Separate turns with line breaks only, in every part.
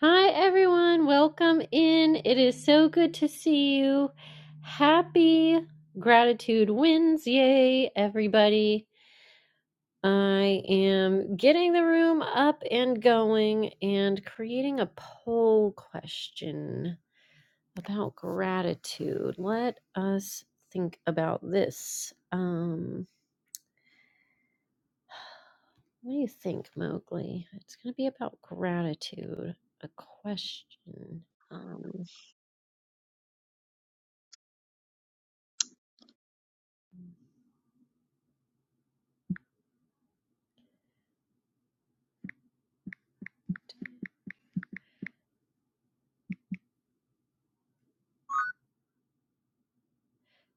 Hi, everyone. Welcome in. It is so good to see you. Happy Gratitude Wednesday, everybody. I am getting the room up and going and creating a poll question about gratitude. Let us think about this. Um, what do you think, Mowgli? It's going to be about gratitude, a question. Um,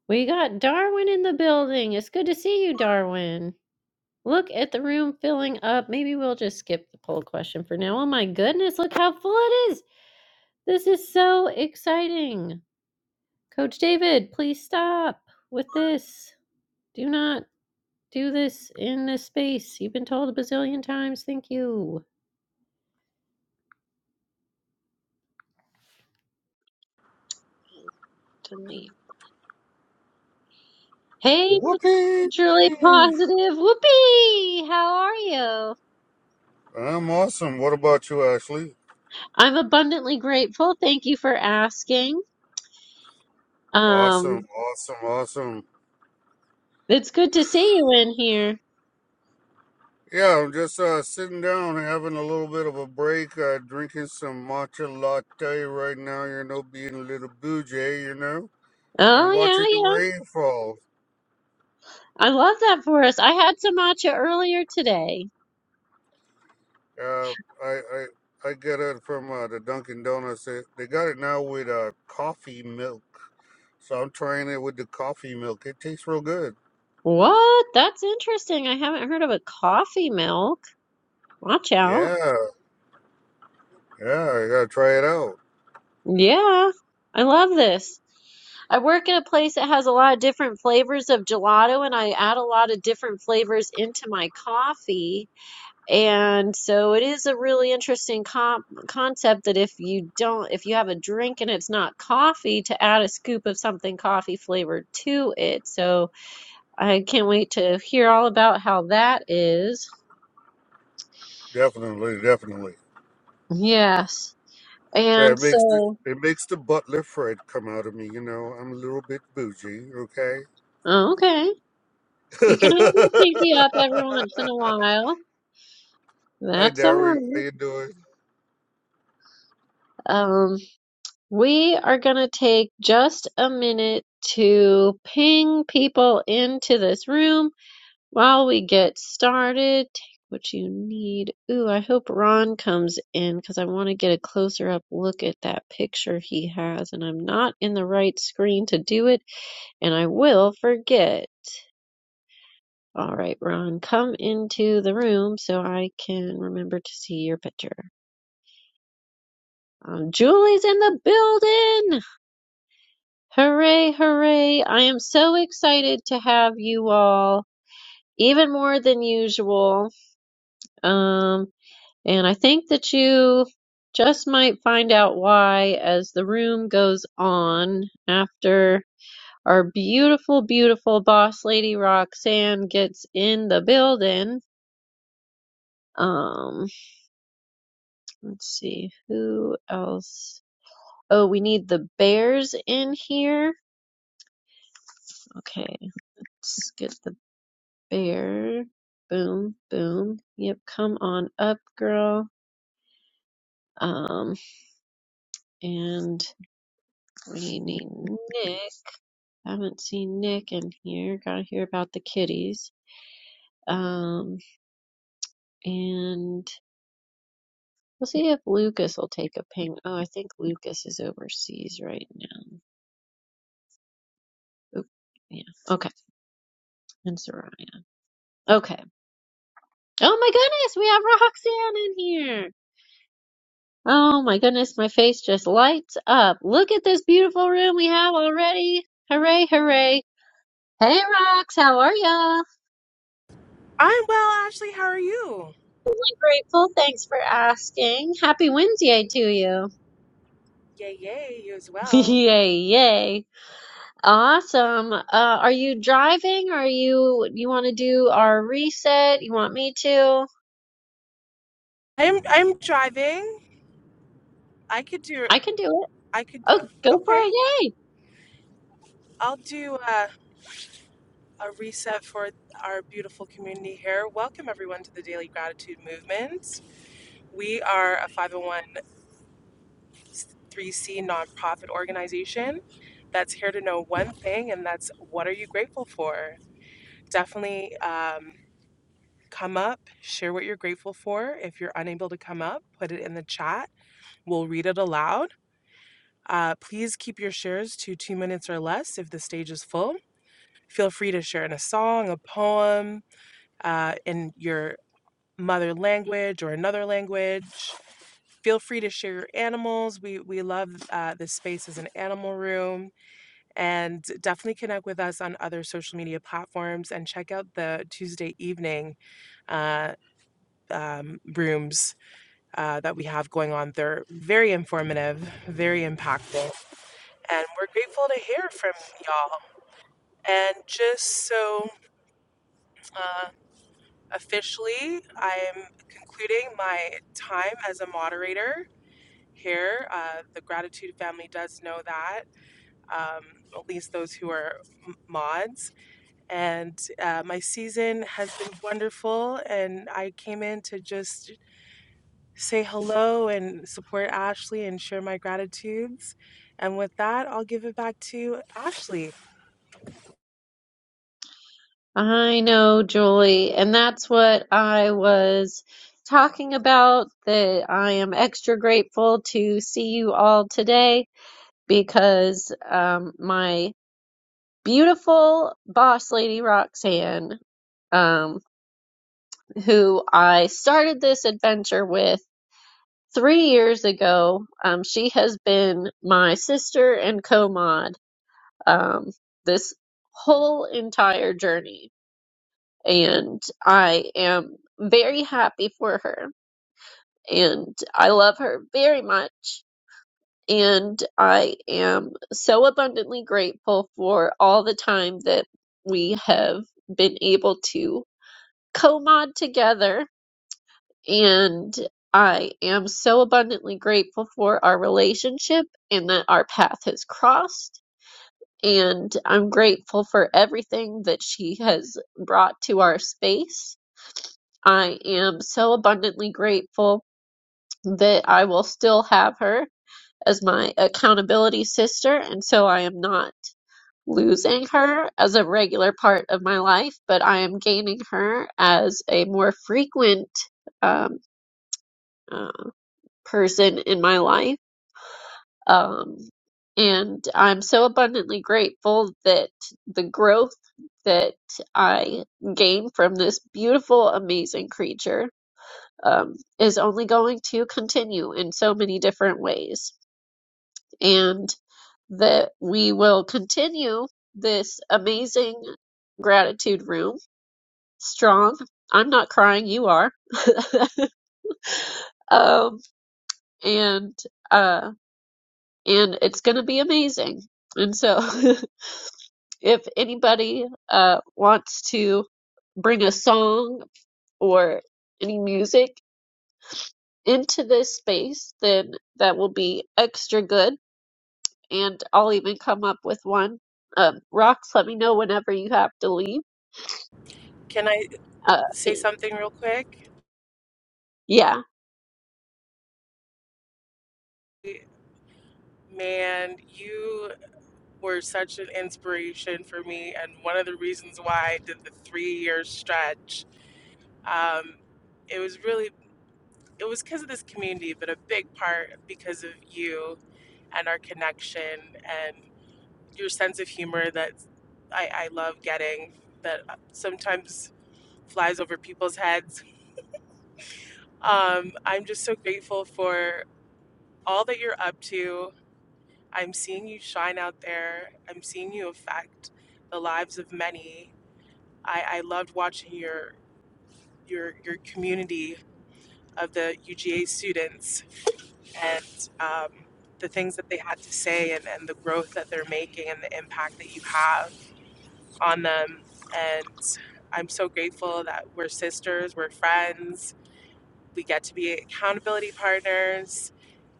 We got Darwin in the building. It's good to see you, Darwin. Look at the room filling up. Maybe we'll just skip the poll question for now. Oh my goodness, look how full it is. This is so exciting. Coach David, please stop with this. Do not do this in this space. You've been told a bazillion times. Thank you. Delete. Hey,
Whoopee!
truly positive. Whoopee! How are you?
I'm awesome. What about you, Ashley?
I'm abundantly grateful. Thank you for asking.
Awesome,
Um,
awesome, awesome.
It's good to see you in here.
Yeah, I'm just uh, sitting down, having a little bit of a break, uh, drinking some matcha latte right now. You know, being a little bougie, you know,
Oh,
and
yeah,
watching the rainfall.
yeah. I love that for us. I had some matcha earlier today.
Uh, I I I get it from uh, the Dunkin' Donuts. They, they got it now with uh, coffee milk, so I'm trying it with the coffee milk. It tastes real good.
What? That's interesting. I haven't heard of a coffee milk. Watch out.
Yeah, yeah, I gotta try it out.
Yeah, I love this. I work at a place that has a lot of different flavors of gelato, and I add a lot of different flavors into my coffee. And so it is a really interesting comp concept that if you don't, if you have a drink and it's not coffee, to add a scoop of something coffee flavored to it. So I can't wait to hear all about how that is.
Definitely, definitely.
Yes.
Yeah,
And
it makes the,
so,
it makes the butler Fred come out of me. You know, I'm a little bit bougie. Okay.
oh, okay, you can have your pinky up every once in a while.
Hi,
That's all
Darren. How
right.
you doing?
Um, we are going to take just a minute to ping people into this room. While we get started, take what you need. Ooh, I hope Ron comes in because I want to get a closer up look at that picture he has, and I'm not in the right screen to do it, and I will forget. All right, Ron, come into the room so I can remember to see your picture. Um, Julie's in the building! Hooray, hooray! I am so excited to have you all, even more than usual. Um, And I think that you just might find out why as the room goes on after our beautiful, beautiful boss lady Roxanne gets in the building. Um, let's see who else. Oh, we need the bears in here. Okay, let's get the bear. Boom, boom. Yep, come on up, girl. Um, and we need Nick. Haven't seen Nick in here. Gotta hear about the kitties. Um, and we'll see if Lucas will take a payment. Oh, I think Lucas is overseas right now. Oop, yeah. Okay. And Soraya. Okay. Oh my goodness, we have Roxanne in here. Oh my goodness, my face just lights up. Look at this beautiful room we have already. Hooray, hooray. Hey Rox, how are ya?
I'm well, Ashley. How are you?
Grateful, thanks for asking. Happy Wednesday to you.
Yay, yay, you as well.
yay, yay. Awesome. Uh, are you driving or are you you want to do our reset? You want me to?
I'm I'm driving. I could do
I can do it.
I could
Oh, go for it.
okay.
Yay.
I'll do a, a reset for our beautiful community here. Welcome everyone to the Daily Gratitude Movement. We are a 501c nonprofit organization that's here to know one thing, and that's what are you grateful for. Definitely um, come up, share what you're grateful for. If you're unable to come up, put it in the chat. We'll read it aloud Uh, please keep your shares to two minutes or less if the stage is full. Feel free to share in a song, a poem, uh, in your mother language or another language. Feel free to share your animals. We, we love uh, this space as an animal room. And definitely connect with us on other social media platforms and check out the Tuesday evening uh, um, rooms uh, that we have going on. They're very informative, very impactful. and we're grateful to hear from y'all. And just so uh, officially, I am concluding my time as a moderator here. Uh, the Gratitude family does know that, um, at least those who are m- mods. And uh, my season has been wonderful, and I came in to just say hello and support Ashley and share my gratitudes. And with that, I'll give it back to Ashley.
I know, Julie, and that's what I was talking about, that I am extra grateful to see you all today because um my beautiful boss lady Roxanne, um, who I started this adventure with three years ago. Um, she has been my sister and co mod um, this whole entire journey. And I am very happy for her. And I love her very much. And I am so abundantly grateful for all the time that we have been able to co mod together And I am so abundantly grateful for our relationship and that our path has crossed. And I'm grateful for everything that she has brought to our space. I am so abundantly grateful that I will still have her as my accountability sister. And so I am not losing her as a regular part of my life, but I am gaining her as a more frequent um, uh, person in my life Um, and I'm so abundantly grateful that the growth that I gain from this beautiful, amazing creature um, is only going to continue in so many different ways. And that we will continue this amazing gratitude room strong. I'm not crying, you are. Um, and, uh, and it's going to be amazing. And so if anybody uh, wants to bring a song or any music into this space, then that will be extra good. And I'll even come up with one. Um, Rocks, let me know whenever you have to leave.
Can I
Uh,
say something real quick?
yeah.
Man, you were such an inspiration for me, and one of the reasons why I did the three-year stretch. Um, it was really, it was because of this community, but a big part because of you and our connection and your sense of humor that I, I love getting that sometimes flies over people's heads. Um, I'm just so grateful for all that you're up to I'm seeing you shine out there. I'm seeing you affect the lives of many. I, I loved watching your your your community of the UGA students and um, the things that they had to say and, and the growth that they're making and the impact that you have on them. And I'm so grateful that we're sisters, we're friends, we get to be accountability partners.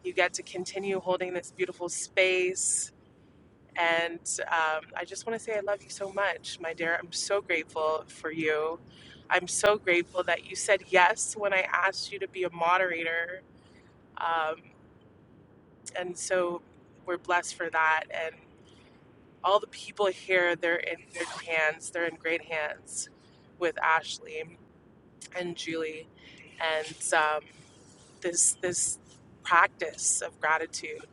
You get to continue holding this beautiful space And um, I just want to say I love you so much, my dear. I'm so grateful for you. I'm so grateful that you said yes when I asked you to be a moderator. Um, and so we're blessed for that. And all the people here, they're in good hands. They're in great hands with Ashley and Julie. And um, this, this practice of gratitude.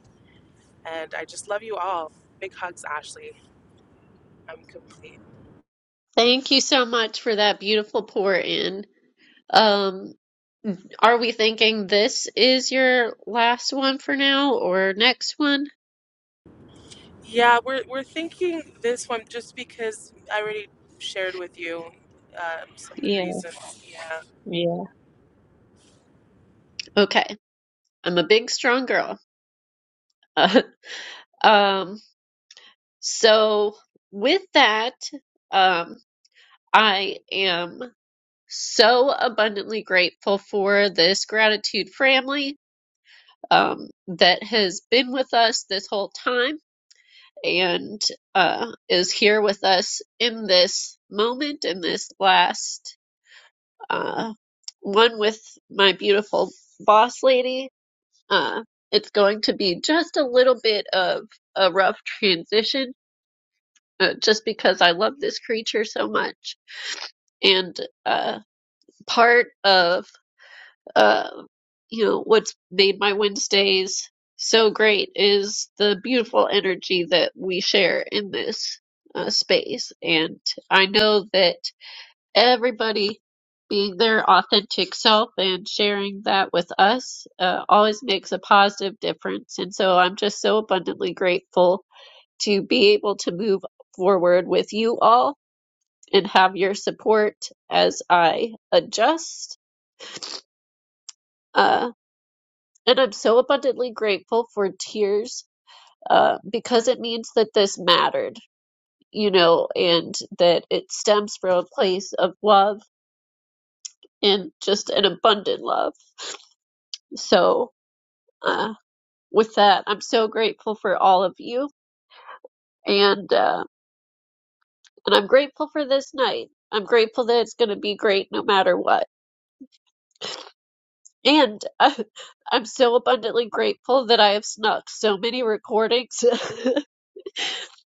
And I just love you all. Big hugs, Ashley. I'm complete.
Thank you so much for that beautiful pour in. Um, are we thinking this is your last one for now or next one?
Yeah, we're we're thinking this one just because I already shared with you um, some of the
Yeah,
reasons. Yeah.
yeah. Okay. I'm a big, strong girl. um, So, with that, um, I am so abundantly grateful for this gratitude family um, that has been with us this whole time and uh, is here with us in this moment, in this last uh, one with my beautiful boss lady. Uh, it's going to be just a little bit of a rough transition uh, just because I love this creature so much and uh, part of uh, you know what's made my Wednesdays so great is the beautiful energy that we share in this uh, space, and I know that everybody being their authentic self and sharing that with us uh, always makes a positive difference, and so I'm just so abundantly grateful to be able to move forward with you all and have your support as I adjust. Uh, and I'm so abundantly grateful for tears uh, because it means that this mattered, you know, and that it stems from a place of love and just an abundant love. So, uh, with that, I'm so grateful for all of you, and uh, and I'm grateful for this night. I'm grateful that it's going to be great no matter what. And uh, I'm so abundantly grateful that I have snuck so many recordings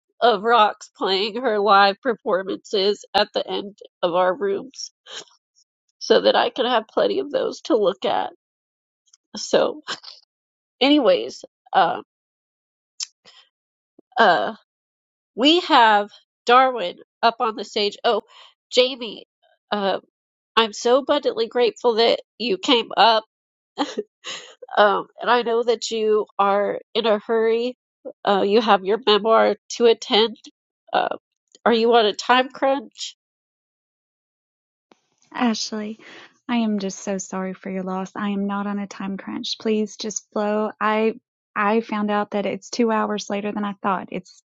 of Rox playing her live performances at the end of our rooms so that I can have plenty of those to look at. So, anyways, um, uh, we have Darwin up on the stage. Oh, Jamie, uh, I'm so abundantly grateful that you came up Um, and I know that you are in a hurry. Uh, you have your memoir to attend. Uh, are you on a time crunch?
Ashley, I am just so sorry for your loss. I am not on a time crunch. Please just flow. I I found out that it's two hours later than I thought. It's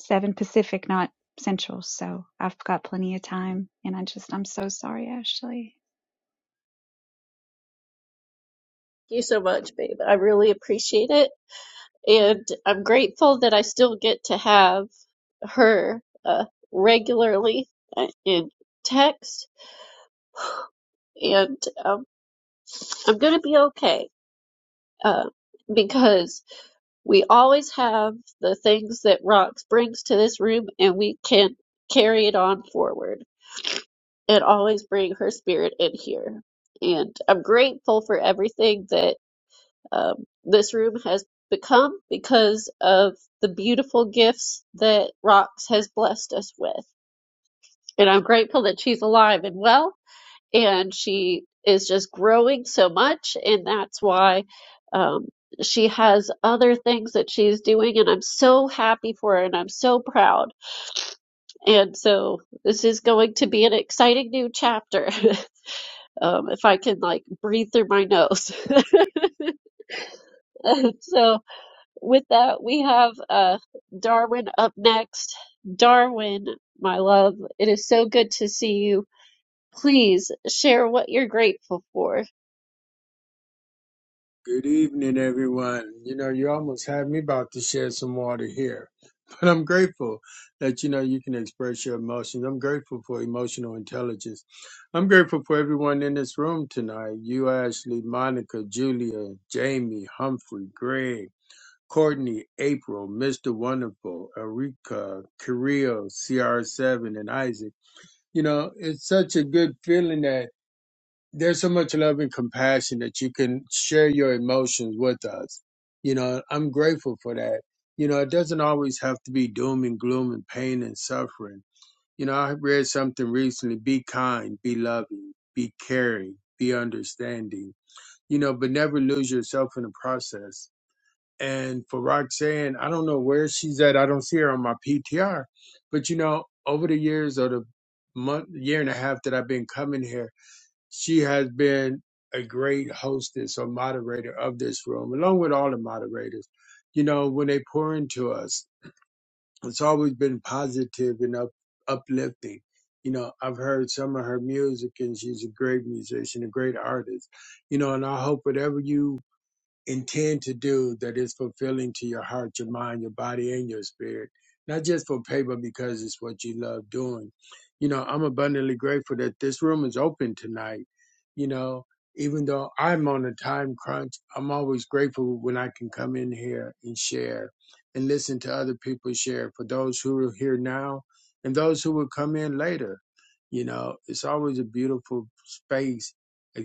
seven Pacific, not Central, so I've got plenty of time. And I just I'm so sorry, Ashley.
Thank you so much, babe. I really appreciate it. And I'm grateful that I still get to have her uh, regularly uh, in text. And um, I'm going to be okay uh, because we always have the things that Rox brings to this room and we can carry it on forward. and always bring her spirit in here. And I'm grateful for everything that um, this room has become because of the beautiful gifts that Rox has blessed us with. And I'm grateful that she's alive and well, and she is just growing so much, and that's why um, she has other things that she's doing, and I'm so happy for her, and I'm so proud. And so this is going to be an exciting new chapter. um, if I can like breathe through my nose. so with that, we have uh, Darwin up next. Darwin, my love, it is so good to see you. Please share what you're grateful for.
Good evening, everyone. You know, you almost had me about to shed some water here, but I'm grateful that you know you can express your emotions. I'm grateful for emotional intelligence. I'm grateful for everyone in this room tonight. You, Ashley, Monica, Julia, Jamie, Humphrey, Greg, Courtney, April, Mr. Wonderful, Erika, Kirill, CR7, and Isaac. You know, it's such a good feeling that there's so much love and compassion that you can share your emotions with us. You know, I'm grateful for that. You know, it doesn't always have to be doom and gloom and pain and suffering. You know, I read something recently be kind, be loving, be caring, be understanding, you know, but never lose yourself in the process. And for Roxanne, I don't know where she's at. I don't see her on my PTR, but you know, over the years or the month, year and a half that I've been coming here, she has been a great hostess or moderator of this room, along with all the moderators. You know, when they pour into us, it's always been positive and up, uplifting. You know, I've heard some of her music, and she's a great musician, a great artist. You know, and I hope whatever you intend to do that is fulfilling to your heart, your mind, your body, and your spirit. Not just for pay, but because it's what you love doing. You know, I'm abundantly grateful that this room is open tonight. You know, even though I'm on a time crunch, I'm always grateful when I can come in here and share and listen to other people share for those who are here now and those who will come in later. You know, it's always a beautiful space,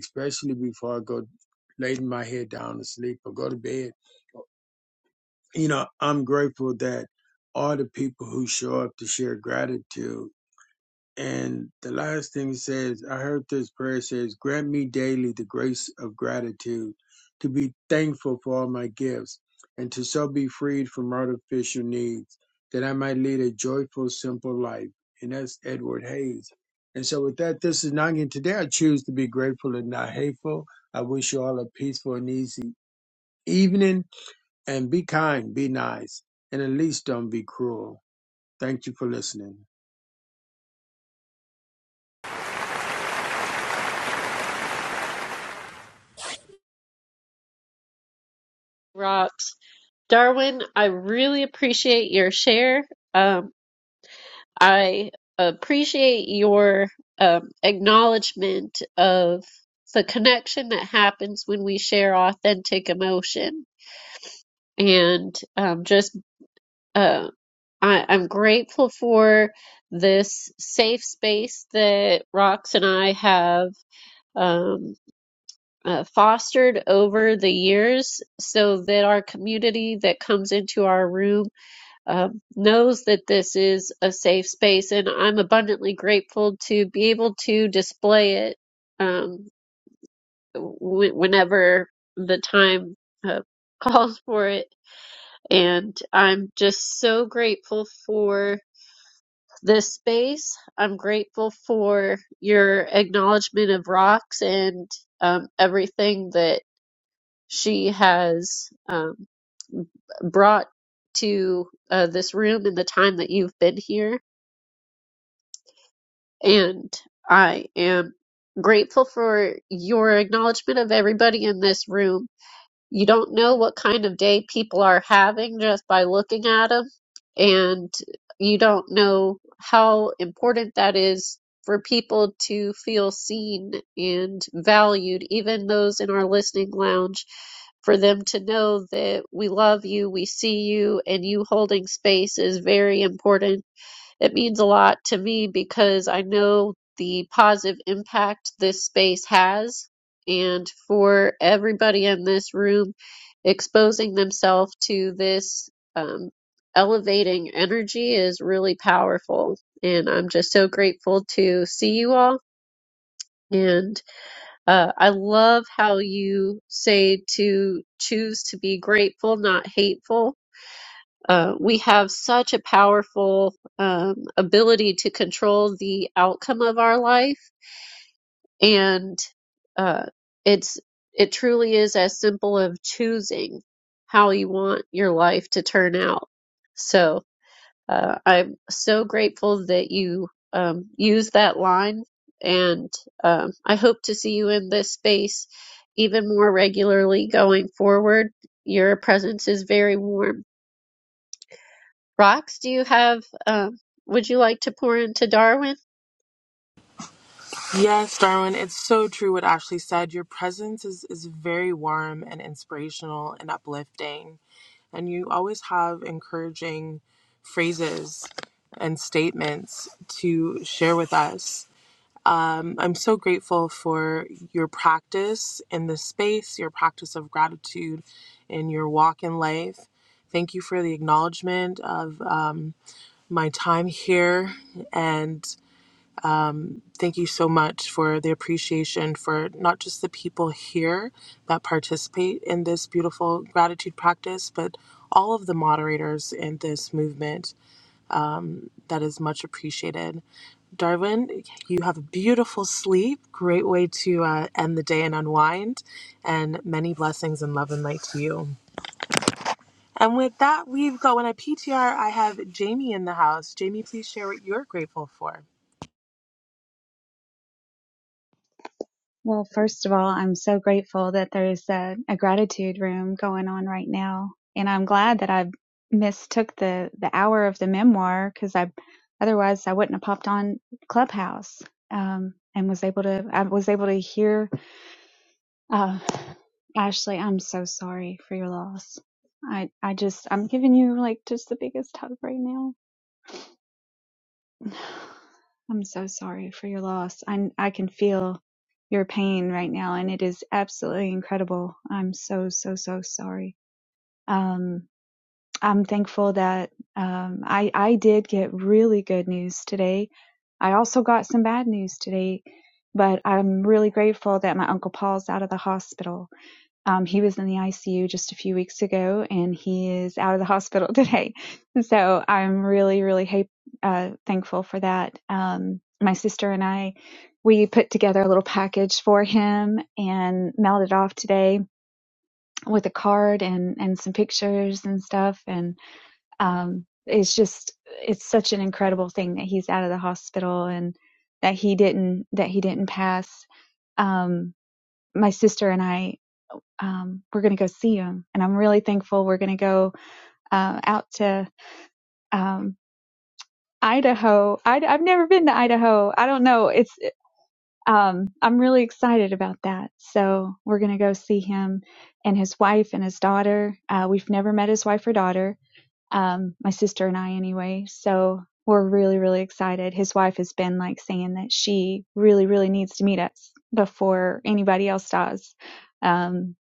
especially before I go laid my head down to sleep or go to bed. You know, I'm grateful that all the people who show up to share gratitude. And the last thing it says, I heard this prayer says, Grant me daily the grace of gratitude to be thankful for all my gifts and to so be freed from artificial needs that I might lead a joyful, simple life. And that's Edward Hayes. And so, with that, this is Nangin. Today, I choose to be grateful and not hateful. I wish you all a peaceful and easy evening, and be kind, be nice, and at least don't be cruel. Thank you for listening.
Rocks. Darwin, I really appreciate your share. Um, I appreciate your um, acknowledgement of the connection that happens when we share authentic emotion and um, just Uh, I, I'm grateful for this safe space that Rox and I have um, uh, fostered over the years so that our community that comes into our room um, knows that this is a safe space. And I'm abundantly grateful to be able to display it um, w- whenever the time uh, calls for it. And I'm just so grateful for. this space. I'm grateful for your acknowledgement of rocks and um, everything that she has um, brought to uh, this room in the time that you've been here. And I am grateful for your acknowledgement of everybody in this room You don't know what kind of day people are having just by looking at them, and you don't know how important that is for people to feel seen and valued, even those in our listening lounge for them to know that we love you, we see you, and you holding space is very important it means a lot to me because I know the positive impact this space has. And for everybody in this room exposing themselves to this um, elevating energy is really powerful. And I'm just so grateful to see you all. And uh, I love how you say to choose to be grateful, not hateful uh, we have such a powerful um, ability to control the outcome of our life, and uh, it's it truly is as simple of choosing how you want your life to turn out. So uh, I'm so grateful that you um, use that line, and um, I hope to see you in this space even more regularly going forward. Your presence is very warm Rox, do you have, um, would you like to pour into Darwin?
Yes, Darwin, it's so true what Ashley said. Your presence is, is very warm and inspirational and uplifting. And you always have encouraging phrases and statements to share with us. Um, I'm so grateful for your practice in this space, your practice of gratitude in your walk in life. Thank you for the acknowledgement of um, my time here. And thank you so much for the appreciation for not just the people here that participate in this beautiful gratitude practice, but all of the moderators in this movement. That is much appreciated. Darwin, you have a beautiful sleep. Great way to uh, end the day and unwind. And many blessings and love and light to you. And with that, we've got when I PTR, I have Jamie in the house. Jamie, please share what you're grateful for.
Well, first of all, I'm so grateful that there's a, a gratitude room going on right now. And I'm glad that I mistook the, the hour of the memoir because I, otherwise I wouldn't have popped on Clubhouse. Um, and was able to, I was able to hear, uh, Ashley, I'm so sorry for your loss. I, I just, I'm giving you like just the biggest hug right now. I'm so sorry for your loss. I I can feel your pain right now and it is absolutely incredible. I'm so so so sorry. Um I'm thankful that um I I did get really good news today. I also got some bad news today, but I'm really grateful that my uncle Paul's out of the hospital. Um, he was in the ICU just a few weeks ago, and he is out of the hospital today. So I'm really, really ha- uh, thankful for that. Um, my sister and I, we put together a little package for him and mailed it off today with a card and and some pictures and stuff. And um, it's just it's such an incredible thing that he's out of the hospital and that he didn't that he didn't pass. Um, my sister and I um, we're going to go see them. And I'm really thankful we're going to go uh, out to um, Idaho. I, I've never been to Idaho. I don't know. It's um, I'm really excited about that. So we're going to go see him and his wife and his daughter. Uh, we've never met his wife or daughter. Um, my sister and I, anyway. So we're really, really excited. His wife has been like saying that she really, really needs to meet us before anybody else does. Um,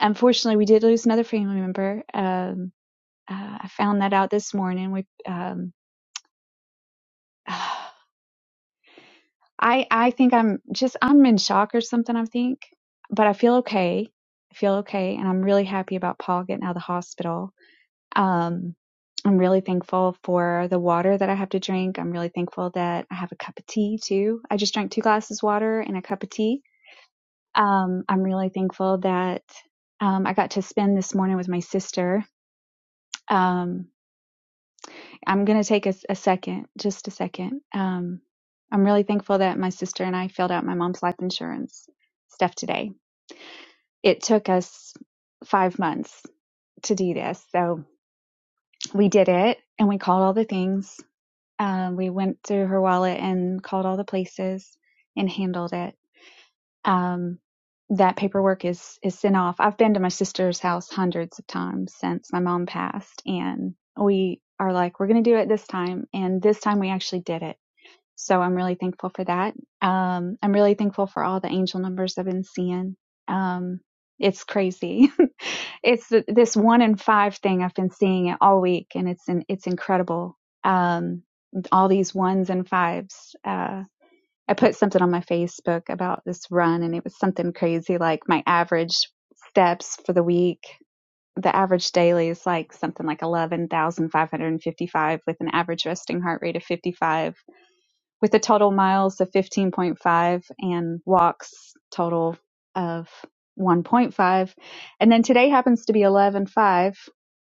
Unfortunately, we did lose another family member. Um, uh, I found that out this morning. We, um, I, I think I'm just I'm in shock or something. I think, but I feel okay. I feel okay, and I'm really happy about Paul getting out of the hospital. Um, I'm really thankful for the water that I have to drink. I'm really thankful that I have a cup of tea too. I just drank two glasses of water and a cup of tea. Um, I'm really thankful that um, I got to spend this morning with my sister. Um, I'm going to take a a second, just a second. Um, I'm really thankful that my sister and I filled out my mom's life insurance stuff today. It took us five months to do this. So we did it and we called all the things. Um, we went through her wallet and called all the places and handled it. Um, that paperwork is, is sent off. I've been to my sister's house hundreds of times since my mom passed and we are like, we're going to do it this time. And this time we actually did it So I'm really thankful for that. Um, I'm really thankful for all the angel numbers I've been seeing. Um, it's crazy. it's th- this one in five thing I've been seeing it all week, and it's in, it's incredible. Um, all these ones and fives. Uh, I put something on my Facebook about this run, and it was something crazy like my average steps for the week. The average daily is like something like 11,555 with an average resting heart rate of 55 with a total miles of 15.5 and walks total of 1.5. And then today happens to be 11.5.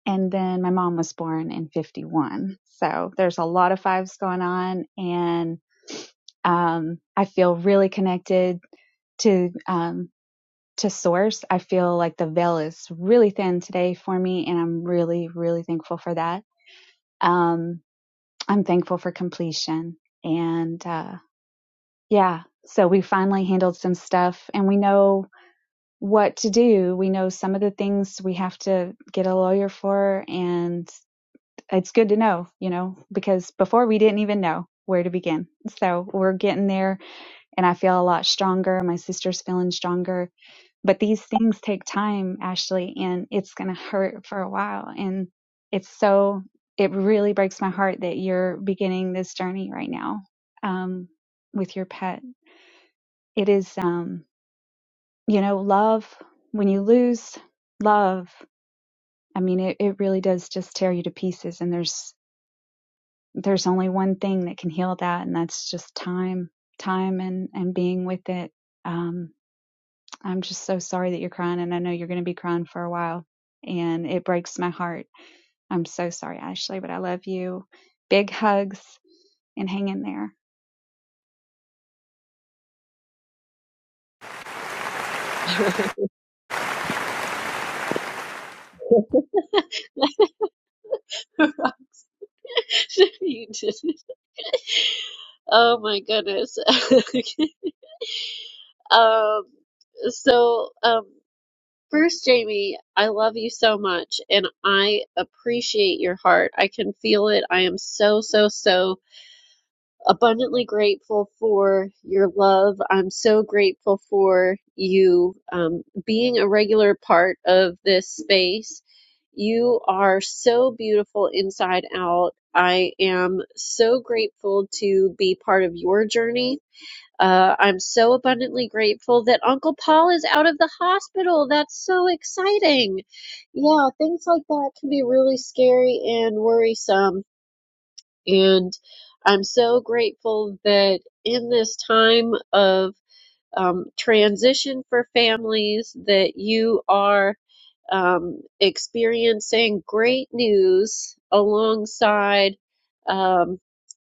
And then my mom was born in 51. So there's a lot of fives going on. And um, I feel really connected to um, to source. I feel like the veil is really thin today for me, and I'm really, really thankful for that. Um, I'm thankful for completion and. uh, yeah. So we finally handled some stuff and we know what to do. We know some of the things we have to get a lawyer for. And it's good to know, you know, because before we didn't even know where to begin. So we're getting there and I feel a lot stronger. My sister's feeling stronger. But these things take time, Ashley, and it's going to hurt for a while. And it's so, it really breaks my heart that you're beginning this journey right now um, with your pet. It is. Um, you know, love, when you lose love, I mean, it, it really does just tear you to pieces. And there's, there's only one thing that can heal that. And that's just time, time and, and being with it. Um, I'm just so sorry that you're crying and I know you're going to be crying for a while and it breaks my heart. I'm so sorry, Ashley, but I love you. Big hugs and hang in there.
You didn't. Oh my goodness. Um, so, um, first, Jamie, I love you so much and I appreciate your heart. I can feel it. I am so, so, so abundantly grateful for your love. I'm so grateful for you um, being a regular part of this space. You are so beautiful inside out. I am so grateful to be part of your journey. Uh, I'm so abundantly grateful that Uncle Paul is out of the hospital. That's so exciting. Yeah, things like that can be really scary and worrisome and I'm so grateful that in this time of um, transition for families that you are um, experiencing great news alongside, um,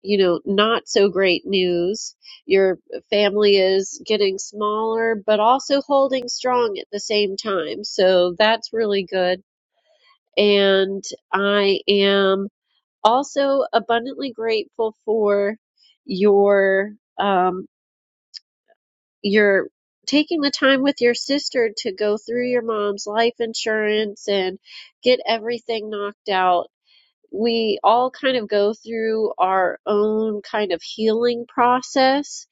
you know, not so great news. Your family is getting smaller, but also holding strong at the same time. So that's really good. And I am also abundantly grateful for your um your taking the time with your sister to go through your mom's life insurance and get everything knocked out. We all kind of go through our own kind of healing process,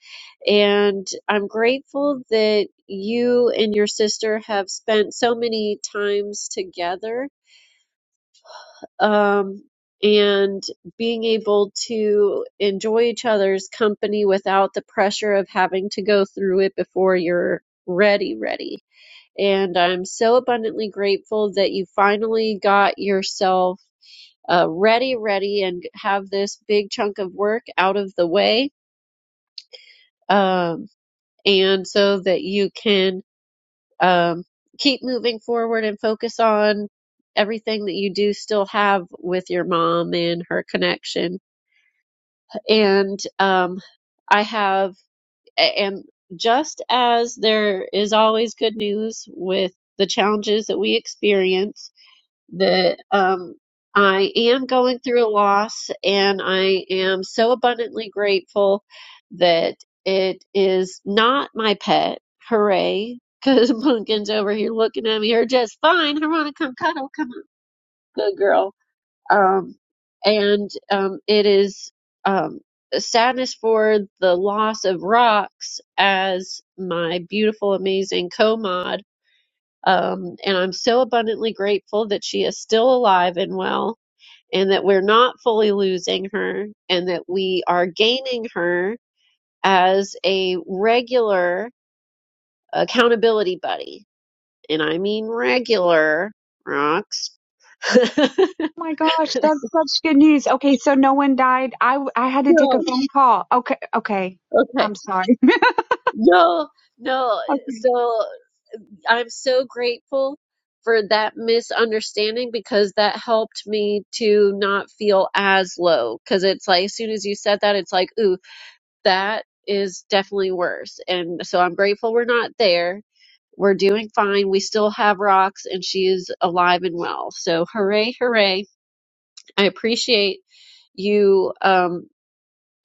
and I'm grateful that you and your sister have spent so many times together um, and being able to enjoy each other's company without the pressure of having to go through it before you're ready, ready. And I'm so abundantly grateful that you finally got yourself uh, ready, ready, and have this big chunk of work out of the way, um, and so that you can um, keep moving forward and focus on everything that you do still have with your mom and her connection and um, I have, and just as there is always good news with the challenges that we experience, that um, I am going through a loss, and I am so abundantly grateful that it is not my pet. Hooray! Because Pumpkin's over here looking at me, are just fine. Her wanna come cuddle. Come on, good girl um, and um, it is um, sadness for the loss of Rox as my beautiful, amazing co-mod. Um, and I'm so abundantly grateful that she is still alive and well, and that we're not fully losing her, and that we are gaining her as a regular accountability buddy. And I mean regular Rox.
Oh my gosh, that's such good news. Okay, so no one died. I I had to take a
no,
phone call. Okay, okay.
okay.
I'm sorry.
No, no. So I'm so grateful for that misunderstanding because that helped me to not feel as low. Because it's like, as soon as you said that, it's like, ooh, that is definitely worse. And so I'm grateful we're not there. We're doing fine. We still have rocks, and she is alive and well. So hooray, hooray. I appreciate you. Um,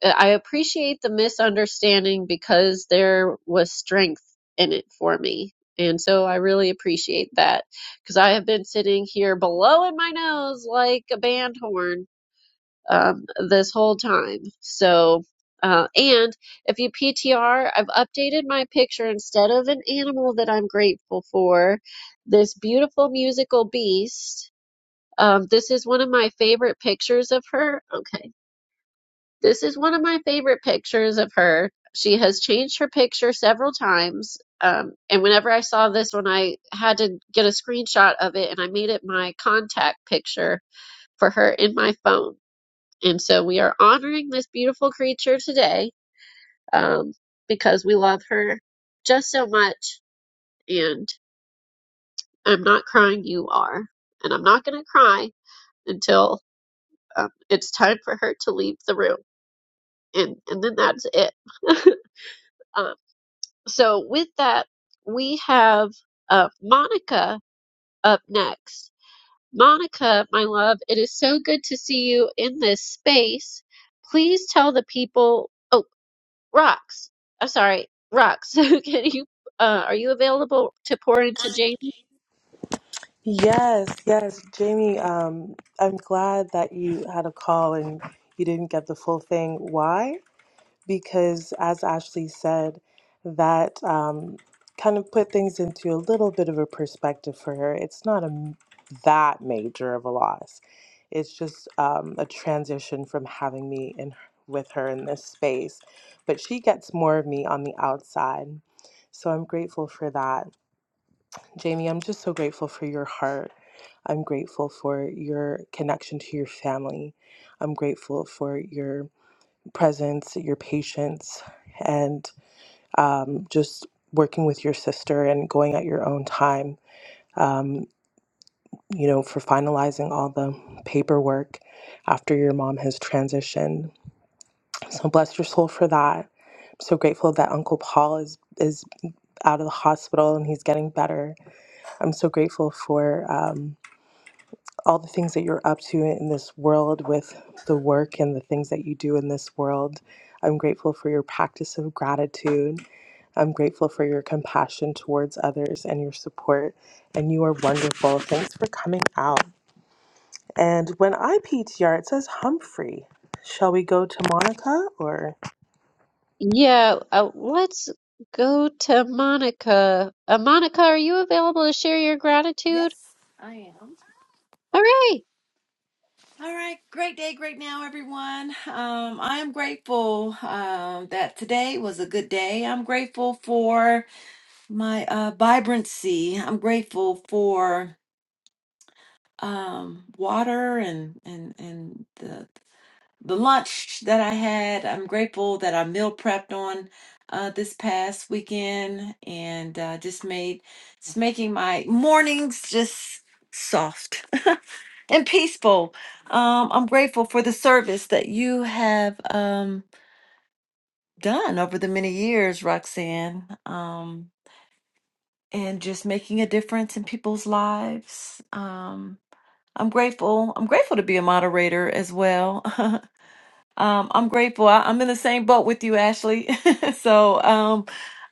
uh, I appreciate the misunderstanding because there was strength in it for me. And so I really appreciate that because I have been sitting here blowing my nose like a band horn um, this whole time. So, uh, and if you PTR, I've updated my picture instead of an animal that I'm grateful for, this beautiful musical beast. Um, this is one of my favorite pictures of her. Okay this is one of my favorite pictures of her. She has changed her picture several times. Um, and whenever I saw this one, I had to get a screenshot of it and I made it my contact picture for her in my phone. And so we are honoring this beautiful creature today um, because we love her just so much. And I'm not crying, you are. And I'm not going to cry until um, it's time for her to leave the room. And, and then that's it. um, So with that, we have uh, Monica up next. Monica, my love, it is so good to see you in this space. Please tell the people. Oh, Rox. I'm sorry, Rox. Can you? Uh, are you available to pour into Jamie?
Yes, yes, Jamie. Um, I'm glad that you had a call and you didn't get the full thing. Why? because, as Ashley said, that um, kind of put things into a little bit of a perspective for her. It's not a m- that major of a loss. It's just um, a transition from having me in with her in this space, but she gets more of me on the outside. So I'm grateful for that. Jamie, I'm just so grateful for your heart. I'm grateful for your connection to your family. I'm grateful for your presence, your patience, and um, just working with your sister and going at your own time. Um, you know, for finalizing all the paperwork after your mom has transitioned. So bless your soul for that. I'm so grateful that Uncle Paul is is out of the hospital and he's getting better. I'm so grateful for. um, all the things that you're up to in this world with the work and the things that you do in this world. I'm grateful for your practice of gratitude. I'm grateful for your compassion towards others and your support. And you are wonderful. Thanks for coming out. And when I P T R, it says Humphrey. Shall we go to Monica or?
Yeah. Uh, let's go to Monica. Uh, Monica, are you available to share your gratitude?
Yes, I am.
All right.
All right, great day, great now, everyone. Um, I am grateful um, that today was a good day. I'm grateful for my uh, vibrancy. I'm grateful for um, water and and and the the lunch that I had. I'm grateful that I meal prepped on uh, this past weekend and uh, just made just making my mornings just soft. and peaceful. Um, I'm grateful for the service that you have um, done over the many years, Roxanne, um, and just making a difference in people's lives. Um, I'm grateful. I'm grateful to be a moderator as well. um, I'm grateful. I, I'm in the same boat with you, Ashley. so um,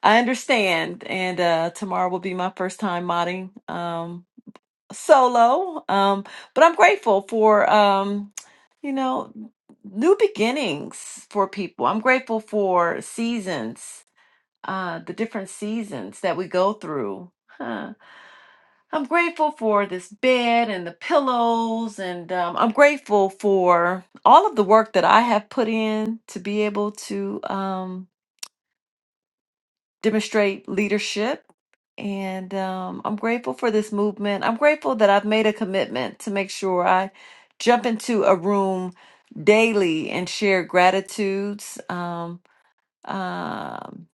I understand. And uh, tomorrow will be my first time modding. Um, solo. Um, but I'm grateful for um, you know, new beginnings for people. I'm grateful for seasons, uh, the different seasons that we go through. Huh. I'm grateful for this bed and the pillows, and um, I'm grateful for all of the work that I have put in to be able to. um, demonstrate leadership. And um, I'm grateful for this movement. I'm grateful that I've made a commitment to make sure I jump into a room daily and share gratitudes. Um, um,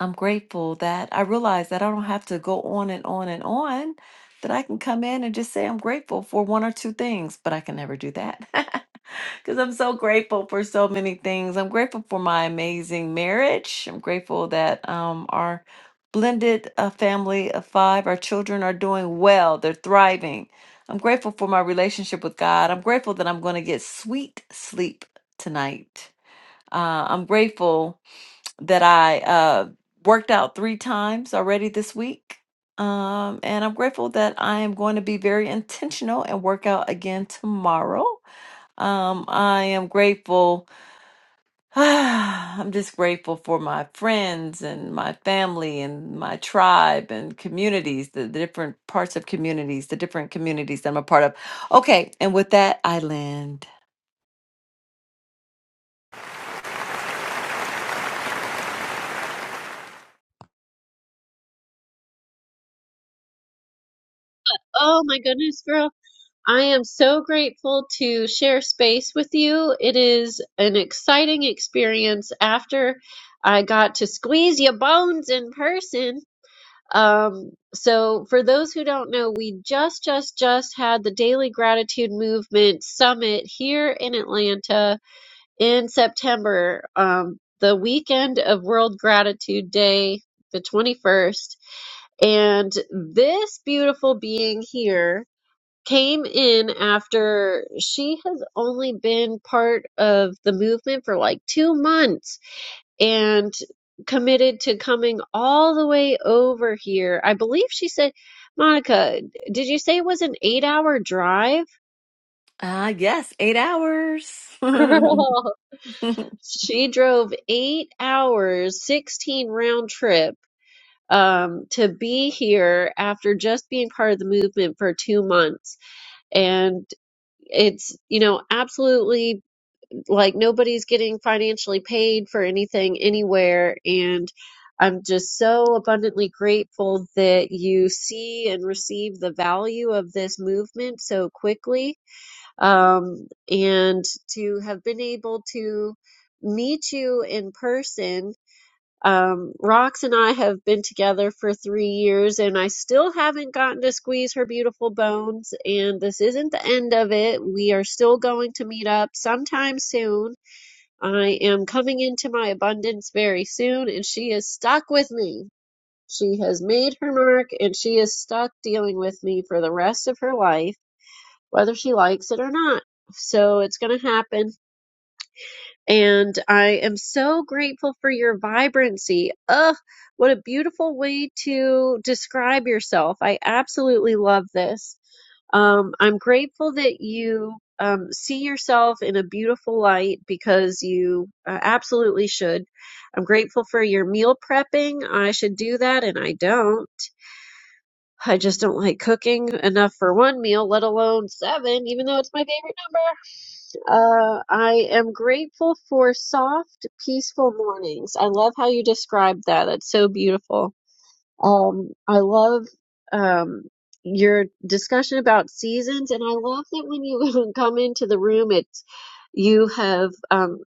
I'm grateful that I realize that I don't have to go on and on and on, that I can come in and just say I'm grateful for one or two things, but I can never do that. because I'm so grateful for so many things. I'm grateful for my amazing marriage. I'm grateful that um, our blended uh, family of five, our children are doing well, they're thriving. I'm grateful for my relationship with God. I'm grateful that I'm going to get sweet sleep tonight. Uh, I'm grateful that I uh, worked out three times already this week. Um, and I'm grateful that I am going to be very intentional and work out again tomorrow. Um, I am grateful. I'm just grateful for my friends and my family and my tribe and communities, the, the different parts of communities, the different communities that I'm a part of. Okay, and with that, I land.
Oh my goodness, girl. I am so grateful to share space with you. It is an exciting experience after I got to squeeze your bones in person. Um, so for those who don't know, we just, just, just had the Daily Gratitude Movement Summit here in Atlanta in September, um, the weekend of World Gratitude Day, the 21st. And this beautiful being here came in after she has only been part of the movement for like two months and committed to coming all the way over here. I believe she said, Monica, did you say it was an eight hour drive?
Ah, yes, eight hours.
Girl, she drove eight hours, 16 round trip. Um, to be here after just being part of the movement for two months. And it's you know absolutely like nobody's getting financially paid for anything anywhere and I'm just so abundantly grateful that you see and receive the value of this movement so quickly. Um, and to have been able to meet you in person. Um, Rox and I have been together for three years, and I still haven't gotten to squeeze her beautiful bones. And this isn't the end of it. We are still going to meet up sometime soon I am coming into my abundance very soon, and she is stuck with me. She has made her mark, and she is stuck dealing with me for the rest of her life, whether she likes it or not. So it's going to happen. And I am so grateful for your vibrancy. Ugh, what a beautiful way to describe yourself. I absolutely love this. Um, I'm grateful that you um, see yourself in a beautiful light because you uh, absolutely should. I'm grateful for your meal prepping. I should do that, and I don't. I just don't like cooking enough for one meal, let alone seven, even though it's my favorite number. Uh, I am grateful for soft, peaceful mornings. I love how you described that. That's so beautiful. Um, I love um, your discussion about seasons, and I love that when you come into the room, it's you have um,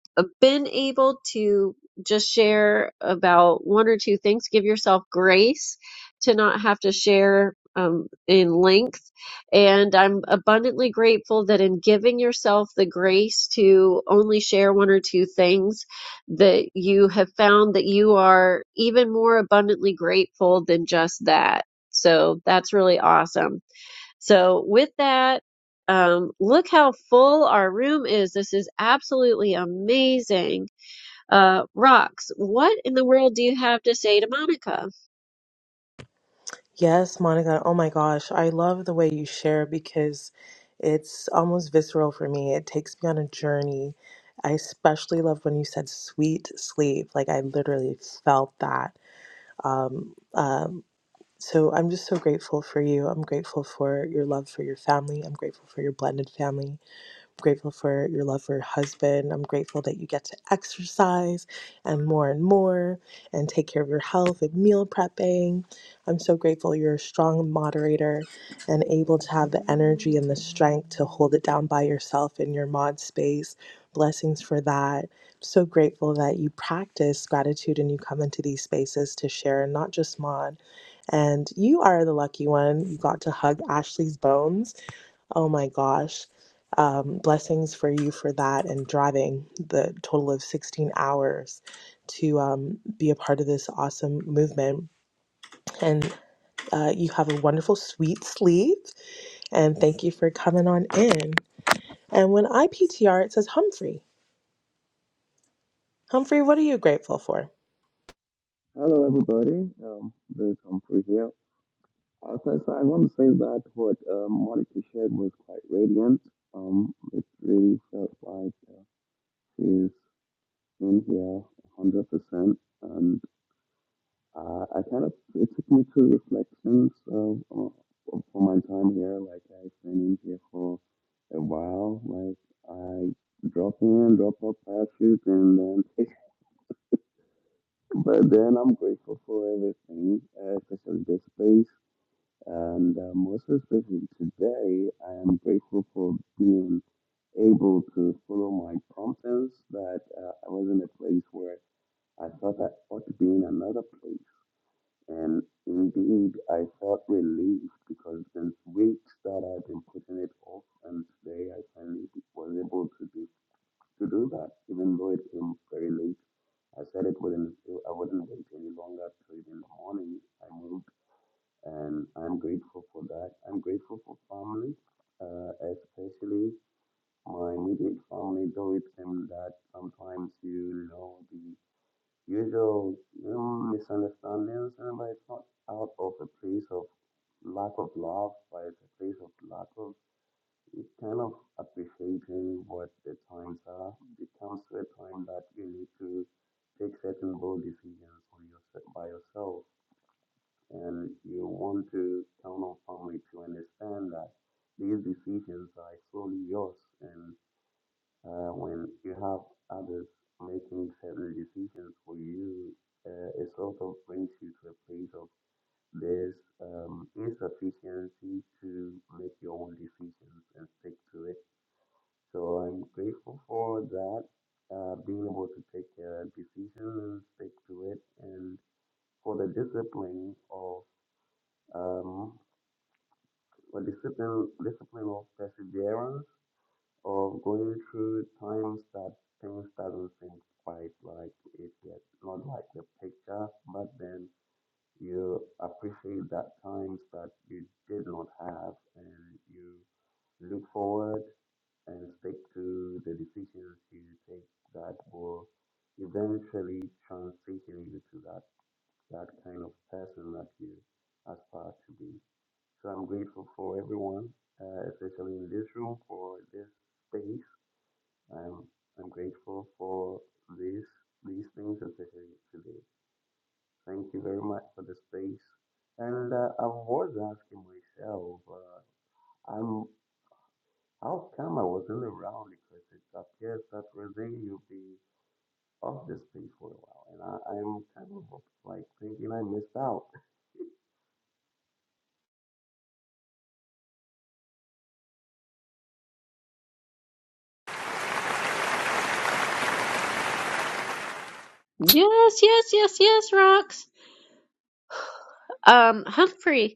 been able to just share about one or two things. Give yourself grace to not have to share um, in length, and I'm abundantly grateful that in giving yourself the grace to only share one or two things that you have found that you are even more abundantly grateful than just that. So that's really awesome. So, with that, um, look how full our room is. This is absolutely amazing. Uh, Rox, what in the world do you have to say to Monica?
Yes, Monica. Oh my gosh. I love the way you share because it's almost visceral for me. It takes me on a journey. I especially love when you said sweet sleep. Like, I literally felt that. Um, um, so I'm just so grateful for you. I'm grateful for your love for your family. I'm grateful for your blended family. I'm grateful for your love for your husband. I'm grateful that you get to exercise and more and more and take care of your health and meal prepping. I'm so grateful you're a strong moderator and able to have the energy and the strength to hold it down by yourself in your mod space. Blessings for that. So grateful that you practice gratitude and you come into these spaces to share and not just mod. And you are the lucky one. You got to hug Ashley's bones Oh my gosh. Um, blessings for you for that and driving the total of 16 hours to um, be a part of this awesome movement. And uh, you have a wonderful, sweet sleep. And thank you for coming on in. And when I P T R, it says Humphrey. Humphrey, what are you grateful for?
Hello, everybody. Um, this is Humphrey here. As I said, I want to say that what um, Monica shared was quite radiant. Um, it really felt like uh, she's in here 100%. And uh, I kind of, it took me to reflections of, uh, for my time here. Like, I've been in here for a while. Like, I drop in, drop out parachute, and then, but then I'm grateful for everything, uh, especially this space. And uh, most especially today, I am grateful for being able to follow my promptings that uh, I was in a place where I thought I ought to be in another place. And indeed, I felt relieved because since weeks that I've been putting it off, and today I finally was able to do, to do that, even though it came very late. I said it wouldn't, I wouldn't wait any longer till in the morning. I moved and I'm grateful for that. I'm grateful for family, uh, especially my immediate family, though it can that sometimes you know the usual um, misunderstandings, and but it's not out of a place of lack of love, but it's a place of lack of it's kind of appreciating what the times are. It comes to a time that you need to take certain bold decisions on yourself by yourself and you want to count on family to understand that these decisions are solely yours. And uh, when you have others making certain decisions for you, uh, it sort of brings you to a place of there's um, insufficiency to make your own decisions and stick to it. So I'm grateful for that, uh, being able to take a decision and stick to it, and for the discipline of. um. But discipline, discipline of perseverance, of going through times that things doesn't seem quite like it yet, not like the picture, but then you appreciate that times that you did not have, and you look forward and stick to the decisions you take that will eventually transition you to that that kind of person that you aspire to be. So I'm grateful for everyone, uh, especially in this room, for this space. I'm, I'm grateful for this these things, especially today. Thank you very much for the space. And uh, I was asking myself, uh, I'm how come I wasn't around because it appears that Rosé, you'll be off the space for a while, and I, I'm kind of like thinking I missed out.
Yes, yes, yes, yes, Rox. Um, Humphrey,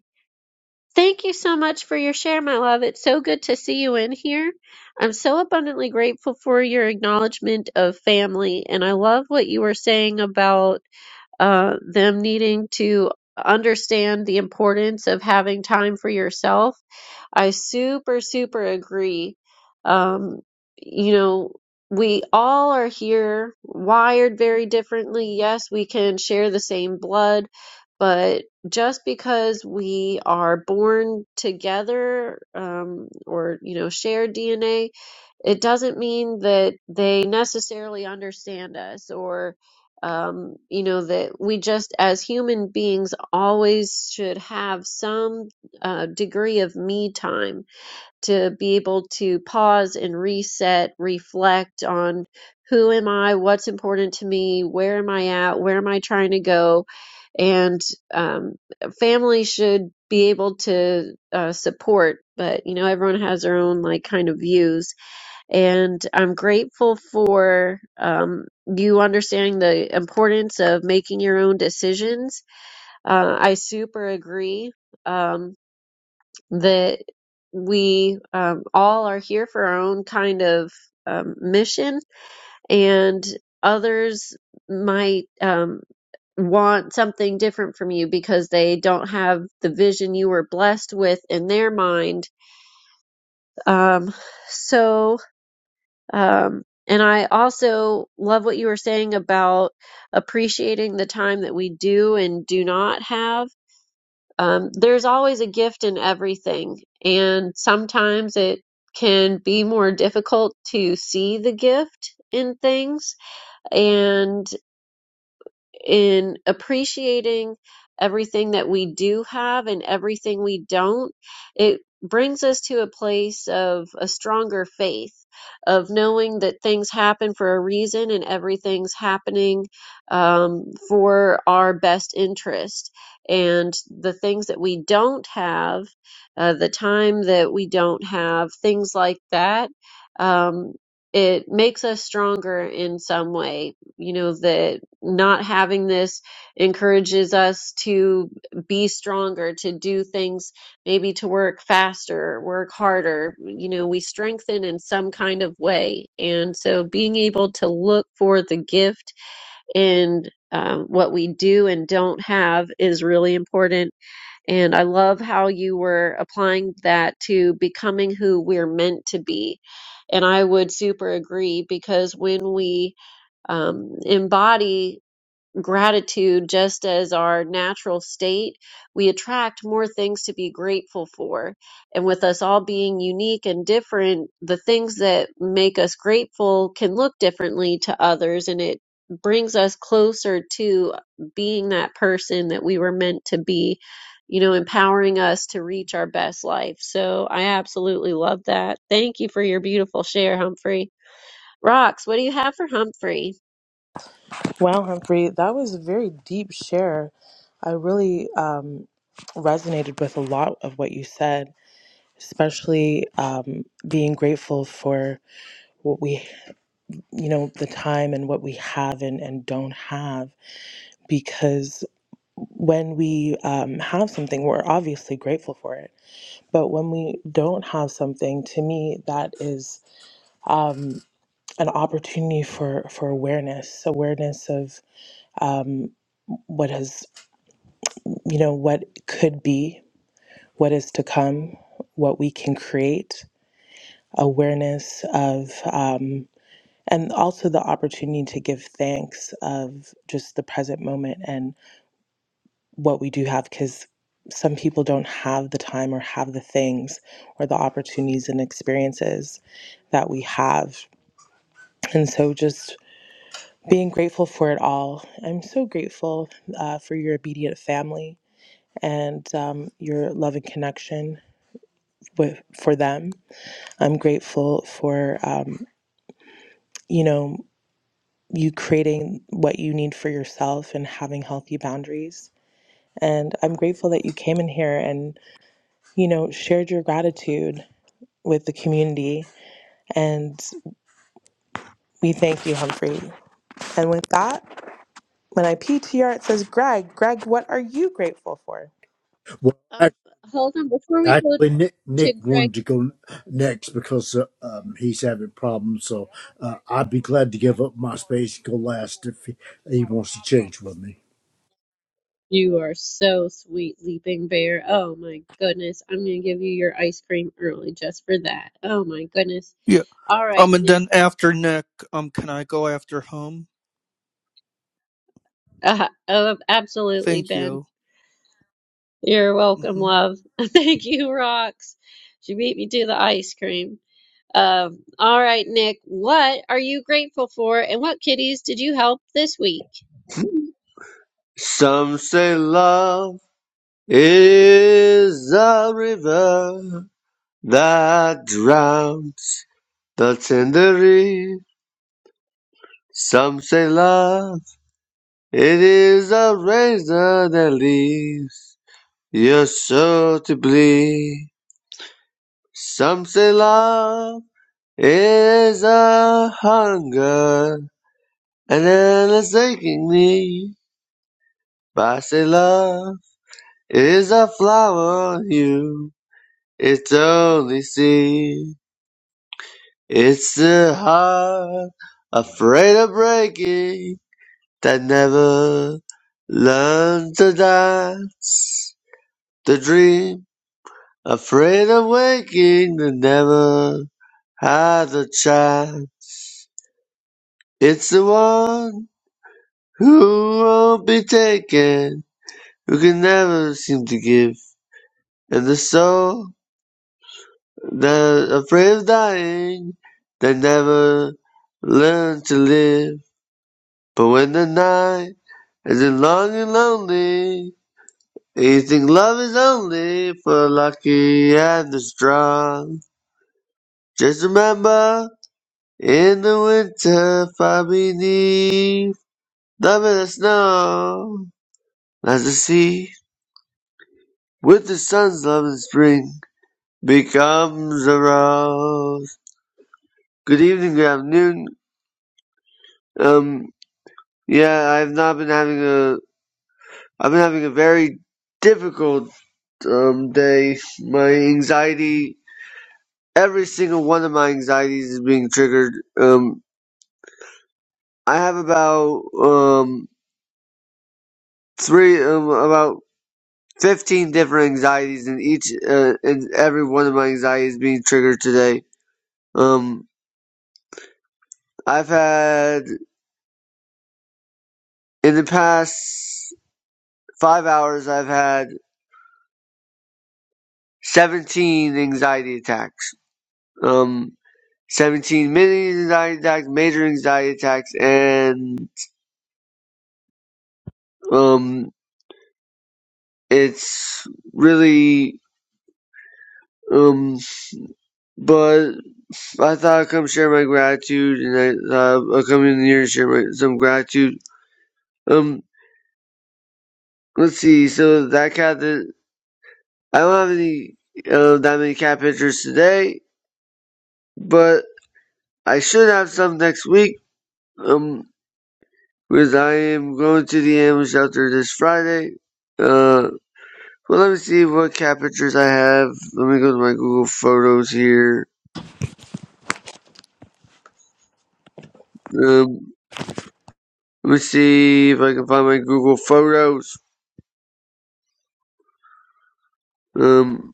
Thank you so much for your share, my love. It's so good to see you in here. I'm so abundantly grateful for your acknowledgement of family, and I love what you were saying about uh, them needing to understand the importance of having time for yourself I super, super agree. Um, you know, we all are here wired very differently. Yes, we can share the same blood, but just because we are born together, um, or, you know, share DNA, it doesn't mean that they necessarily understand us or, um, you know, that we just as human beings always should have some uh, degree of me time to be able to pause and reset, reflect on who am I, what's important to me, where am I at, where am I trying to go, and um, family should be able to uh, support. But you know, everyone has their own like kind of views, and I'm grateful for um, you understanding the importance of making your own decisions. Uh, I super agree. Um, that we um, all are here for our own kind of um, mission, and others might um, want something different from you because they don't have the vision you were blessed with in their mind. Um, so, um, and I also love what you were saying about appreciating the time that we do and do not have Um, there's always a gift in everything, and sometimes it can be more difficult to see the gift in things. And in appreciating everything that we do have and everything we don't, it brings us to a place of a stronger faith, of knowing that things happen for a reason and everything's happening um, for our best interest. And the things that we don't have, uh, the time that we don't have, things like that. Um, it makes us stronger in some way, you know, that not having this encourages us to be stronger, to do things, maybe to work faster, work harder. You know, we strengthen in some kind of way. And so being able to look for the gift and um, what we do and don't have is really important. And I love how you were applying that to becoming who we're meant to be. And I would super agree because when we um, embody gratitude just as our natural state, we attract more things to be grateful for. And with us all being unique and different, the things that make us grateful can look differently to others and it brings us closer to being that person that we were meant to be, you know, empowering us to reach our best life. So I absolutely love that. Thank you for your beautiful share, Humphrey. Rocks, what do you have for Humphrey?
Wow, Humphrey, that was a very deep share. I really um, resonated with a lot of what you said, especially um, being grateful for. what we you know the time and what we have and, and don't have because when we um, have something we're obviously grateful for it but when we don't have something to me that is um, an opportunity for for awareness awareness of um, what has you know what could be what is to come what we can create awareness of um, and also the opportunity to give thanks of just the present moment and what we do have because some people don't have the time or have the things or the opportunities and experiences that we have and so just being grateful for it all i'm so grateful uh, for your obedient family and um, your love and connection with for them i'm grateful for um, you know you creating what you need for yourself and having healthy boundaries. And I'm grateful that you came in here and, you know, shared your gratitude with the community. And we thank you, Humphrey. And with that, when I PTR, it says, Greg, Greg, what are you grateful for?
Well,
Um,
ac-
hold on, before we go
actually, Nick
to
Nick
Greg.
wanted to go next because uh, um, he's having problems. So uh, I'd be glad to give up my space to go last if he, he wants to change with me.
You are so sweet, Leaping Bear. Oh my goodness. I'm going to give you your ice cream early just for that. Oh my goodness.
Yeah.
All right,
Um, and
Nick.
then after Nick, um, can I go after home?
Uh, uh, absolutely,
Thank
Ben.
you.
You're welcome,
Mm-hmm.
love. Thank you, Rox. She beat me to the ice cream. Um, all right, Nick. What are you grateful for, and what kitties did you help this week?
Some say love is a river that drowns the tender reed. Some say love, it is a razor that leaves your soul to bleed. Some say love is a hunger and endless aching need. But I say love is a flower on you. It's only sin. It's the heart afraid of breaking that never learned to dance. The dream afraid of waking that never had a chance. It's the one who won't be taken, who can never seem to give, and the soul. they afraid of dying. They never learn to live. But when the night is long and lonely, and you think love is only for the lucky and the strong. Just remember, in the winter, far beneath, love is the snow, as the sea, with the sun's love in spring, becomes a rose. Good evening, good afternoon. Um, Yeah, I've not been having a. I've been having a very difficult um, day. My anxiety, every single one of my anxieties is being triggered. Um, I have about um three, um, about fifteen different anxieties, and each uh, and every one of my anxieties is being triggered today. Um, I've had in the past five hours, I've had seventeen anxiety attacks. Um, Seventeen mini anxiety attacks, major anxiety attacks, and um, it's really um. But I thought I'd come share my gratitude, and I thought I'd come in here and share my, some gratitude. Um, let's see. So that cat that I don't have any uh, that many cat pictures today, but I should have some next week. Um, because I am going to the animal shelter this Friday. Uh. Well, let me see what cat pictures I have. Let me go to my Google Photos here. Um, let me see if I can find my Google Photos. Um,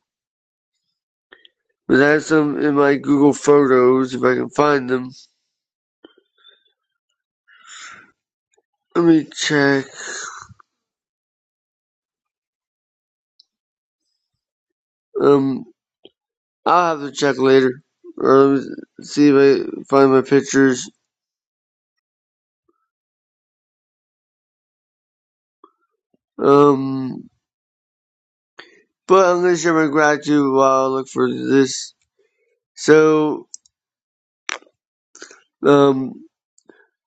but I have some in my Google Photos if I can find them. Let me check. Um, I'll have to check later. Or let me see if I find my pictures. Um, but I'm gonna share my gratitude while I look for this. So, um,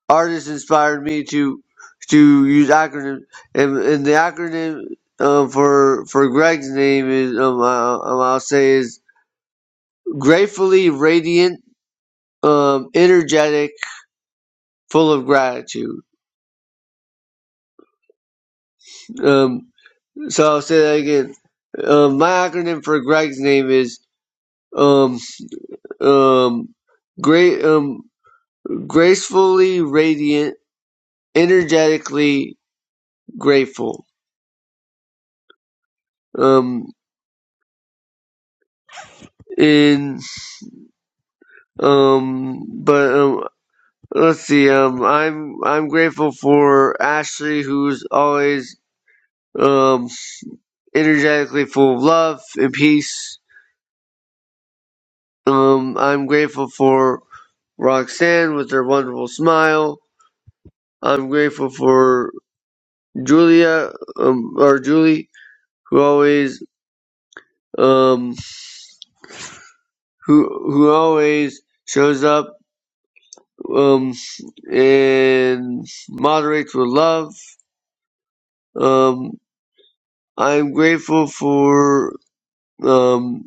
artists inspired me to to use acronyms, and, and the acronym um, for for Greg's name is um, I'll, um, I'll say is gratefully radiant, um, energetic, full of gratitude. Um, so I'll say that again. Um, my acronym for Greg's name is um um great um gracefully radiant, energetically grateful. Um, in um, but um, Let's see. Um, I'm I'm grateful for Ashley, who's always um energetically full of love and peace. Um, I'm grateful for Roxanne with her wonderful smile. I'm grateful for Julia, um, or Julie, who always um who who always shows up um and moderates with love. Um, I'm grateful for um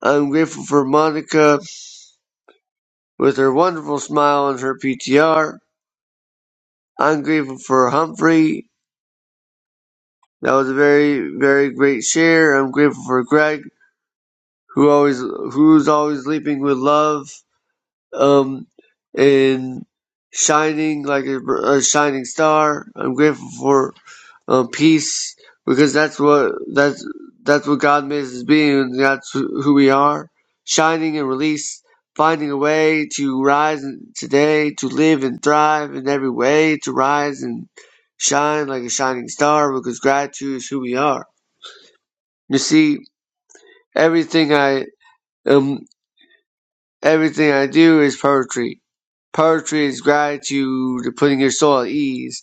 I'm grateful for Monica with her wonderful smile and her PTR. I'm grateful for Humphrey. That was a very, very great share. I'm grateful for Greg, who always, who's always leaping with love. um, and shining like a, a shining star. I'm grateful for um, peace because that's what that's that's what God made us as being, and that's who who we are. Shining and release, finding a way to rise in- today, to live and thrive in every way, to rise and shine like a shining star because gratitude is who we are. You see, everything I um everything I do is poetry Poetry is gratitude, putting your soul at ease.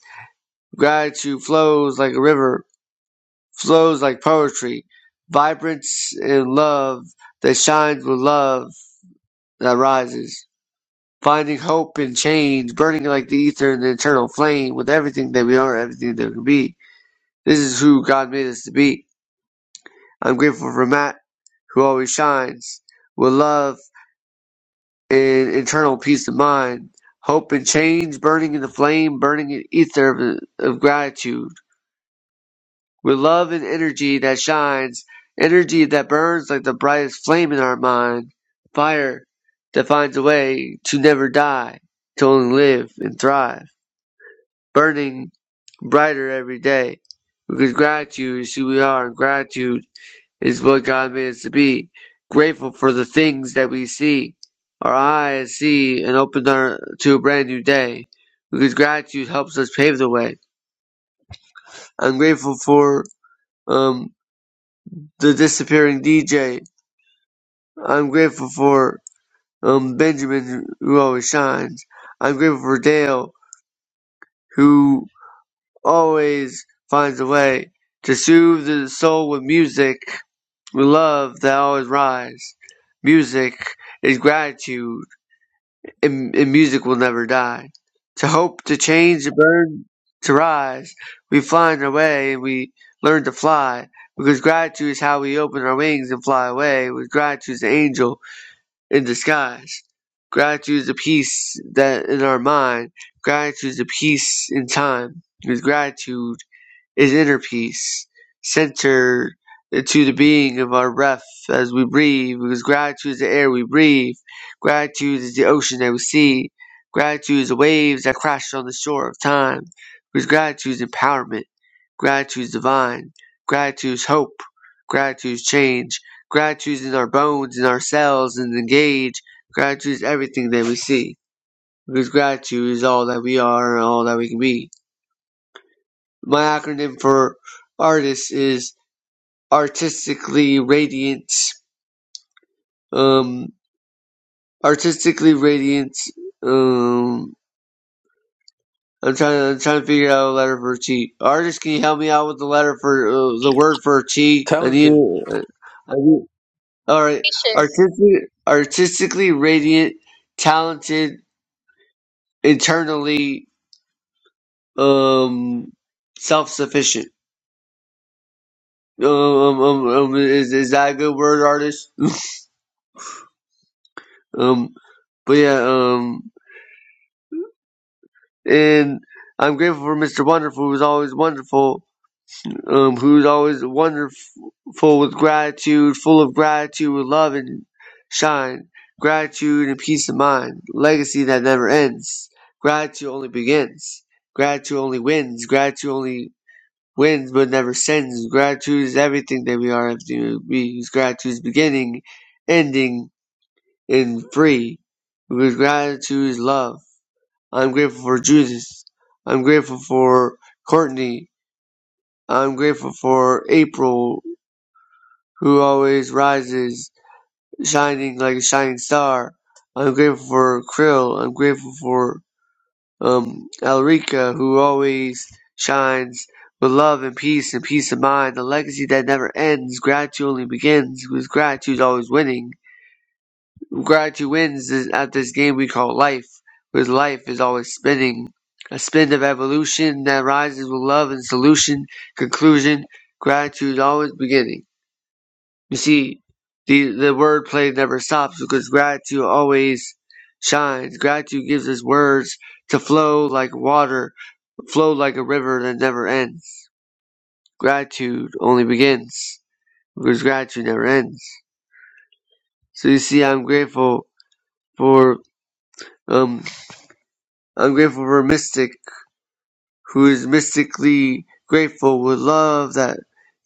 Gratitude flows like a river, flows like poetry, vibrant in love that shines with love that rises. Finding hope in change, burning like the ether in the eternal flame with everything that we are, everything that we can be. This is who God made us to be. I'm grateful for Matt, who always shines with love and internal peace of mind. Hope and change, burning in the flame, burning in ether of, of gratitude with love and energy that shines, energy that burns like the brightest flame in our mind, fire that finds a way to never die, to only live and thrive, burning brighter every day. Because gratitude is who we are, and gratitude is what God made us to be. Grateful for the things that we see, our eyes see, and open our, to a brand new day. Because gratitude helps us pave the way. I'm grateful for um, the disappearing DJ I'm grateful for um, Benjamin, who always shines. I'm grateful for Dale, who always finds a way to soothe the soul with music, with love that always rise. Music is gratitude, and, and music will never die. To hope, to change, to burn, to rise, we find our way and we learn to fly. Because gratitude is how we open our wings and fly away. With gratitude is the angel in disguise. Gratitude is a peace that in our mind. Gratitude is a peace in time. Because gratitude is inner peace, centered into the being of our breath as we breathe. Because gratitude is the air we breathe. Gratitude is the ocean that we see. Gratitude is the waves that crash on the shore of time. Because gratitude is empowerment. Gratitude's divine. Gratitude's hope. Gratitude's change. Gratitude's in our bones, in our cells, and the gauge. Gratitude's everything that we see. Because gratitude is all that we are and all that we can be. My acronym for artist is artistically radiant. Um, artistically radiant. Um, I'm trying. I'm trying to figure out a letter for T. Artist, can you help me out with the letter for uh, the word for T? I need.
Talented.
I need. Alright.
Gracious.
Artistic, artistically radiant, talented, internally um self sufficient. Um, um, um, is is that a good word, artist? Um, but yeah, um, and I'm grateful for Mr. Wonderful, who's always wonderful. um, who's always wonderful with gratitude, full of gratitude, with love and shine, gratitude and peace of mind, legacy that never ends. Gratitude only begins. Gratitude only wins. Gratitude only wins but never sends. Gratitude is everything that we are as human beings. Gratitude is beginning, ending, and free. Because gratitude is love. I'm grateful for Judith. I'm grateful for Courtney. I'm grateful for April who always rises, shining like a shining star. I'm grateful for Krill. I'm grateful for um, Alrika, who always shines with love and peace and peace of mind. A legacy that never ends. Gratitude only begins, with gratitude is always winning. Gratitude wins is- at this game we call life, With life is always spinning. A spin of evolution that rises with love and solution, conclusion, gratitude always beginning. You see, the the wordplay never stops because gratitude always shines. Gratitude gives us words to flow like water, flow like a river that never ends. Gratitude only begins because gratitude never ends. So you see, I'm grateful for um, I'm grateful for a mystic who is mystically grateful with love that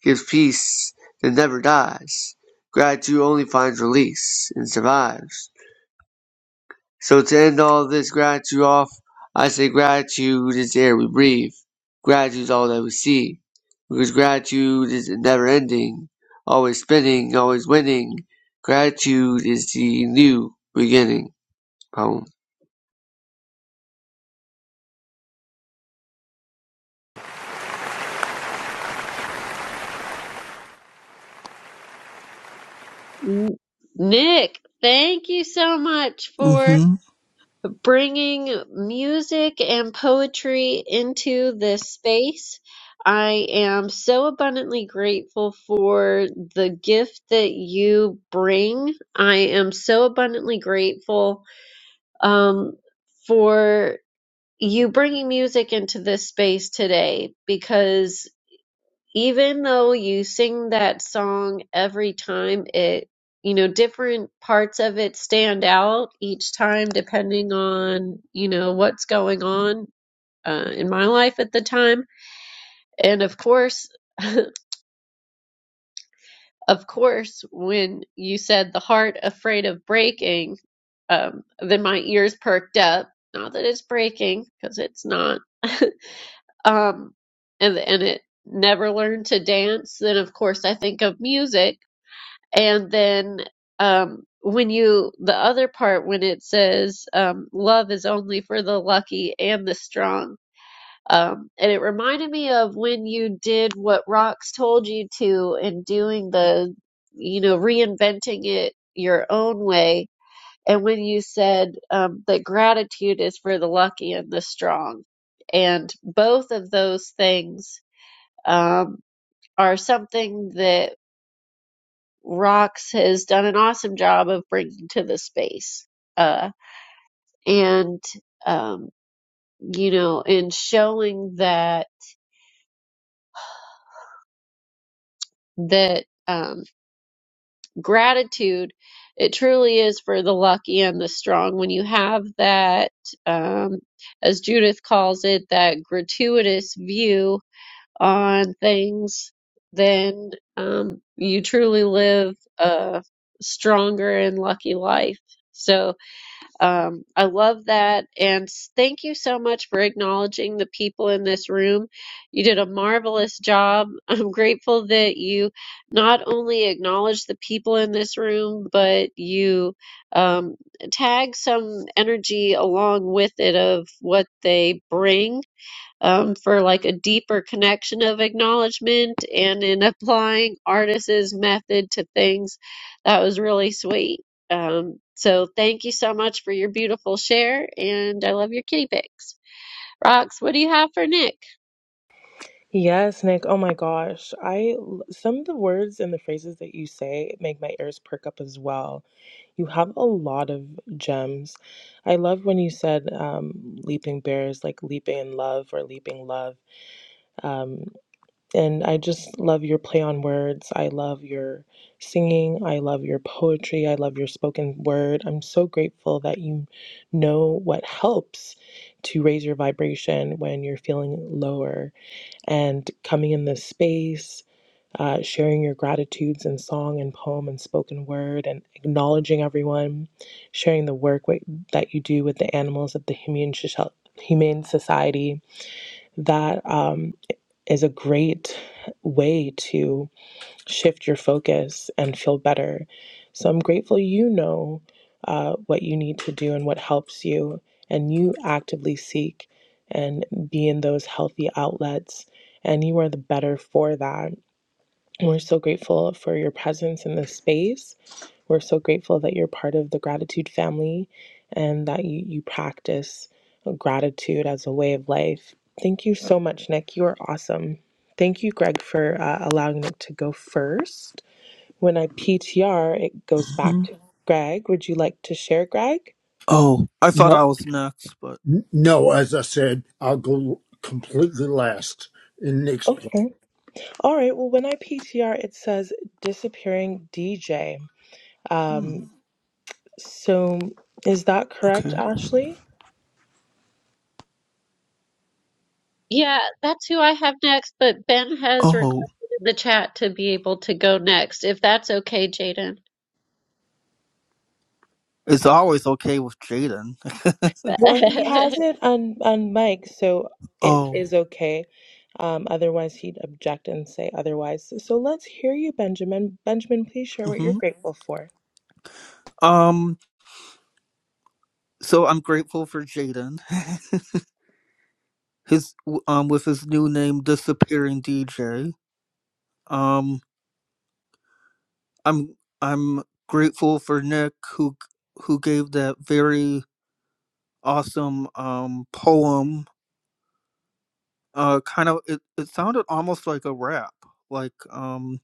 gives peace that never dies. Gratitude only finds release and survives. So to end all this gratitude off, I say gratitude is the air we breathe. Gratitude is all that we see. Because gratitude is never ending, always spinning, always winning. Gratitude is the new beginning. Poem.
N- Nick, thank you so much for.
Mm-hmm.
bringing music and poetry into this space. I am so abundantly grateful for the gift that you bring. I am so abundantly grateful um, for you bringing music into this space today because even though you sing that song every time it you know different parts of it stand out each time depending on you know what's going on uh, in my life at the time and of course of course when you said the heart afraid of breaking um, then my ears perked up not that it's breaking because it's not um, and and it never learned to dance then of course i think of music And then um, when you, the other part, when it says um, love is only for the lucky and the strong. Um, and it reminded me of when you did what Rox told you to in doing the, you know, reinventing it your own way. And when you said um, that gratitude is for the lucky and the strong. And both of those things um, are something that Rox has done an awesome job of bringing to the space. Uh, and, um, you know, and showing that, that, um, gratitude, it truly is for the lucky and the strong. When you have that, um, as Judith calls it, that gratuitous view on things, then, um, you truly live a stronger and lucky life. So, Um, I love that. And thank you so much for acknowledging the people in this room. You did a marvelous job. I'm grateful that you not only acknowledged the people in this room, but you um, tag some energy along with it of what they bring um, for like a deeper connection of acknowledgement and in applying artist's method to things. That was really sweet. Um, so thank you so much for your beautiful share, and I love your kitty pics. Rox, what do you have for Nick?
Yes, Nick. Oh my gosh. I some of the words and the phrases that you say make my ears perk up as well You have a lot of gems. I love when you said um, leaping bears, like leaping in love or leaping love. Um, and I just love your play on words. I love your singing. I love your poetry. I love your spoken word. I'm so grateful that you know what helps to raise your vibration when you're feeling lower and coming in this space uh, sharing your gratitudes in song and poem and spoken word, and acknowledging everyone, sharing the work wi- that you do with the animals of the Humane, Humane Society. That um, is a great way to shift your focus and feel better. So I'm grateful you know uh, what you need to do and what helps you, and you actively seek and be in those healthy outlets, and you are the better for that and We're so grateful for your presence in this space. We're so grateful that you're part of the gratitude family and that you, you practice gratitude as a way of life. Thank you so much, Nick. You are awesome. Thank you, Greg, for uh, allowing Nick to go first. When I P T R, it goes back
hmm
to Greg. Would you like to share, Greg?
Oh, I thought
No,
I was next, but
n- no. As I said, I'll go completely last in Nick's place.
Okay. All right. Well, when I P T R, it says disappearing DJ.
hmm.
Um, so is that correct,
Okay.
Ashley?
Yeah, that's who I have next, but Ben has
Oh,
requested in the chat to be able to go next, if that's okay, Jaden.
it's always okay with Jaden.
Well, he has it on on mic, so it
Oh.
is okay. Um, otherwise, he'd object and say otherwise. So let's hear you, Benjamin. Benjamin, please share what you're
Mm-hmm.
grateful for.
Um. So I'm grateful for Jaden. his um with his new name disappearing DJ. Um. I'm I'm grateful for Nick who who gave that very awesome um poem uh kind of it, it sounded almost like a rap like um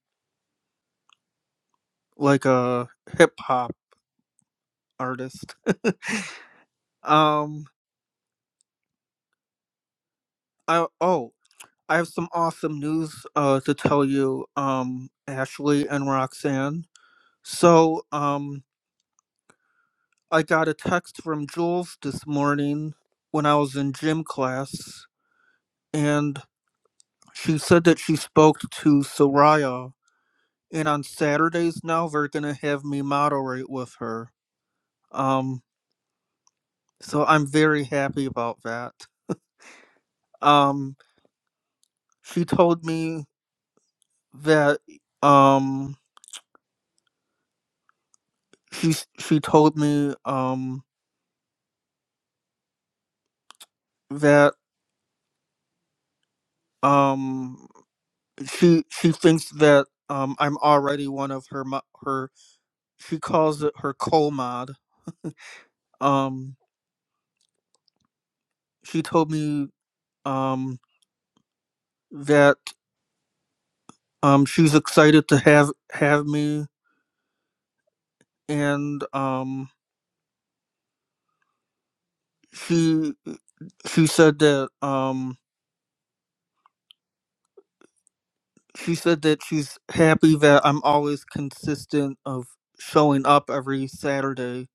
like a hip hop artist um i oh i have some awesome news uh to tell you um ashley and roxanne so um i got a text from jules this morning when i was in gym class and she said that she spoke to soraya and on saturdays now they're gonna have me moderate with her um So I'm very happy about that. Um, she told me that um she she told me um that um she she thinks that um I'm already one of her mo- her she calls it her co mod. Um, she told me um that um she's excited to have have me and um she she said that um she said that she's happy that I'm always consistent of showing up every Saturday,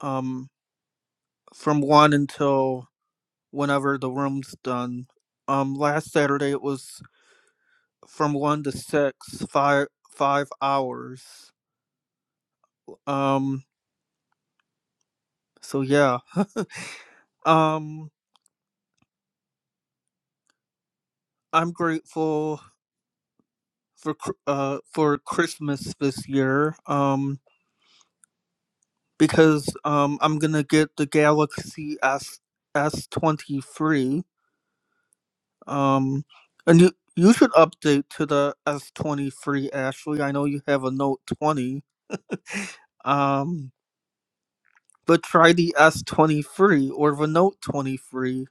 um, from one until whenever the room's done. Um, last Saturday it was from one to six, five five hours. Um, so yeah, um, I'm grateful for Chr- uh for Christmas this year. Um, because um, I'm gonna get the Galaxy S S twenty three Um, and you you should update to the S twenty three, Ashley. I know you have a Note twenty. Um, but try the S twenty three or the Note twenty three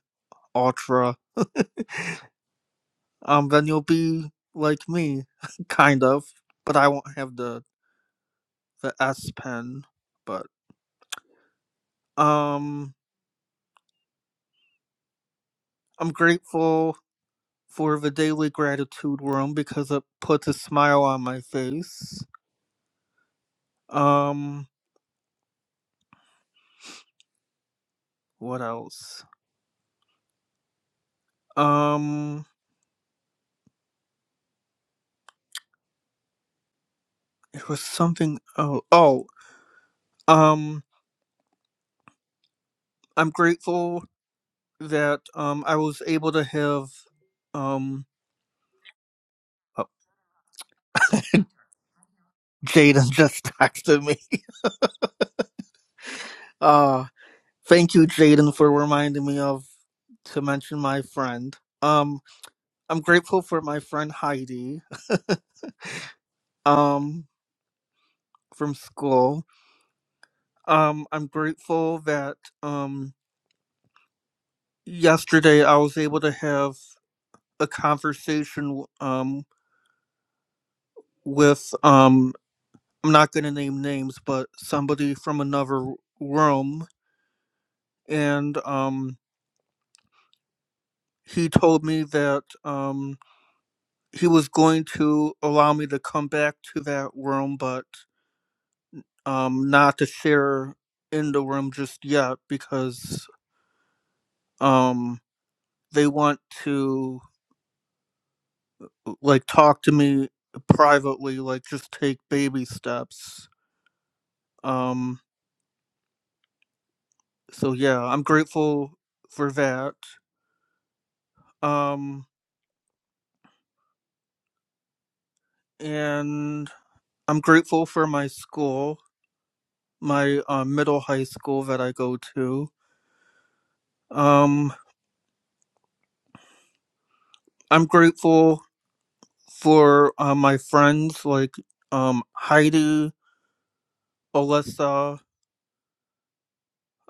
Ultra. Um, then you'll be like me, kind of. But I won't have the the S Pen. But um, I'm grateful for the daily gratitude room because it puts a smile on my face. Um, what else? Um. it was something oh oh um i'm grateful that um i was able to have um oh, jaden just texted me uh thank you jaden for reminding me of to mention my friend um i'm grateful for my friend heidi um from school um i'm grateful that um yesterday i was able to have a conversation um with um. I'm not gonna name names, but somebody from another room, and um, he told me that um, he was going to allow me to come back to that room, but um, not to share in the room just yet because um, they want to like talk to me privately, like just take baby steps. Um, so yeah, I'm grateful for that. Um, and I'm grateful for my school, my uh, middle high school that I go to. Um, I'm grateful for uh, my friends like um, Heidi, Alyssa,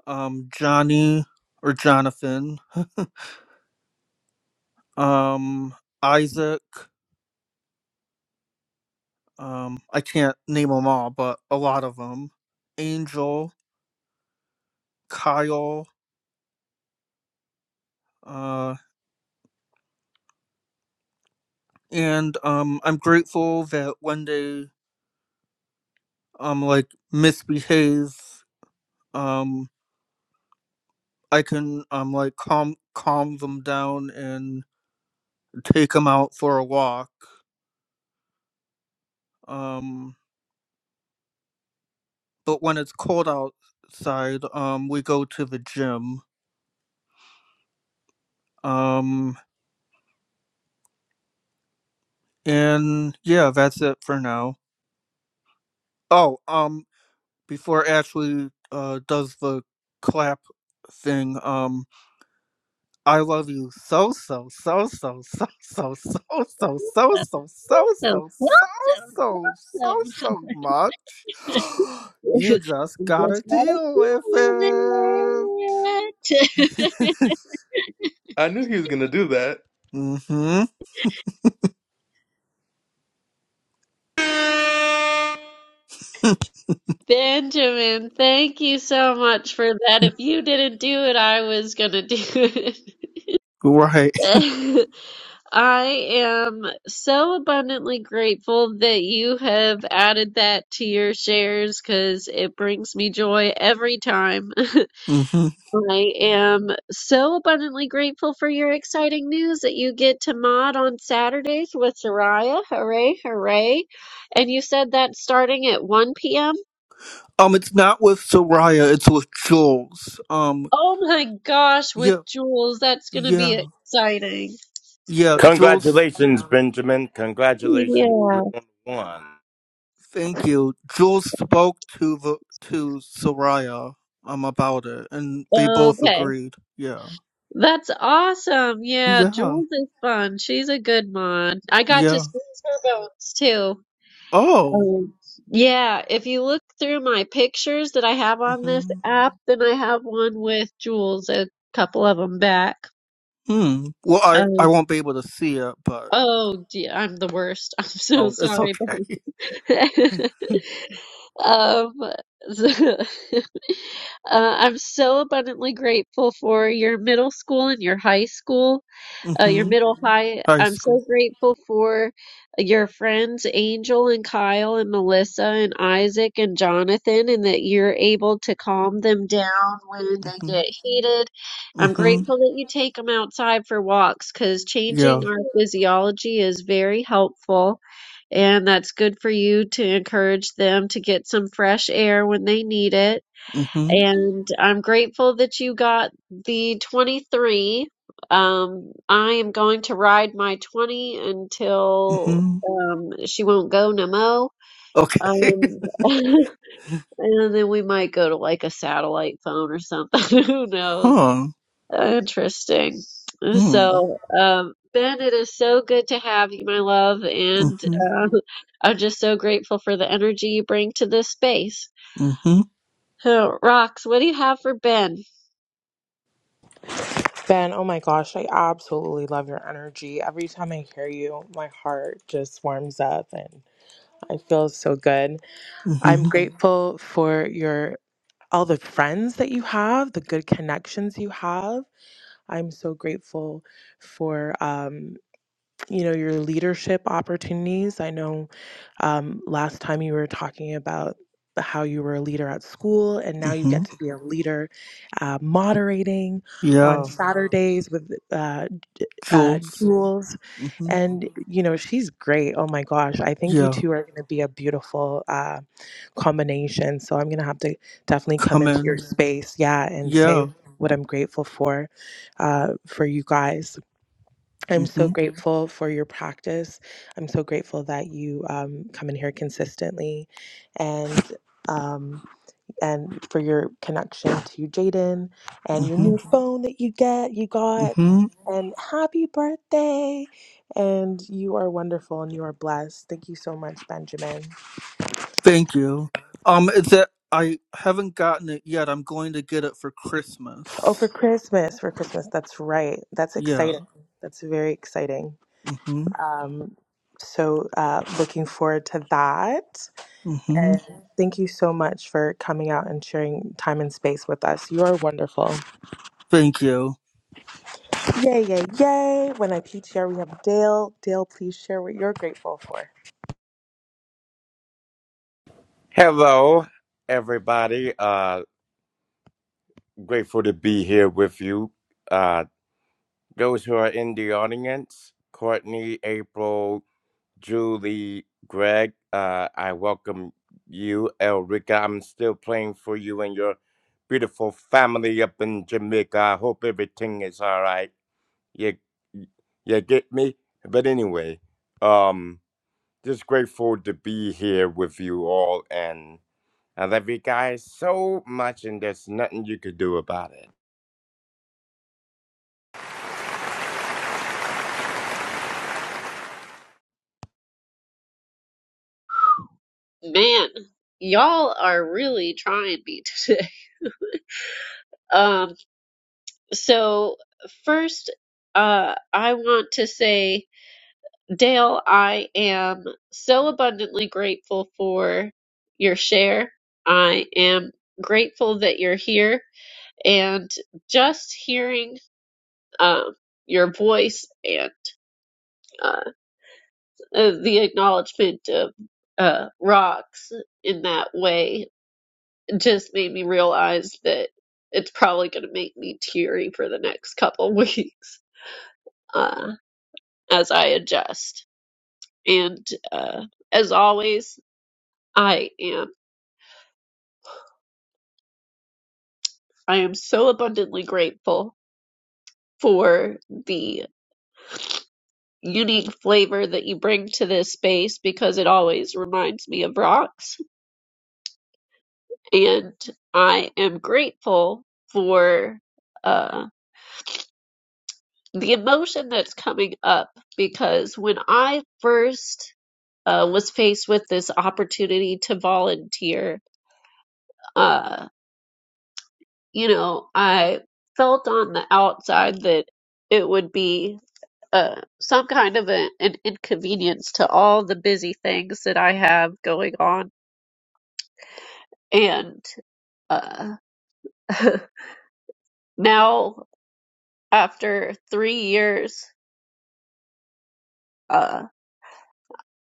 um, Johnny, or Jonathan, um, Isaac. Um, I can't name them all, but a lot of them. Angel, Kyle, uh, and um, I'm grateful that when they um like misbehave, um I can um like calm calm them down and take them out for a walk. Um, but when it's cold outside, um, we go to the gym. Um, and yeah, that's it for now. Oh, um, before Ashley uh does the clap thing, um, I love you so so so so so so so so so so so so
Awesome.
so
Awesome.
so so
Awesome.
so much. You just
You
gotta
just gotta
deal
feel
with it.
it.
I knew he was gonna do that.
Mm-hmm.
Benjamin, thank you so much for that. If you didn't do it, I was gonna do it.
Right.
I am so abundantly grateful that you have added that to your shares because it brings me joy every time.
Mm-hmm.
I am so abundantly grateful for your exciting news that you get to mod on Saturdays with Soraya. Hooray, hooray. And you said that starting at 1 p.m.?
Um, it's not with Soraya, it's with Jules. Um,
Oh my gosh,
yeah,
with Jules, that's going to be
yeah,
exciting.
yeah. Jules,
Congratulations, Benjamin. Congratulations.
Yeah.
You won one.
thank you. Jules spoke to the to Soraya um about it, and they both
Okay.
agreed. Yeah,
That's awesome. Yeah,
yeah.
Jules is fun. She's a good mod. I got to
Yeah.
squeeze her bones too.
Oh.
Um, yeah, if you look through my pictures that I have on this
hmm
app, then I have one with Jules, a couple of them back.
Hmm. Well, I I
Um,
won't be able to see it, but
oh, dear, I'm the worst. I'm so
oh, it's
sorry,
okay.
babe. Um, so- uh, I'm so abundantly grateful for your middle school and your high school. uh, your
hmm
middle high.
High
I'm
school.
so grateful for your friends, Angel and Kyle and Melissa and Isaac and Jonathan, and that you're able to calm them down when they
hmm
get heated. I'm
hmm
grateful that you take them outside for walks because
Yeah.
changing our physiology is very helpful, and that's good for you to encourage them to get some fresh air when they need it
hmm
and I'm grateful that you got the 23. Um, I am going to ride my 20 until
hmm
um, she won't go no mo.
Okay.
Um, and then we might go to like a satellite phone or something. Who knows?
huh.
Interesting.
Hmm.
So, um, Ben, it is so good to have you, my love. And
hmm
uh, I'm just so grateful for the energy you bring to this space.
hmm
Uh, Rox, what do you have for Ben?
Ben, oh my gosh, I absolutely love your energy. Every time I hear you, my heart just warms up and I feel so good. I'm
hmm
grateful for your all the friends that you have, the good connections you have. I'm so grateful for. um. you know your leadership opportunities i know um, last time you were talking about how you were a leader at school and now you get
hmm
to be a leader uh, moderating on Mhm.
Yeah.
saturdays with uh, uh,
Jules.
jules
hmm
and Mhm. you know she's great oh my gosh i think you
Yeah.
two are going to be a beautiful uh, combination so i'm going to have to definitely come
Come
into your
in.
Mhm. space yeah and say
Yeah.
what i'm grateful for uh, for you guys I'm so
hmm
hmm grateful for your practice. I'm so grateful that you um, come in here consistently, and um, and for your connection to Jaden and your
hmm
new Mhm. phone that you get you got.
hmm
And happy birthday! And you are wonderful and you are blessed. Thank you so much, Benjamin.
Thank you. Um, it's that I haven't gotten it yet. I'm going to get it for
Oh,
Christmas.
for Christmas, for Christmas. That's right. That's
Yeah.
exciting. That's very exciting.
Mm-hmm.
Um, so uh, looking forward to that.
Mm-hmm.
And thank you so much for coming out and sharing time and space with us. You are wonderful.
Thank you
Yay, yay, yay. When I teach here, we have Dale. Dale, please share what you're grateful for.
Hello, everybody. Uh, grateful to be here with you. Uh, those who are in the audience, Courtney, April, Julie, Greg, uh, I welcome you, Elrica. I'm still praying for you and your beautiful family up in Jamaica. I hope everything is all right. You, you get me? But anyway, um, Just grateful to be here with you all, and I love you guys so much, and there's nothing you could do about it.
Man, y'all are really trying me today. Um, so first, uh, I want to say, Dale, I am so abundantly grateful for your share. I am grateful that you're here and just hearing um your voice and uh, uh, the acknowledgement of uh, rocks in that way just made me realize that it's probably going to make me teary for the next couple weeks uh, as I adjust. And uh, as always, I am I am so abundantly grateful for the unique flavor that you bring to this space because it always reminds me of rocks. And I am grateful for uh, the emotion that's coming up because when I first uh, was faced with this opportunity to volunteer, uh, you know, I felt on the outside that it would be uh, some kind of a, an inconvenience to all the busy things that I have going on. And uh, now, after three years, uh,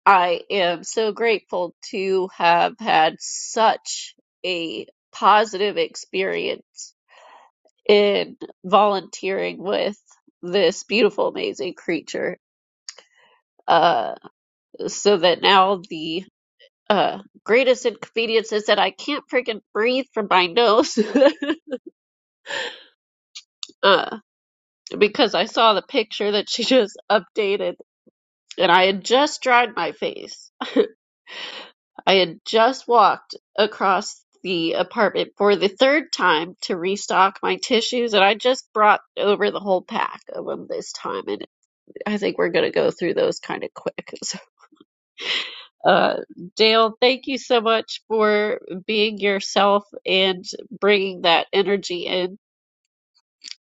I am so grateful to have had such a positive experience in volunteering with this beautiful, amazing creature. Uh, so that now the uh, greatest inconvenience is that I can't freaking breathe from my nose uh, because I saw the picture that she just updated and I had just dried my face. I had just walked across the apartment for the third time to restock my tissues and I just brought over the whole pack of them this time and I think we're going to go through those kind of quick. Uh, Dale, thank you so much for being yourself and bringing that energy in.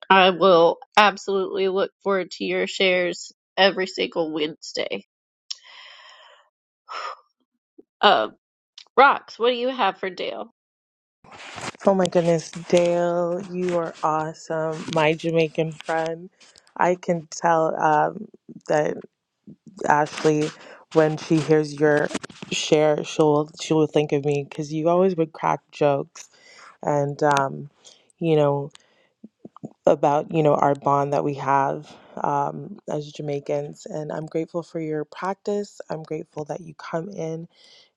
I will absolutely look forward to your shares every single Wednesday. Um, Rox, what do you have for Dale?
Oh my goodness, Dale, you are awesome. My Jamaican friend. I can tell um, that Ashley, when she hears your share, she'll she will think of me because you always would crack jokes and um, you know about you know our bond that we have um, as Jamaicans, and I'm grateful for your practice. I'm grateful that you come in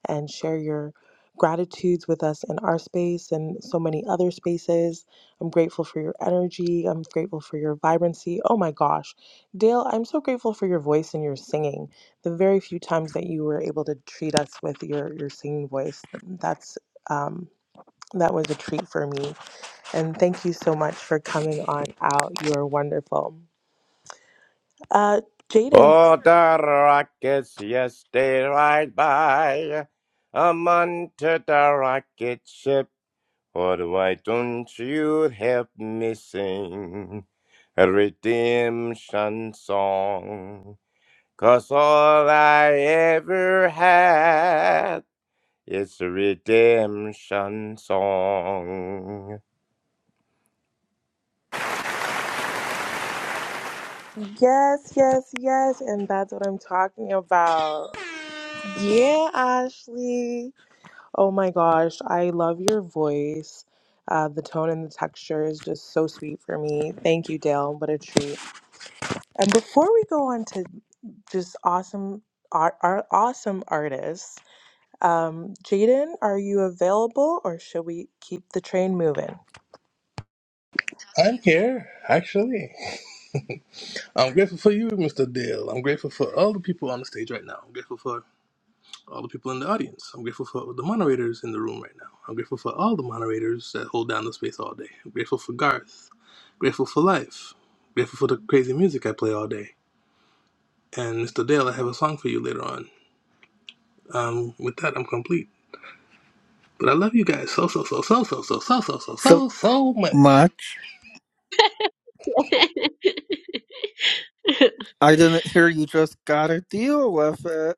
and share your gratitudes with us in our space and so many other spaces. I'm grateful for your energy. I'm grateful for your vibrancy. Oh my gosh, Dale, I'm so grateful for your voice and your singing. The very few times that you were able to treat us with your your singing voice, that's um, that was a treat for me and thank you so much for coming on out. You are wonderful. Uh, Jaden,
All the rockets, yes, they ride by. I'm onto the rocket ship. But why don't you help me sing a redemption song? 'Cause all I ever had. It's a redemption song.
yes, yes, yes. And that's what I'm talking about. Yeah, Ashley. Oh my gosh, I love your voice. Uh, the tone and the texture is just so sweet for me. Thank you, Dale. What a treat. And before we go on to just awesome, our, our awesome artists, um, Jaden, are you available or should we keep the train moving?
I'm here, actually. I'm grateful for you, Mr. Dale. I'm grateful for all the people on the stage right now. I'm grateful for all the people in the audience. I'm grateful for the moderators in the room right now. I'm grateful for all the moderators that hold down the space all day. I'm grateful for Garth. Grateful for life. Grateful for the crazy music I play all day. And Mr. Dale, I have a song for you later on. Um, with that, I'm complete. But I love you guys so so so so so so so so so
so
so so much.
much.
oh
I didn't hear you just gotta deal with it.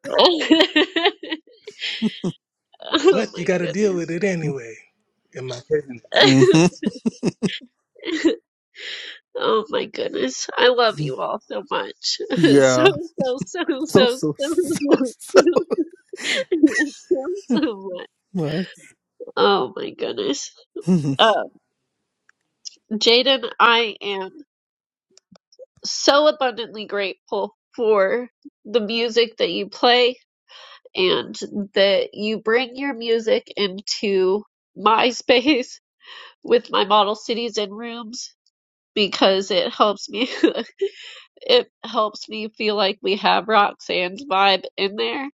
but you
my
got to deal with
goodness.
it anyway. In my opinion.
Mm-hmm.
oh my goodness. I love you all so much. so, so,
Yeah.
so, so,
So,
so,
so, so,
so,
so
so, so so much.
much.
Oh my goodness.
Mhm.
Uh, Jaden, I am so abundantly grateful for the music that you play and that you bring your music into my space with my model cities and rooms because it helps me it helps me feel like we have Roxanne's vibe in there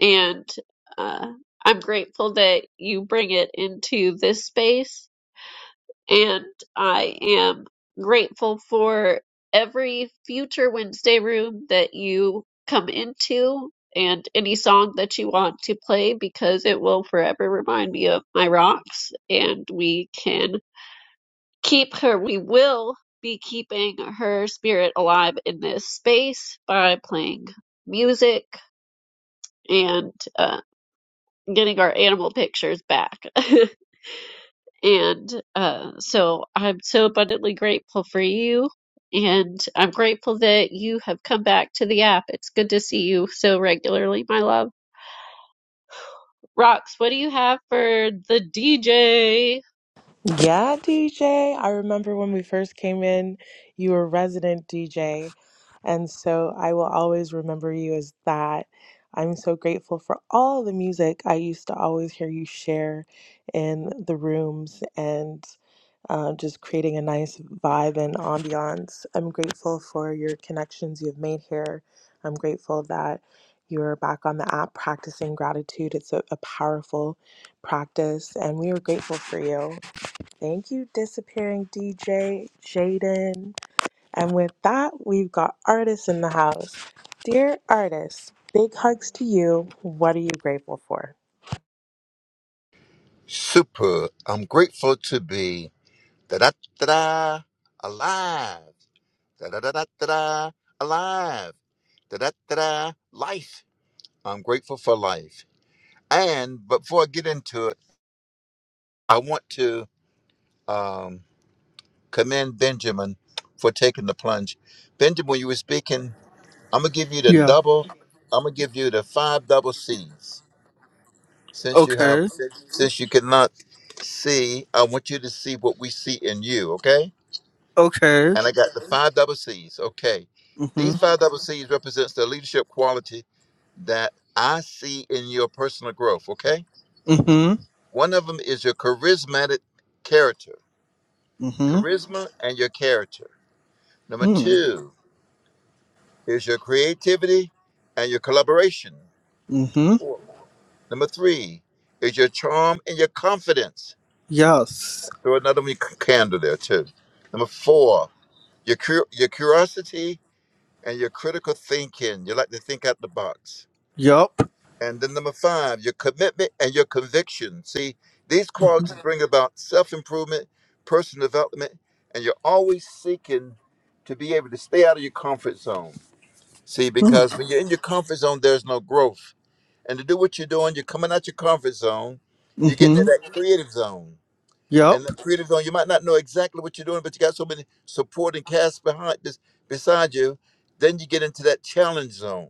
and uh I'm grateful that you bring it into this space and I am grateful for every future Wednesday room that you come into and any song that you want to play because it will forever remind me of my rocks and we can keep her we will be keeping her spirit alive in this space by playing music and uh, getting our animal pictures back And uh, so I'm so abundantly grateful for you. And I'm grateful that you have come back to the app. It's good to see you so regularly, my love. Rox, what do you have for the DJ?
Yeah, DJ. I remember when we first came in, you were resident DJ. And so I will always remember you as that. I'm so grateful for all the music I used to always hear you share in the rooms and uh, just creating a nice vibe and ambiance. I'm grateful for your connections you've made here. I'm grateful that you're back on the app practicing gratitude. It's a, a powerful practice, and we are grateful for you. Thank you, Disappearing DJ Jaden. And with that, we've got artists in the house. Dear artists, big hugs to you. What are you grateful for?
Super. I'm grateful to be da da da da alive. Da da da da da alive. Da da da da life. I'm grateful for life. And before I get into it, I want to um, commend Benjamin for taking the plunge. Benjamin, when you were speaking, I'm gonna give you the
yeah.
double. I'm gonna give you the five double C's. Since you have,
Okay.
since, since you cannot see, I want you to see what we see in you. Okay
Okay.
and I got the five double C's. Okay,
Mm-hmm.
these five double C's represents the leadership quality that I see in your personal growth. Okay,
Mm-hmm.
one of them is your charismatic character,
Mm-hmm.
charisma, and your character. Number
Mm-hmm.
two is your creativity and your collaboration.
Mm-hmm.
Four. Number three is your charm and your confidence.
Yes.
Throw another one, candle there too. Number four, your cur- your curiosity and your critical thinking. You like to think out the box.
Yup.
And then number five, your commitment and your conviction. See, these qualities bring about self improvement, personal development, and you're always seeking to be able to stay out of your comfort zone. See, because when you're in your comfort zone, there's no growth. And to do what you're doing, you're coming out your comfort zone, you're getting in
Mm-hmm.
that creative zone and
Yup.
the creative on you might not know exactly what you're doing but you got so many supporting cast behind this beside you then you get into that challenge zone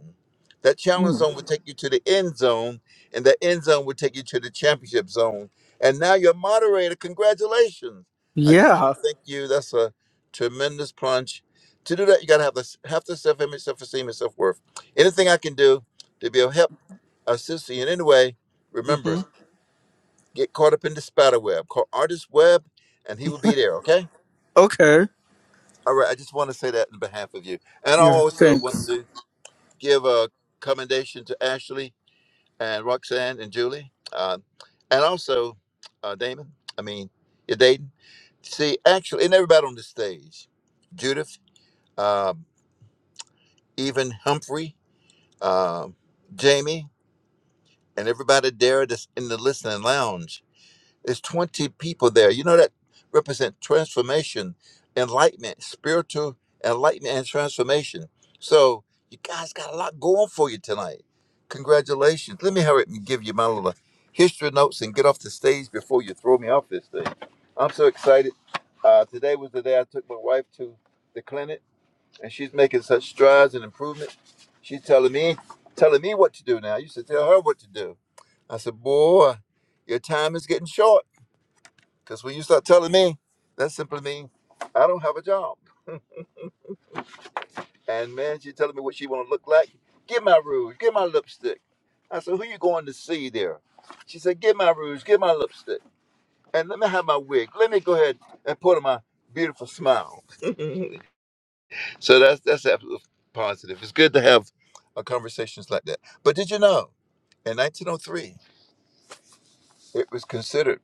that challenge
Mm.
zone will take you to the end zone and that end zone will take you to the championship zone and now you're a moderator congratulations i just
Yeah.
want to thank you that's a tremendous punch to do that you got to have the have the self-image self-esteem and self-worth anything i can do to be of help assist you in any way
Mm-hmm.
remember Get caught up in the spider web. Call Artist Web, and he will be there. Okay.
Okay.
All right. I just want to say that in behalf of you, and I
Yeah.
also want
Thanks.
to give a commendation to Ashley and Roxanne and Julie, uh, and also uh, Damon. I mean, you're dating. See, actually, and everybody on the stage, Judith, um, even Humphrey, um, Jamie, and everybody there that's in the listening lounge. There's 20 people there. You know that represent transformation, enlightenment, spiritual enlightenment and transformation. So you guys got a lot going for you tonight. Congratulations. Let me hurry up and give you my little history notes and get off the stage before you throw me off this thing. I'm so excited. Uh, today was the day I took my wife to the clinic, and she's making such strides and improvements. She's telling me, telling me what to do now. I used to tell her what to do. I said, "Boy, your time is getting short." Because when you start telling me, that simply means I don't have a job. And man, she's telling me what she want to look like. Get my rouge, get my lipstick. I said, who you going to see there? She said, get my rouge, get my lipstick, and let me have my wig. Let me go ahead and put on my beautiful smile. so that's that's absolutely positive. It's good to have uh, conversations like that. But did you know, in 1903, it was considered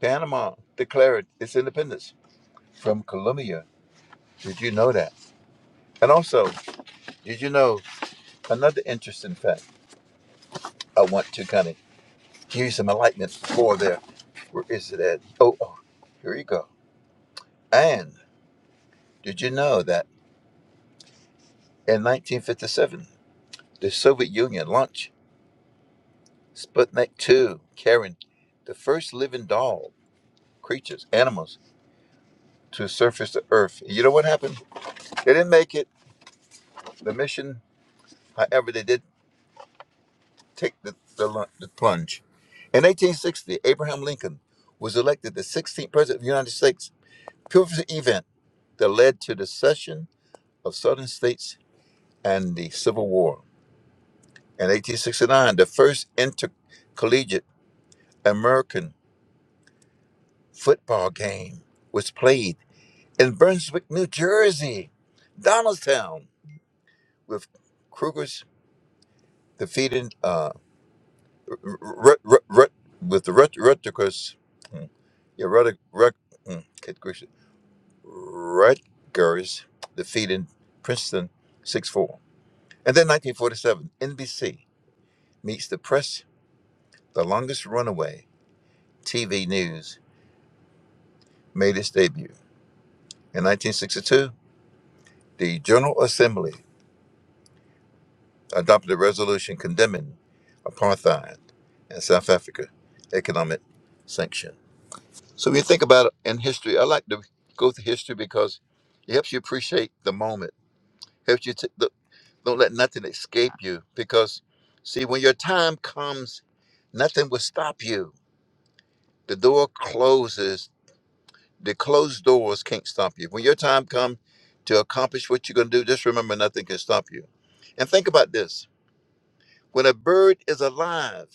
Panama declared its independence from Colombia. Did you know that? And also, Did you know another interesting fact? I want to kind of give you some enlightenment for there. Where is it at? Oh, oh, here you go. And did you know that in 1957, the Soviet Union launched Sputnik 2, carrying the first living doll, creatures, animals to surface the Earth? You know what happened? They didn't make it. The mission, however, they did take the, the, lu- the plunge. In 1860, Abraham Lincoln was elected the 16th president of the United States pivotal event that led to the secession of Southern states and the Civil War. In 1869, the first intercollegiate American football game was played in Brunswick, New Jersey, Donaldstown, with Cougars defeating uh, Rut, Rut, Rut, with the Rut, Rutgers, hmm, yeah, Rut, Rut, hmm, good gracious, Rutgers defeating Princeton 6-4. And then 1947, NBC meets the press. The longest runaway TV news made its debut. In 1962, the General Assembly adopted a resolution condemning apartheid and South Africa economic sanction. So when you think about it in history, I like to go through history because it helps you appreciate the moment. Helps you to look, don't let nothing escape you because see when your time comes, nothing will stop you. The door closes The closed doors can't stop you. When your time comes to accomplish what you're going to do, just remember nothing can stop you. And think about this when a bird is alive,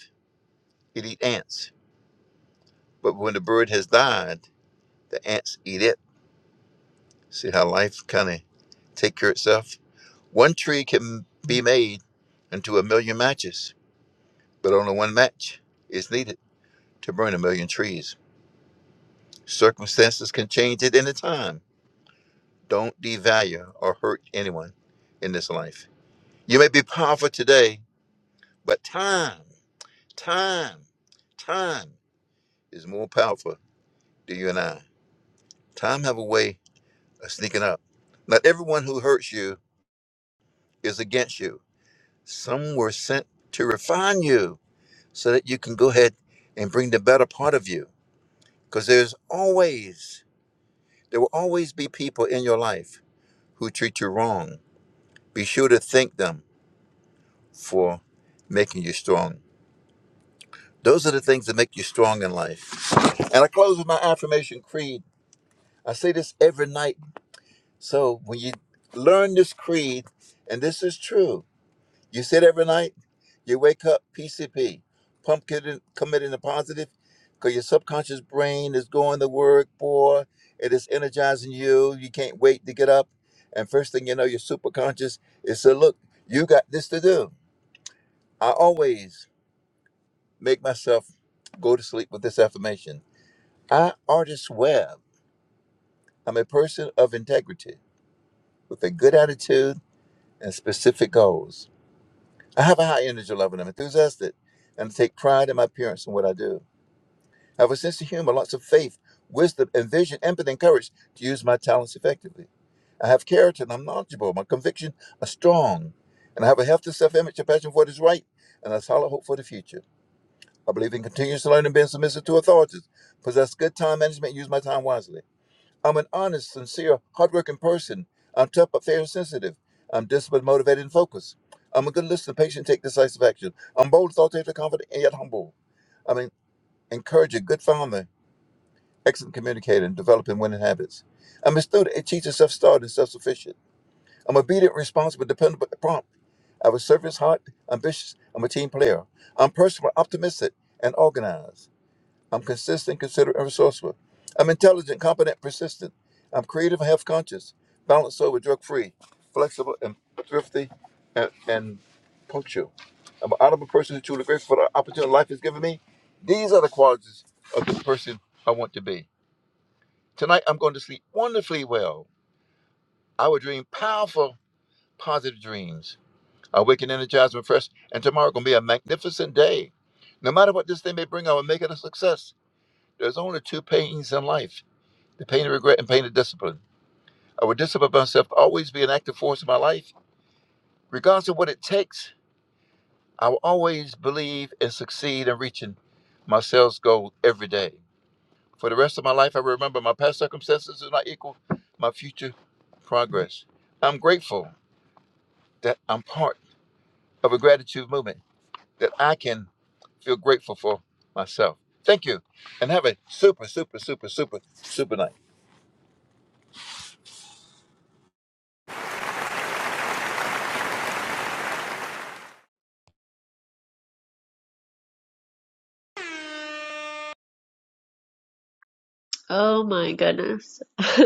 it eat ants. But when the bird has died, the ants eat it. See how life kind of take care of itself? One tree can be made into a million matches, but only one match is needed to burn a million trees. Circumstances can change at any time. Don't devalue or hurt anyone in this life. You may be powerful today, but time, time, time is more powerful than you and I. Time have a way of sneaking up. Not everyone who hurts you is against you. Some were sent to refine you so that you can go ahead and bring the better part of you. Because there's always, there will always be people in your life who treat you wrong. Be sure to thank them for making you strong. Those are the things that make you strong in life. And I close with my affirmation creed. I say this every night. So when you learn this creed, and this is true, you sit every night, you wake up PCP, pumpkin committing the positive, because your subconscious brain is going to work, boy. It is energizing you. You can't wait to get up. And first thing you know, your superconscious is saying, look, you got this to do. I always make myself go to sleep with this affirmation. I, Artist Webb, am a person of integrity with a good attitude and specific goals. I have a high energy level. I'm enthusiastic and take pride in my appearance and what I do. I have a sense of humor, lots of faith, wisdom, and vision, empathy, and courage to use my talents effectively. I have character and I'm knowledgeable. My convictions are strong. And I have a healthy self image, a passion for what is right, and a solid hope for the future. I believe in continuous learning, being submissive to authorities, possess good time management, and use my time wisely. I'm an honest, sincere, hardworking person. I'm tough but fair and sensitive. I'm disciplined, motivated, and focused. I'm a good listener, patient, take decisive action. I'm bold, authoritative, confident, and yet humble. I'm an encourager, good farmer, excellent communicator, and developing winning habits. I'm a student, a teacher, self-starred, and self-sufficient. I'm obedient, responsible, dependable, and prompt. I have a service heart, ambitious. I'm a team player. I'm personal, optimistic, and organized. I'm consistent, considerate, and resourceful. I'm intelligent, competent, persistent. I'm creative and health conscious, balanced over drug free, flexible and thrifty and, and punctual. I'm an honorable person who is truly grateful for the opportunity life has given me. These are the qualities of the person I want to be. Tonight I'm going to sleep wonderfully well. I will dream powerful, positive dreams. I wake and energize and fresh, and tomorrow gonna be a magnificent day. No matter what this day may bring, I will make it a success. There's only two pains in life the pain of regret and pain of discipline. I will discipline myself to always be an active force in my life. Regardless of what it takes, I will always believe and succeed in reaching my sales goal every day. For the rest of my life, I remember my past circumstances do not equal my future progress. I'm grateful that I'm part of a gratitude movement that I can feel grateful for myself. Thank you, and have a super, super, super, super, super night.
Oh my goodness.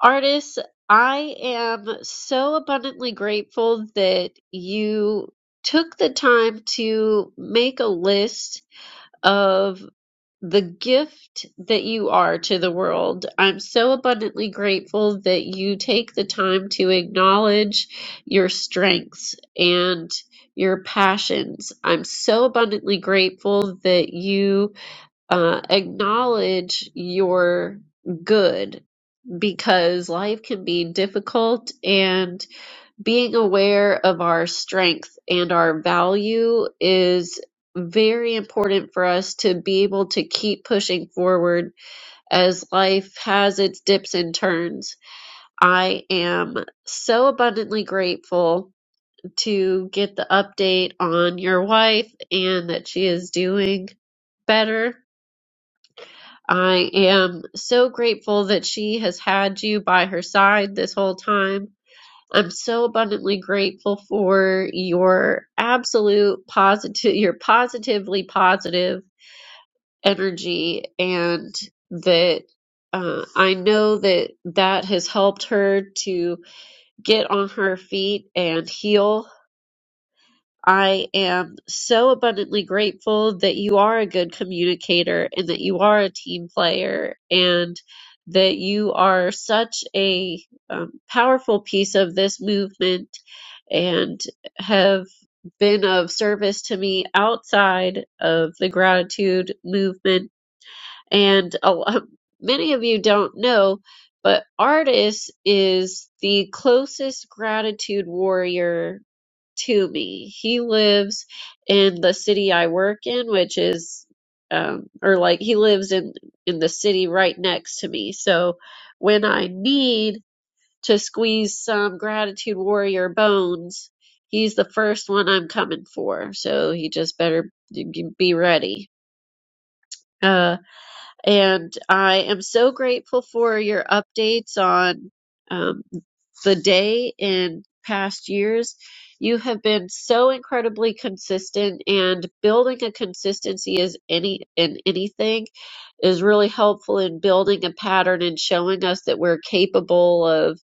Artists, I am so abundantly grateful that you took the time to make a list of the gift that you are to the world. I'm so abundantly grateful that you take the time to acknowledge your strengths and your passions. I'm so abundantly grateful that you uh, acknowledge your good because life can be difficult and being aware of our strength and our value is very important for us to be able to keep pushing forward as life has its dips and turns. I am so abundantly grateful to get the update on your wife and that she is doing better. I am so grateful that she has had you by her side this whole time I'm so abundantly grateful for your absolute positive, your positively positive energy, and that uh, I know that that has helped her to get on her feet and heal I am so abundantly grateful that you are a good communicator and that you are a team player and that you are such a um, powerful piece of this movement and have been of service to me outside of the gratitude movement. And a, lot many of you don't know, but Artis is the closest gratitude warrior to me, He lives in the city I work in, which is um or like he lives in in the city right next to me. So when I need to squeeze some gratitude warrior bones, he's the first one I'm coming for. So he just better be ready. Uh and I am so grateful for your updates on um the day in past years. You have been so incredibly consistent and building a consistency is any in anything is really helpful in building a pattern and showing us that we're capable of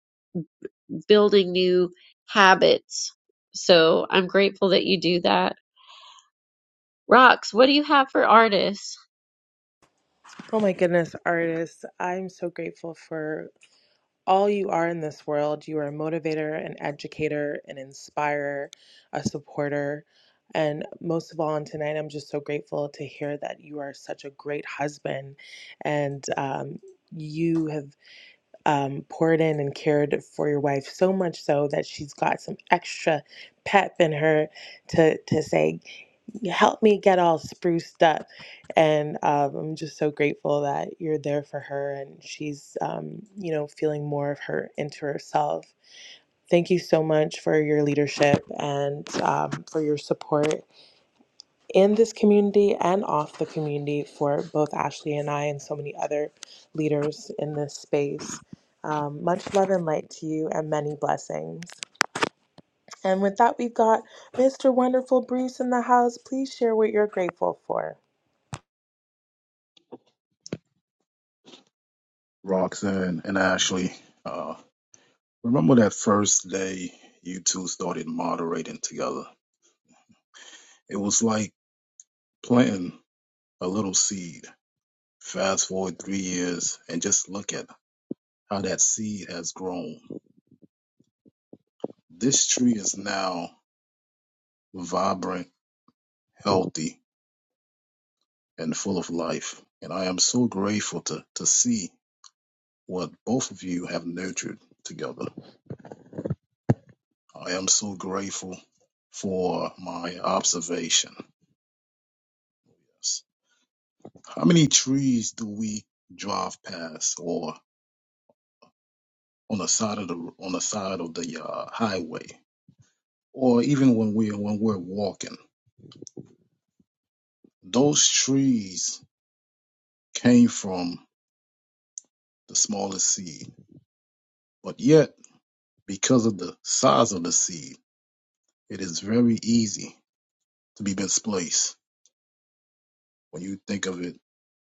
building new habits. So I'm grateful that you do that. Rox, what do you have for artists?
Oh my goodness, artists. I'm so grateful for all you are in this world. You are a motivator, an educator, an inspirer, a supporter. And most of all, on tonight, I'm just so grateful to hear that you are such a great husband and um, you have um, poured in and cared for your wife so much so that she's got some extra pep in her to to say, "Help me get all spruced up." And um, I'm just so grateful that you're there for her and she's, um, you know, feeling more of her into herself. Thank you so much for your leadership and um, for your support in this community and off the community for both Ashley and I and so many other leaders in this space. Um, much love and light to you and many blessings. And with that, we've got Mr. Wonderful Bruce in the house. Please share what you're grateful for.
Roxanne and Ashley. Uh, remember that first day you two started moderating together? It was like planting a little seed. Fast forward three years and just look at how that seed has grown. This tree is now vibrant, healthy, and full of life. And I am so grateful to, to see what both of you have nurtured together. I am so grateful for my observation. Yes. How many trees do we drive past, or on the side of the on the side of the uh, highway, or even when we're when we're walking? Those trees came from the smallest seed, but yet because of the size of the seed, it is very easy to be misplaced. When you think of it,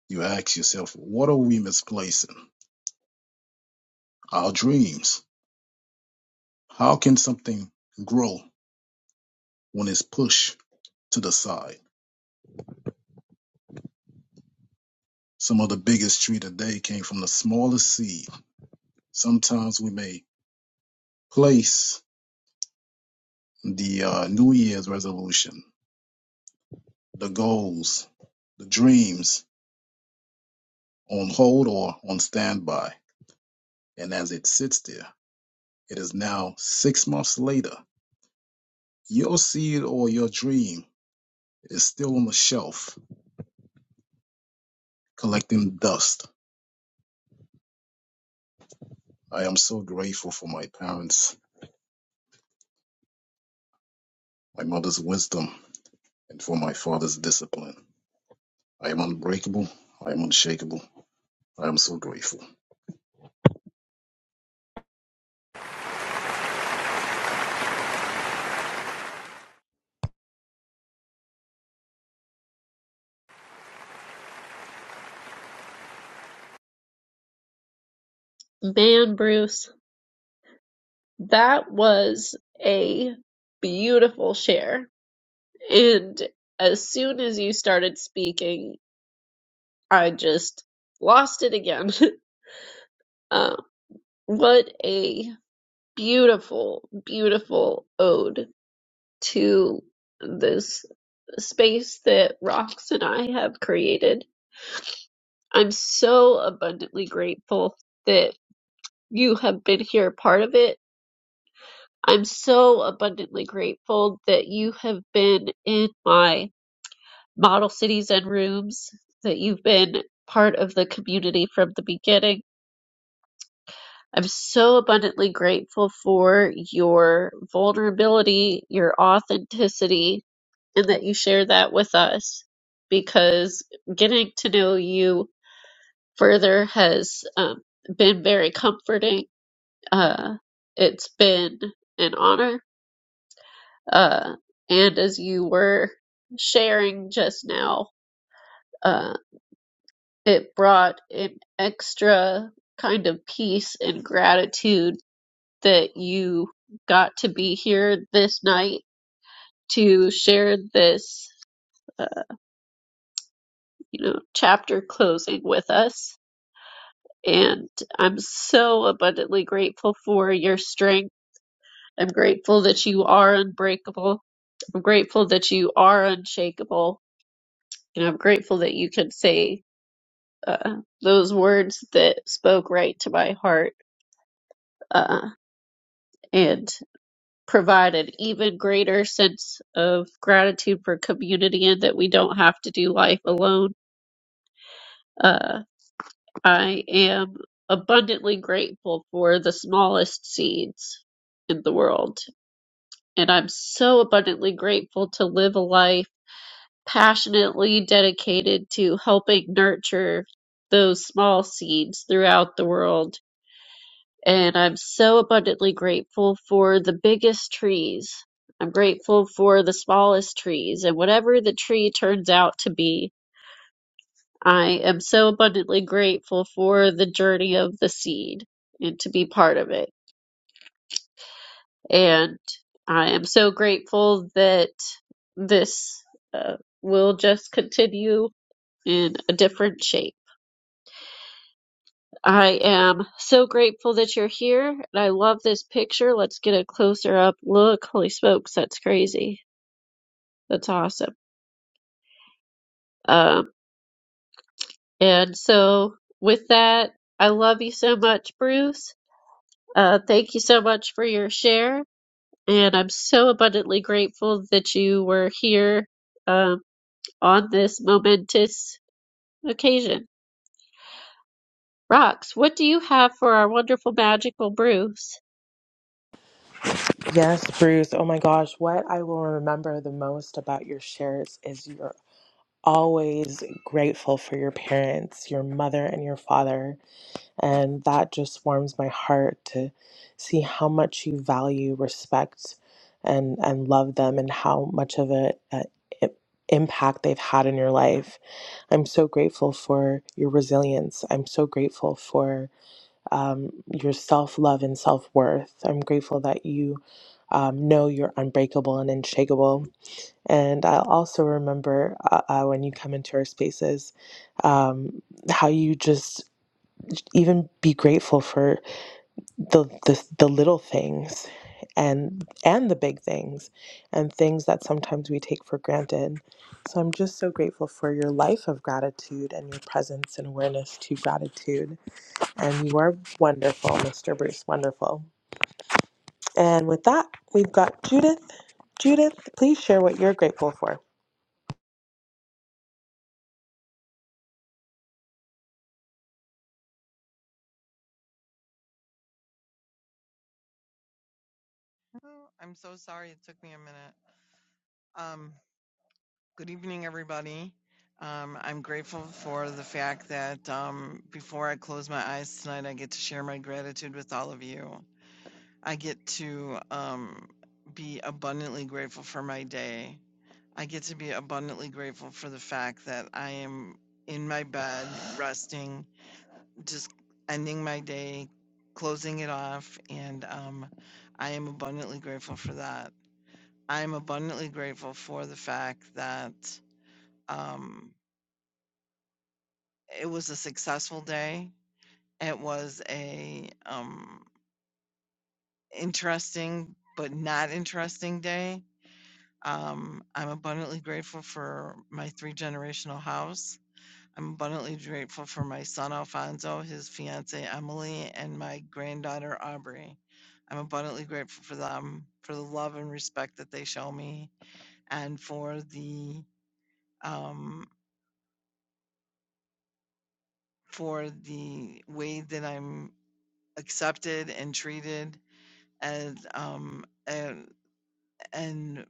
you ask yourself, what are we misplacing? Our dreams. How can something grow when it's pushed to the side? Some of the biggest tree today came from the smallest seed. Sometimes we may place the uh, New Year's resolution, the goals, the dreams on hold or on standby. And as it sits there, it is now six months later. Your seed or your dream is still on the shelf, collecting dust. I am so grateful for my parents, my mother's wisdom, and for my father's discipline. I am unbreakable. I am unshakable. I am so grateful.
Man, Bruce, that was a beautiful share. And as soon as you started speaking, I just lost it again. Uh, what a beautiful, beautiful ode to this space that Rox and I have created. I'm so abundantly grateful that you have been here part of it. I'm so abundantly grateful that you have been in my model cities and rooms, that you've been part of the community from the beginning I'm so abundantly grateful for your vulnerability, your authenticity, and that you share that with us because getting to know you further has um, been very comforting. Uh, it's been an honor. Uh, and as you were sharing just now, uh, it brought an extra kind of peace and gratitude that you got to be here this night to share this, uh, you know, chapter closing with us. And I'm so abundantly grateful for your strength. I'm grateful that you are unbreakable. I'm grateful that you are unshakable. And I'm grateful that you can say uh, those words that spoke right to my heart. Uh, and provide an even greater sense of gratitude for community and that we don't have to do life alone. Uh, I am abundantly grateful for the smallest seeds in the world. And I'm so abundantly grateful to live a life passionately dedicated to helping nurture those small seeds throughout the world and I'm so abundantly grateful for the biggest trees. I'm grateful for the smallest trees and whatever the tree turns out to be. I am so abundantly grateful for the journey of the seed and to be part of it. And I am so grateful that this uh, will just continue in a different shape. I am so grateful that you're here, and I love this picture. Let's get a closer up look. Holy smokes, that's crazy. That's awesome. Um, and so with that, I love you so much, Bruce. Uh, thank you so much for your share, and I'm so abundantly grateful that you were here um, on this momentous occasion. Rox, what do you have for our wonderful, magical Bruce?
Yes, Bruce. Oh my gosh, what I will remember the most about your shares is you're always grateful for your parents, your mother and your father And that just warms my heart to see how much you value, respect, and, and love them and how much of a, a i- impact they've had in your life. I'm so grateful for your resilience. I'm so grateful for um, your self love and self worth. I'm grateful that you um, know you're unbreakable and unshakable. And I also remember uh, uh, when you come into our spaces, um, how you just even be grateful for the, the the little things and and the big things and things that sometimes we take for granted so i'm just so grateful for your life of gratitude and your presence and awareness to gratitude and you are wonderful mr bruce wonderful and with that we've got judith judith please share what you're grateful for
Oh, I'm so sorry it took me a minute. Um, good evening, everybody. Um, I'm grateful for the fact that um, before I close my eyes tonight, I get to share my gratitude with all of you. I get to um, be abundantly grateful for my day. I get to be abundantly grateful for the fact that I am in my bed, resting, just ending my day, closing it off, and um, I am abundantly grateful for that. I'm abundantly grateful for the fact that um, it was a successful day. It was a um, interesting but not interesting day. Um, I'm abundantly grateful for my three generational house. I'm abundantly grateful for my son Alfonso, his fiance Emily, and my granddaughter Aubrey. I'm abundantly grateful for them, for the love and respect that they show me, and for the um, for the way that I'm accepted and treated and um and and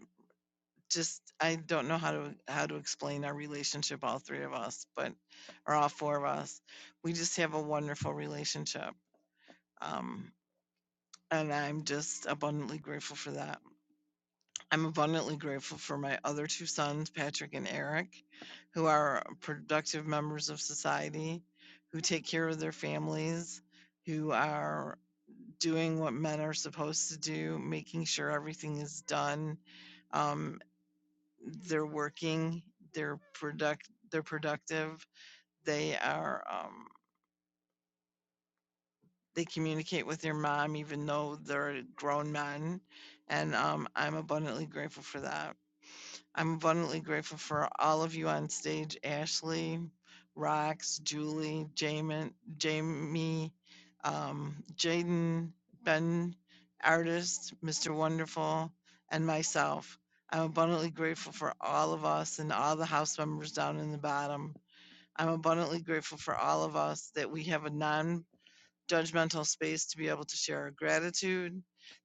just I don't know how to how to explain our relationship all three of us but or all four of us we just have a wonderful relationship um and I'm just abundantly grateful for that. I'm abundantly grateful for my other two sons, Patrick and Eric, who are productive members of society, who take care of their families, who are doing what men are supposed to do, making sure everything is done. Um, they're working, they're product, they're productive. They are, um, they communicate with their mom even though they're grown men, and um, I'm abundantly grateful for that. I'm abundantly grateful for all of you on stage Ashley, Rox, Julie, Jamin, Jamie, um, Jaden, Ben, Artist, Mr. Wonderful, and myself. I'm abundantly grateful for all of us and all the house members down in the bottom. I'm abundantly grateful for all of us that we have a non judgmental space to be able to share our gratitude,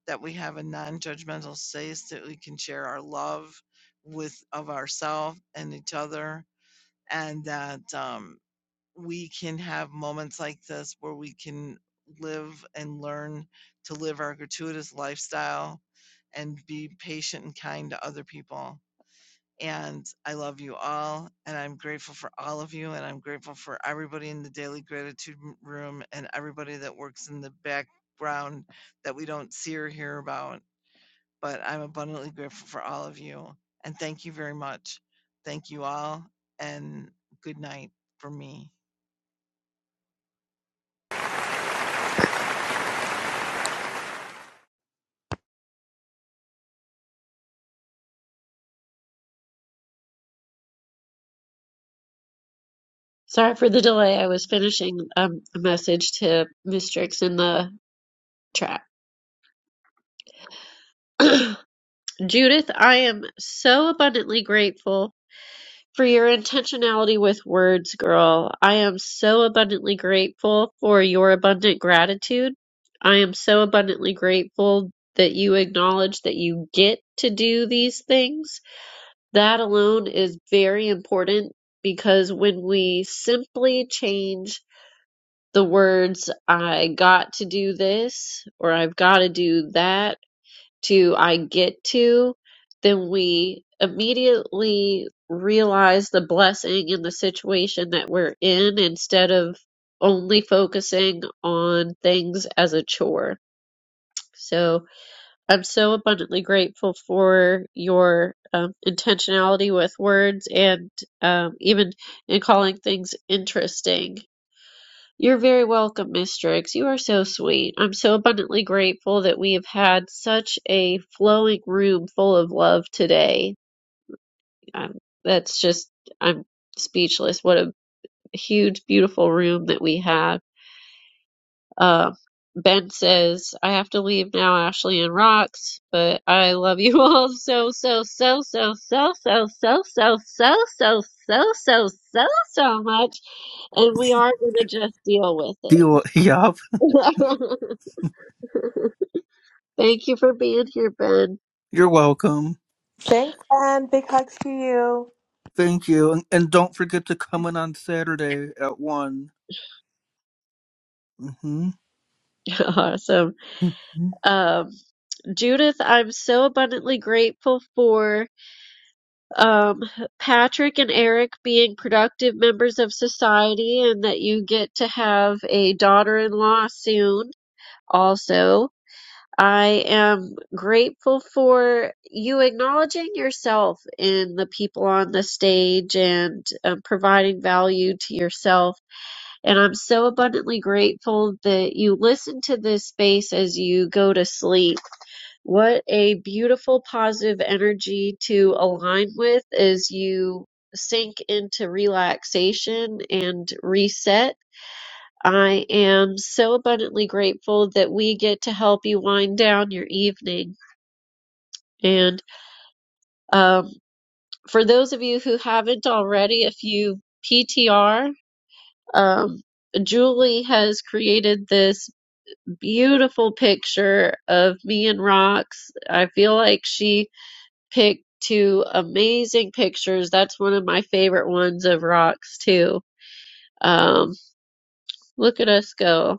that we have a non-judgmental space that we can share our love with of ourselves and each other, and that um, we can have moments like this where we can live and learn to live our gratuitous lifestyle and be patient and kind to other people and I love you all, and I'm grateful for all of you, and I'm grateful for everybody in the daily gratitude room and everybody that works in the background that we don't see or hear about. But I'm abundantly grateful for all of you, and thank you very much. Thank you all, and good night for me.
Sorry for the delay. I was finishing um, a message to Mistrix in the chat. Judith, I am so abundantly grateful for your intentionality with words, girl. I am so abundantly grateful for your abundant gratitude. I am so abundantly grateful that you acknowledge that you get to do these things. That alone is very important because when we simply change the words I got to do this or I've got to do that to I get to, then we immediately realize the blessing in the situation that we're in instead of only focusing on things as a chore. So I'm so abundantly grateful for your um, intentionality with words and um, even in calling things interesting you're very welcome, Miss Driggs. You are so sweet. I'm so abundantly grateful that we have had such a flowing room full of love today. Um, that's just, I'm speechless. What a huge, beautiful room that we had. Uh, ben says, I have to leave now, Ashley and Rocks, but I love you all so, so, so, so, so, so, so, so, so, so, so, so, so, so much and we are going to just deal with
Deal. Yup.
it. Thank you for being here, Ben.
You're welcome.
thanks and big hugs to you
Thank you. And, and don't forget to come in on Saturday at 1. hmm
Awesome. Um, Judith, I'm so abundantly grateful for um, Patrick and Eric being productive members of society and that you get to have a daughter in law soon, also. I am grateful for you acknowledging yourself in the people on the stage and um, providing value to yourself And I'm so abundantly grateful that you listen to this space as you go to sleep. What a beautiful positive energy to align with as you sink into relaxation and reset. I am so abundantly grateful that we get to help you wind down your evening. And um, for those of you who haven't already, if you PTR, um, Julie has created this beautiful picture of me and rocks. I feel like she picked two amazing pictures. That's one of my favorite ones of rocks too. Um, look at us go.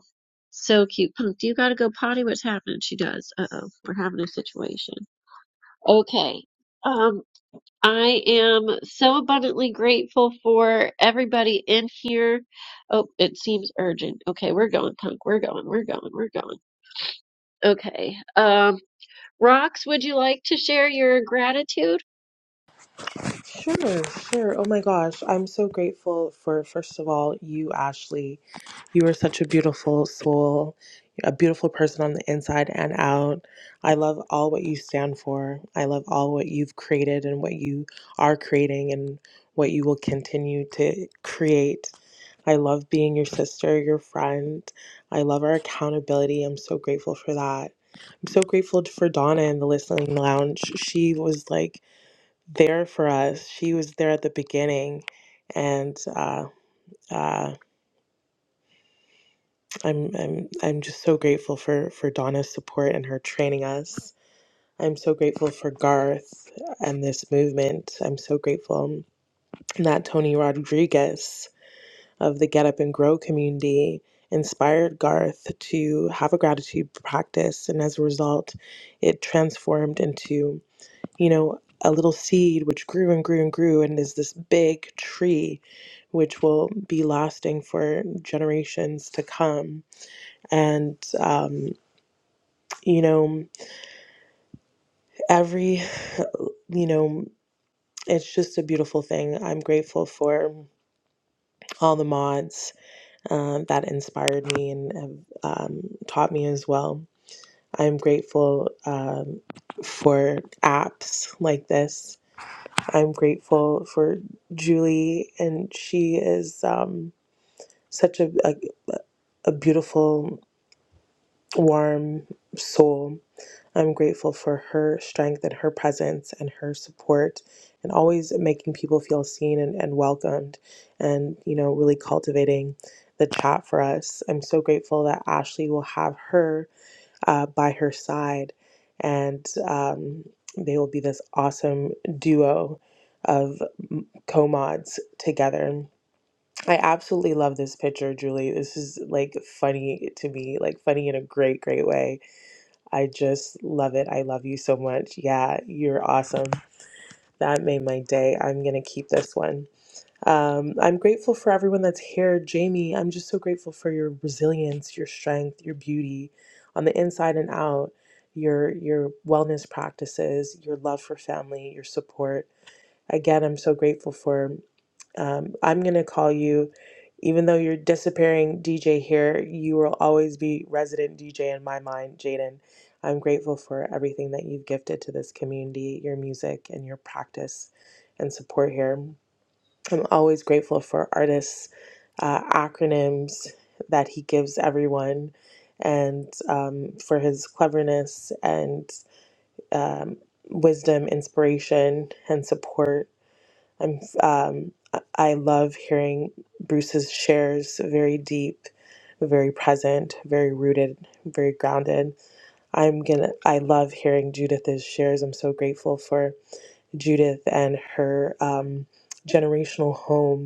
So cute. Punk, do you gotta go potty? What's happening? She does. Uh oh, we're having a situation. Okay. Um, I am so abundantly grateful for everybody in here. Oh, it seems urgent. Okay, we're going, Punk. We're going, we're going, we're going. Okay. Um, Rox, would you like to share your gratitude?
Sure, sure. Oh my gosh, I'm so grateful for, first of all, you, Ashley. You are such a beautiful soul, a beautiful person on the inside and out. I love all what you stand for. I love all what you've created and what you are creating and what you will continue to create. I love being your sister, your friend. I love our accountability. I'm so grateful for that. I'm so grateful for Donna in the listening lounge. She was like, there for us. She was there at the beginning, and uh, uh, I'm I'm I'm just so grateful for for Donna's support and her training us. I'm so grateful for Garth and this movement. I'm so grateful that Tony Rodriguez of the Get Up and Grow community inspired Garth to have a gratitude practice, and as a result, it transformed into. you know, a little seed which grew and grew and grew and is this big tree which will be lasting for generations to come. And, um, you know, every, you know, it's just a beautiful thing. I'm grateful for all the mods uh, that inspired me and have um, taught me as well. I'm grateful um, for apps like this I'm grateful for Julie, and she is um, such a, a a beautiful, warm soul. I'm grateful for her strength and her presence and her support, and always making people feel seen and, and welcomed, and you know, really cultivating the chat for us. I'm so grateful that Ashley will have her uh, by her side, and um, they will be this awesome duo of m- co-mods together. I absolutely love this picture, Julie. This is like funny to me, like funny in a great, great way. I just love it. I love you so much. Yeah, you're awesome. That made my day. I'm gonna keep this one. Um, I'm grateful for everyone that's here. Jamie, I'm just so grateful for your resilience, your strength, your beauty on the inside and out, your your wellness practices, your love for family, your support. Again, I'm so grateful for um, I'm going to call you, even though you're disappearing DJ here, you will always be resident DJ in my mind, Jaden. I'm grateful for everything that you've gifted to this community, your music and your practice and support here. I'm always grateful for artists' uh, acronyms that he gives everyone and um, for his cleverness and um, wisdom, inspiration, and support. I'm, um, I I love hearing Bruce's shares, very deep, very present, very rooted, very grounded. I'm gonna, I love hearing Judith's shares. I'm so grateful for Judith and her um, generational home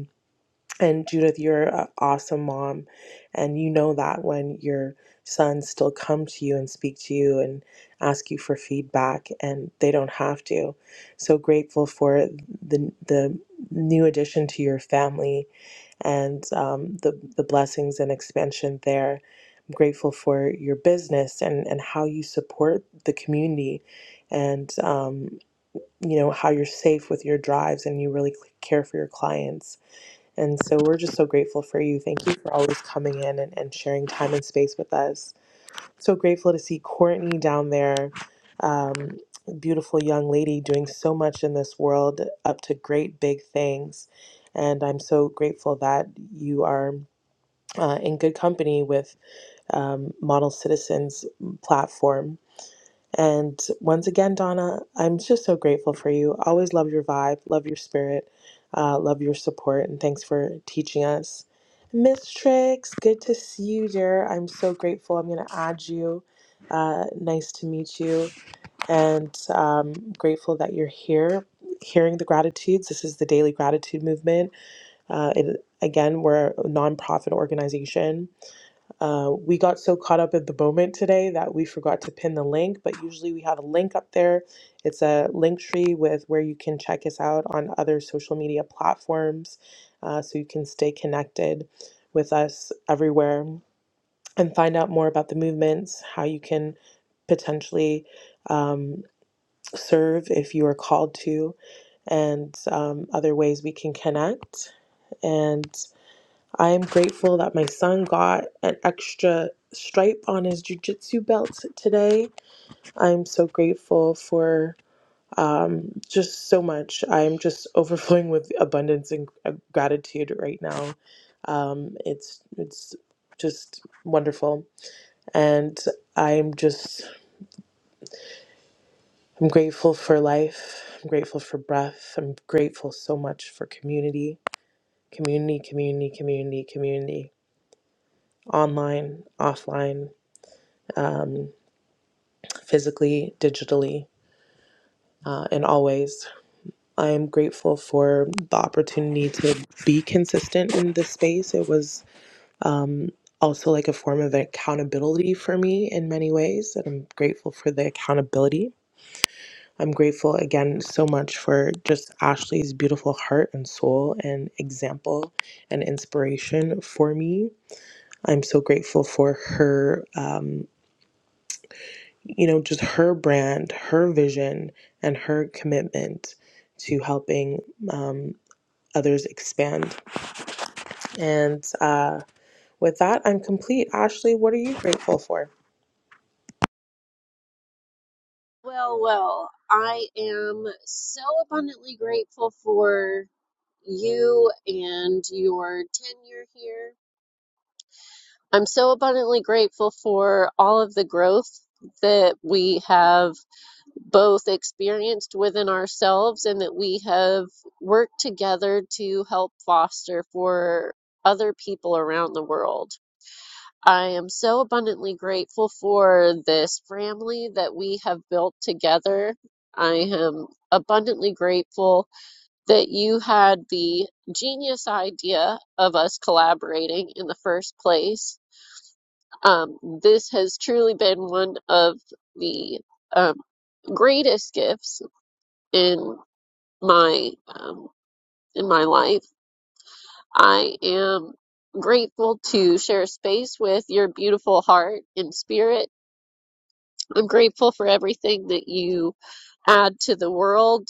and Judith, you're an awesome mom, and you know that when your sons still come to you and speak to you and ask you for feedback, and they don't have to. So grateful for the the new addition to your family and um, the the blessings and expansion there. I'm grateful for your business and and how you support the community, and um, you know how you're safe with your drives and you really care for your clients and so we're just so grateful for you. Thank you for always coming in and, and sharing time and space with us. So grateful to see Courtney down there, um, beautiful young lady doing so much in this world, up to great big things. And I'm so grateful that you are uh, in good company with um, Model Citizens platform and once again, Donna, I'm just so grateful for you. Always love your vibe, love your spirit, uh, love your support, and thanks for teaching us. Miss Tricks, good to see you, dear. I'm so grateful. I'm going to add you. Uh, nice to meet you, and um, grateful that you're here. Hearing the gratitudes. This is the Daily Gratitude Movement. Uh, it, again, we're a nonprofit organization uh, we got so caught up in the moment today that we forgot to pin the link, but usually we have a link up there. It's a link tree with where you can check us out on other social media platforms uh, so you can stay connected with us everywhere and find out more about the movements, how you can potentially um, serve if you are called to, and um, other ways we can connect. and. I am grateful that my son got an extra stripe on his jujitsu belt today. I'm so grateful for um, just so much. I'm just overflowing with abundance and uh, gratitude right now. Um, it's it's just wonderful, and I'm just I'm grateful for life. I'm grateful for breath. I'm grateful so much for community, community, community, community, community, online, offline. Um, physically, digitally, uh, in all ways. I am grateful for the opportunity to be consistent in this space. It was um, also like a form of accountability for me in many ways, and I'm grateful for the accountability. I'm grateful again so much for just Ashley's beautiful heart and soul and example and inspiration for me. I'm so grateful for her. um, you know, just her brand, her vision, and her commitment to helping um, others expand. And uh, with that, I'm complete. Ashley, what are you grateful for?
Well, well, I am so abundantly grateful for you and your tenure here. I'm so abundantly grateful for all of the growth that we have both experienced within ourselves and that we have worked together to help foster for other people around the world. I am so abundantly grateful for this family that we have built together. I am abundantly grateful that you had the genius idea of us collaborating in the first place. Um, this has truly been one of the um, greatest gifts in my um, in my life. I am grateful to share space with your beautiful heart and spirit I'm grateful for everything that you add to the world,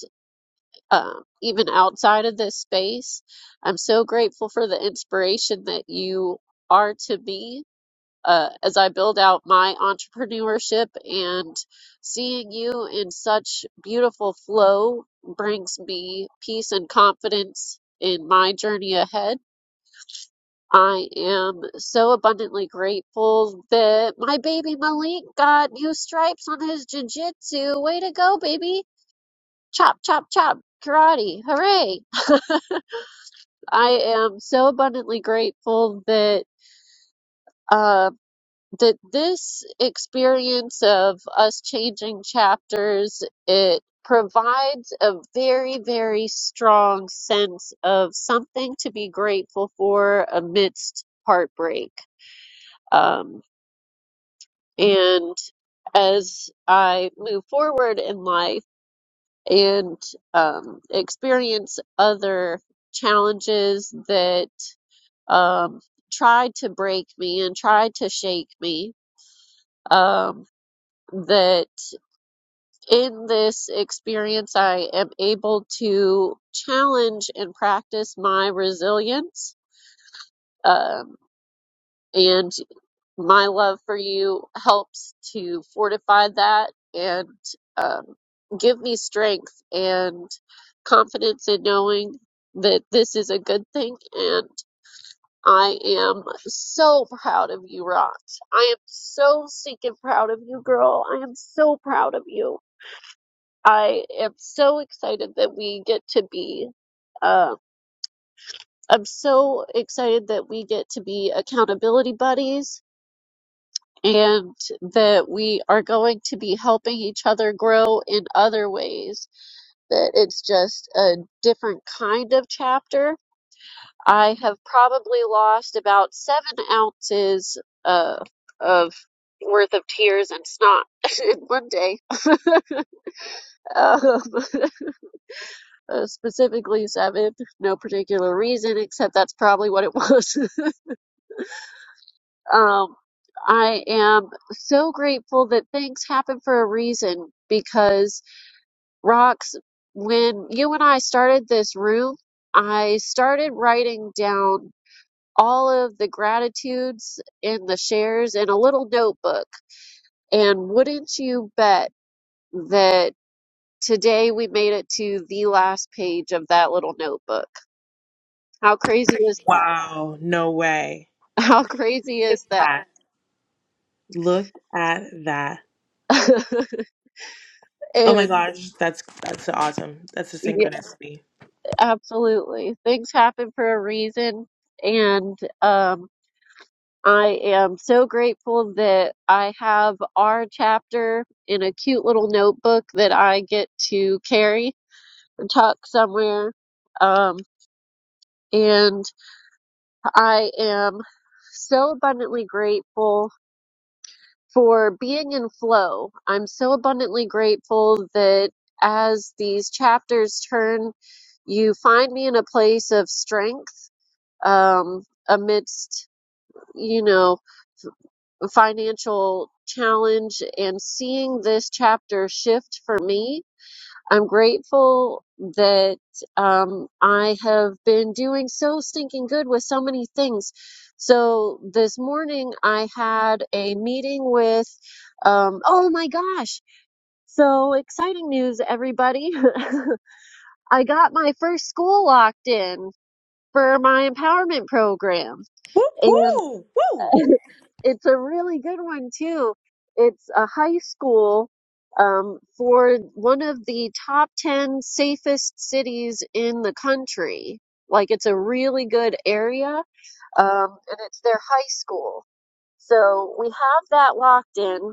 um, even outside of this space. I'm so grateful for the inspiration that you are to me uh, as I build out my entrepreneurship and seeing you in such beautiful flow brings me peace and confidence in my journey ahead. I am so abundantly grateful that my baby Malik got new stripes on his jiu-jitsu. Way to go, baby! Chop, chop, chop! Karate! Hooray! I am so abundantly grateful that uh, that this experience of us changing chapters it provides a very, very strong sense of something to be grateful for amidst heartbreak. Um, And as I move forward in life and um, experience other challenges that um, try to break me and try to shake me, um, that in this experience, I am able to challenge and practice my resilience. Um, and my love for you helps to fortify that and um, give me strength and confidence in knowing that this is a good thing. And I am so proud of you, Rot. I am so stinking proud of you, girl. I am so proud of you. I am so excited that we get to be. Uh, I'm so excited that we get to be accountability buddies and that we are going to be helping each other grow in other ways, that it's just a different kind of chapter. I have probably lost about seven ounces uh, of worth of tears and snot in one day. um, uh, specifically seven, no particular reason, except that's probably what it was. um, I am so grateful that things happen for a reason because. Rox, when you and I started this room, I started writing down all of the gratitudes and the shares in a little notebook. And wouldn't you bet that today we made it to the last page of that little notebook? How crazy is that?
Wow, no way.
How crazy
Look
is
at
that?
that. Look at that. Oh my
And
gosh, that's that's awesome. That's a
yeah,
synchronicity.
absolutely. Things happen for a reason. And um, I am so grateful that I have our chapter in a cute little notebook that I get to carry and tuck somewhere. Um, and I am so abundantly grateful for being in flow. I'm so abundantly grateful that as these chapters turn, you find me in a place of strength um, amidst, you know. financial challenge and seeing this chapter shift for me. I'm grateful that um, I have been doing so stinking good with so many things. So this morning I had a meeting with, um, oh my gosh, so exciting news, everybody. I got my first school locked in for my empowerment program.
Woo,
and.
woo, woo.
it's a really good one too. It's a high school um, for one of the top 10 safest cities in the country. Like it's a really good area, um, and it's their high school. So we have that locked in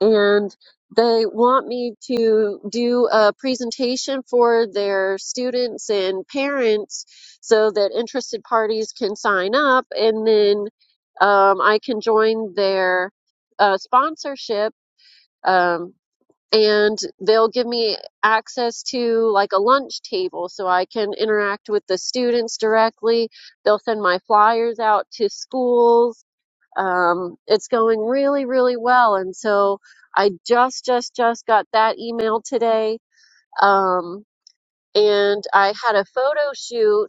and they want me to do a presentation for their students and parents so that interested parties can sign up and then um, I can join their uh, sponsorship um, and they'll give me access to like a lunch table so I can interact with the students directly. They'll send my flyers out to schools um, it's going really, really well. And so I just, just, just got that email today. Um, and I had a photo shoot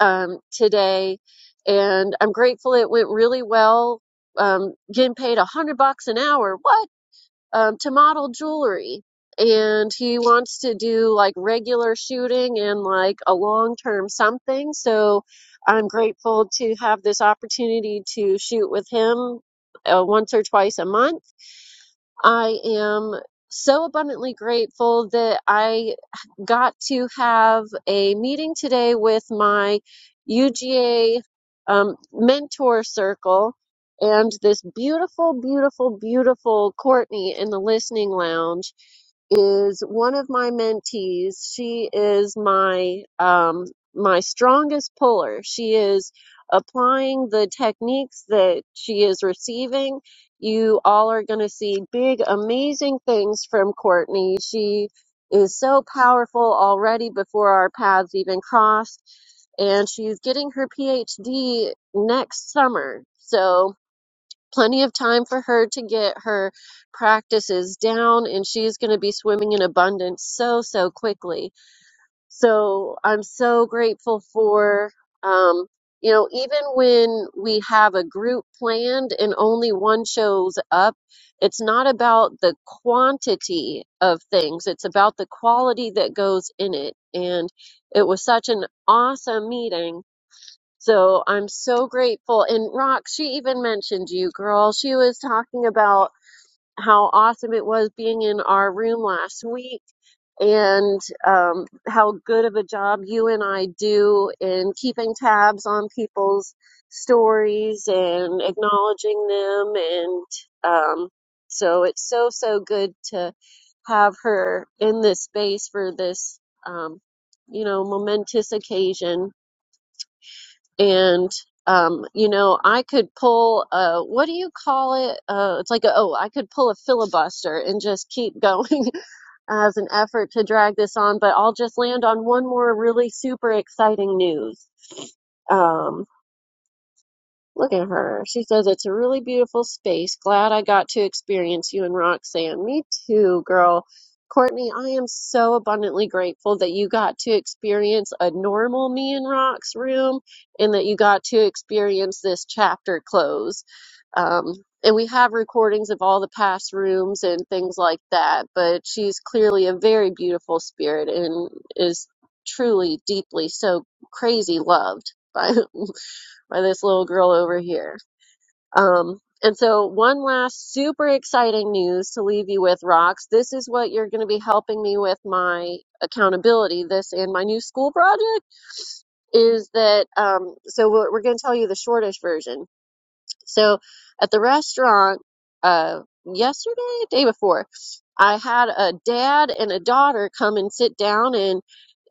um, today, and I'm grateful it went really well. Um, getting paid a hundred bucks an hour. What? um, to model jewelry. And he wants to do like regular shooting and like a long term something. So I'm grateful to have this opportunity to shoot with him uh, once or twice a month I am so abundantly grateful that I got to have a meeting today with my UGA um, mentor circle and this beautiful, beautiful, beautiful Courtney in the listening lounge is one of my mentees. She is my um, my strongest puller. She is applying the techniques that she is receiving you all are going to see big, amazing things from Courtney. She is so powerful already before our paths even crossed, and she's getting her PhD next summer. So, plenty of time for her to get her practices down, and she's going to be swimming in abundance so, so quickly. So I'm so grateful for, um, you know, even when we have a group planned and only one shows up, it's not about the quantity of things, it's about the quality that goes in it. And it was such an awesome meeting. So I'm so grateful. And Rock, she even mentioned you, girl. She was talking about how awesome it was being in our room last week and um, how good of a job you and I do in keeping tabs on people's stories and acknowledging them. And um, so it's so, so good to have her in this space for this, um, you know, momentous occasion and um, you know, I could pull a what do you call it? Uh, it's like a, oh, I could pull a filibuster and just keep going as an effort to drag this on, but I'll just land on one more really super exciting news. Um, Look at her. She says it's a really beautiful space. Glad I got to experience you and Roxanne. Me too, girl. Courtney, I am so abundantly grateful that you got to experience a normal me and Rox room and that you got to experience this chapter close. Um, and we have recordings of all the past rooms and things like that, but she's clearly a very beautiful spirit and is truly, deeply, so crazy loved by, by this little girl over here. Um, and so, one last super exciting news to leave you with, Rocks. This is what you're going to be helping me with my accountability. This and my new school project is that. Um, so we're, we're going to tell you the shortish version. So, at the restaurant, uh, yesterday, day before, I had a dad and a daughter come and sit down, and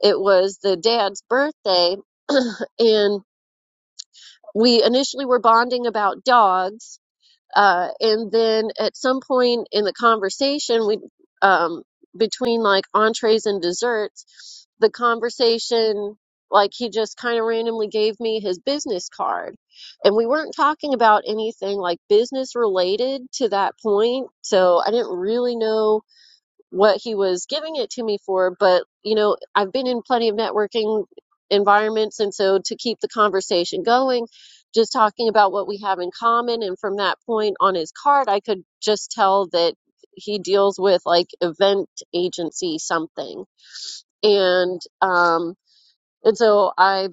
it was the dad's birthday, and we initially were bonding about dogs Uh, and then at some point in the conversation, we um, between like entrees and desserts, the conversation like he just kind of randomly gave me his business card, and we weren't talking about anything like business related to that point, so I didn't really know what he was giving it to me for, but you know, I've been in plenty of networking environments, and so to keep the conversation going, just talking about what we have in common, and from that point on his card, I could just tell that he deals with like event agency something, and um, and so I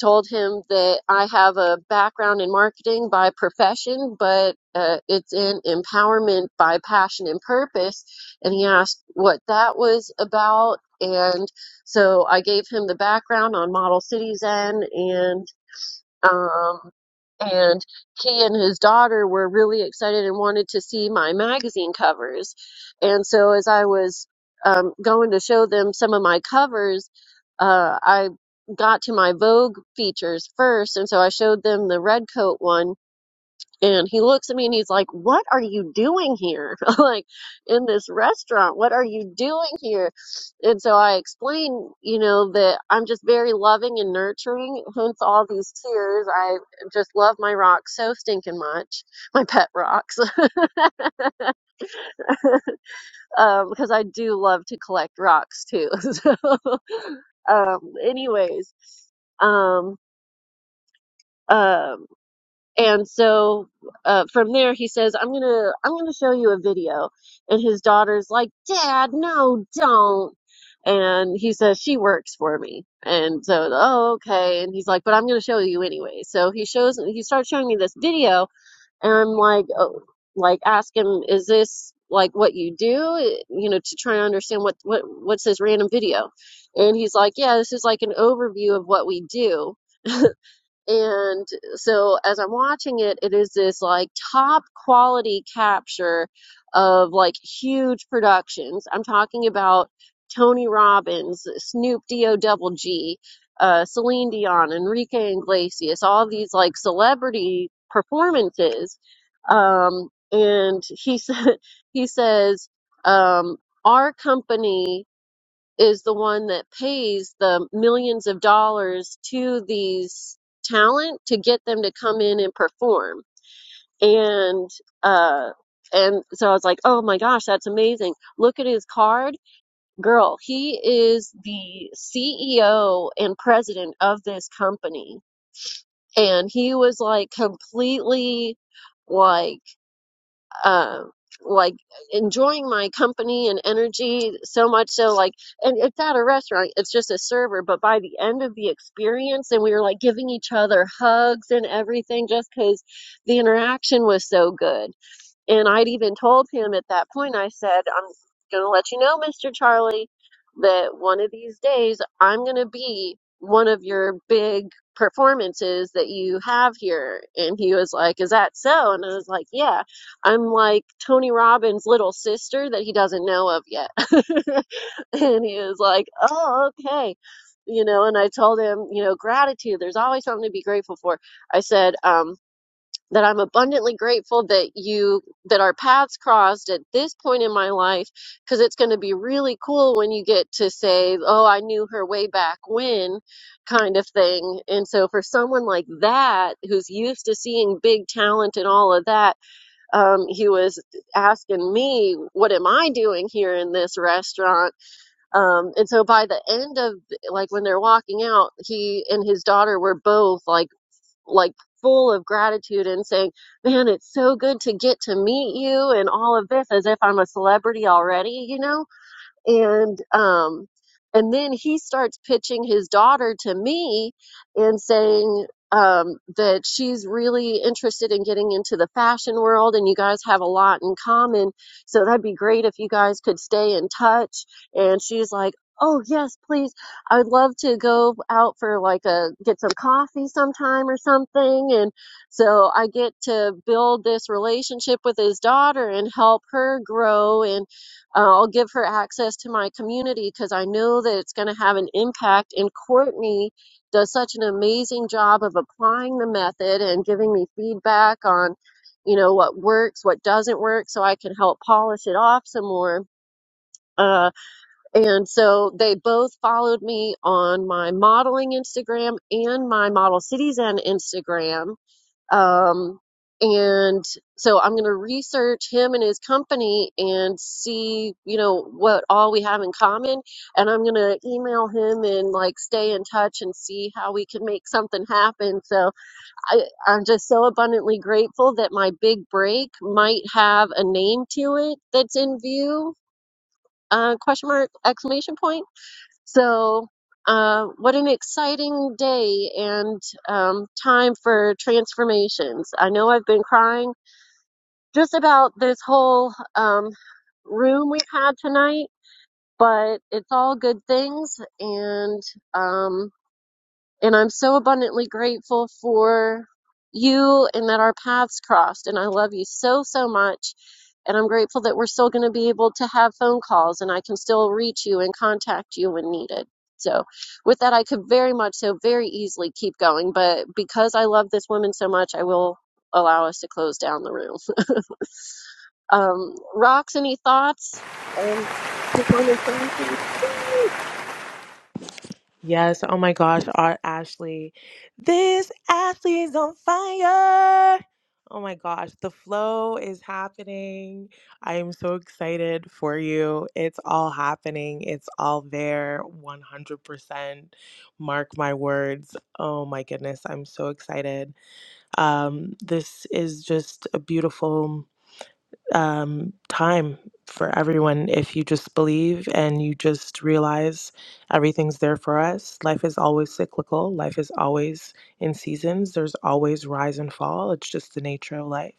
told him that I have a background in marketing by profession, but uh, it's in empowerment by passion and purpose. And he asked what that was about. And so I gave him the background on Model Cities Zen, um, and he and his daughter were really excited and wanted to see my magazine covers. And so as I was um, going to show them some of my covers, uh, I got to my Vogue features first. And so I showed them the red coat one and he looks at me and he's like, What are you doing here? like, in this restaurant, what are you doing here? And so I explain, you know, that I'm just very loving and nurturing, hence all these tears. I just love my rocks so stinking much, my pet rocks, um, because I do love to collect rocks too. so, um, anyways, um, um, And so uh, from there, he says, "I'm gonna, I'm gonna show you a video." And his daughter's like, "Dad, no, don't." And he says, "She works for me." And so, oh, okay. And he's like, "But I'm gonna show you anyway." So he shows, he starts showing me this video, and I'm like, oh, like ask him, "Is this like what you do?" You know, to try to understand what what what's this random video. And he's like, "Yeah, this is like an overview of what we do." And so as I'm watching it, it is this like top quality capture of like huge productions. I'm talking about Tony Robbins, Snoop D-O double G, uh, Celine Dion, Enrique Iglesias, all these like celebrity performances. Um, and he said, he says, um, our company is the one that pays the millions of dollars to these talent to get them to come in and perform. And uh and so I was like, "Oh my gosh, that's amazing. Look at his card. Girl, he is the CEO and president of this company." And he was like completely like uh, like enjoying my company and energy so much so like and it's at a restaurant it's just a server but by the end of the experience and we were like giving each other hugs and everything just because the interaction was so good and I'd even told him at that point, I said, I'm going to let you know, Mr. Charlie, that one of these days I'm going to be one of your big performances that you have here. And he was like, Is that so? And I was like, Yeah, I'm like Tony Robbins' little sister that he doesn't know of yet. and he was like, Oh, okay. You know, and I told him, you know, gratitude, there's always something to be grateful for. I said, um, that I'm abundantly grateful that you that our paths crossed at this point in my life because it's going to be really cool when you get to say, "Oh, I knew her way back when," kind of thing. And so for someone like that who's used to seeing big talent and all of that, um, he was asking me, "What am I doing here in this restaurant?" Um, and so by the end of like when they're walking out, he and his daughter were both like like full of gratitude and saying, man, it's so good to get to meet you and all of this as if I'm a celebrity already, you know? and um and then he starts pitching his daughter to me and saying um that she's really interested in getting into the fashion world and you guys have a lot in common so that'd be great if you guys could stay in touch and she's like Oh yes, please. I would love to go out for like a get some coffee sometime or something and so I get to build this relationship with his daughter and help her grow and. Uh, I'll give her access to my community because I know that it's going to have an impact. And Courtney does such an amazing job of applying the method and giving me feedback on, you know, what works, what doesn't work, so I can help polish it off some more. Uh, and so they both followed me on my modeling Instagram and my Model Cities End Instagram um, and so I'm going to research him and his company and see, you know, what all we have in common. And I'm going to email him and like stay in touch and see how we can make something happen. So I, I'm just so abundantly grateful that my big break might have a name to it that's in view. Uh, question mark, exclamation point so, uh, what an exciting day and um, time for transformations. I know I've been crying just about this whole um, room we've had tonight, but it's all good things. And, um, and I'm so abundantly grateful for you and that our paths crossed. And I love you so, so much. And I'm grateful that we're still going to be able to have phone calls and I can still reach you and contact you when needed. So, with that, I could very much so very easily keep going. But because I love this woman so much, I will allow us to close down the room. Um, Rox, any thoughts? Um, just wanna say anything?
Yes. Oh my gosh, our Ashley. This Ashley is on fire. Oh my gosh, the flow is happening. I am so excited for you. It's all happening. It's all there 100%. Mark my words. Oh my goodness, I'm so excited. Um this is just a beautiful um, time for everyone if you just believe and you just realize everything's there for us. Life is always cyclical, life is always in seasons, there's always rise and fall. It's just the nature of life.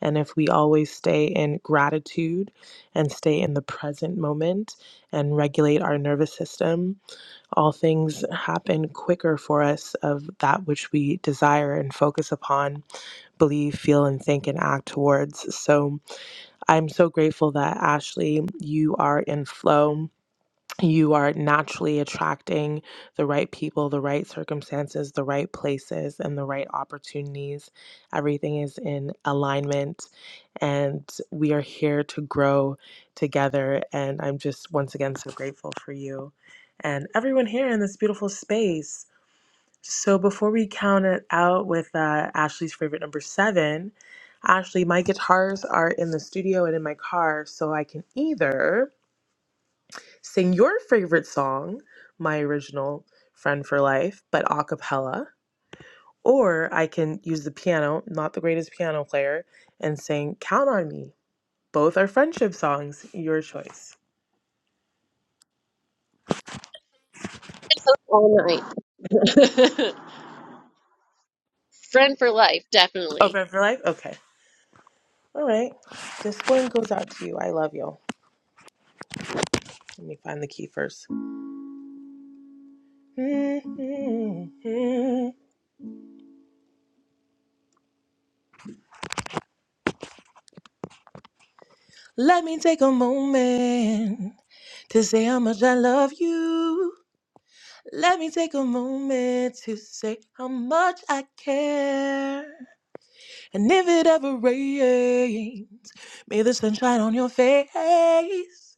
And if we always stay in gratitude and stay in the present moment and regulate our nervous system, all things happen quicker for us of that which we desire and focus upon, believe, feel, and think, and act towards. So, I'm so grateful that Ashley, you are in flow. You are naturally attracting the right people, the right circumstances, the right places, and the right opportunities. Everything is in alignment, and we are here to grow together. And I'm just once again so grateful for you and everyone here in this beautiful space. So before we count it out with uh, Ashley's favorite number seven, Ashley, my guitars are in the studio and in my car, so I can either sing your favorite song, my original "Friend for Life," but a cappella, or I can use the piano, not the greatest piano player, and sing "Count on Me." Both are friendship songs. Your choice.
all night. Friend for life,
Oh,
definitely.
"Friend for Life." Okay. All right. This one goes out to you. I love you. Let me find the key first. Mm-hmm. Let me take a moment to say how much I love you. Let me take a moment to say how much I care. And if it ever rains, may the sun shine on your face.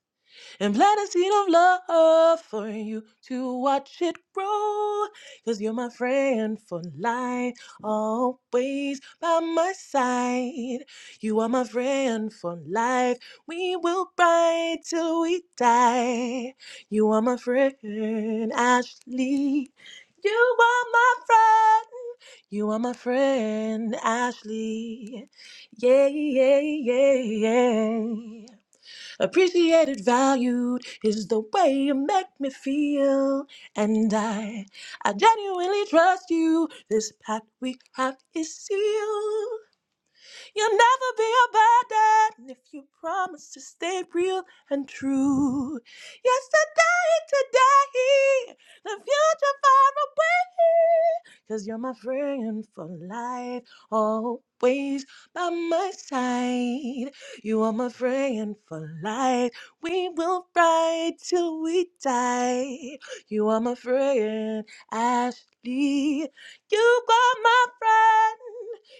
and plant a seed of love for you to watch it grow. Cause you're my friend for life, always by my side. You are my friend for life. We will ride till we die. You are my friend, Ashley. You are my friend. You are my friend, Ashley. Yeah, yeah, yeah, yeah. Appreciated, valued is the way you make me feel. And I, I genuinely trust you. This pact we have is sealed. You'll never be abandoned if you promise to stay real and true. Yesterday, today, the future far away. Cause you're my friend for life, always by my side. You are my friend for life. We will ride till we die. You are my friend, Ashley. You are my friend.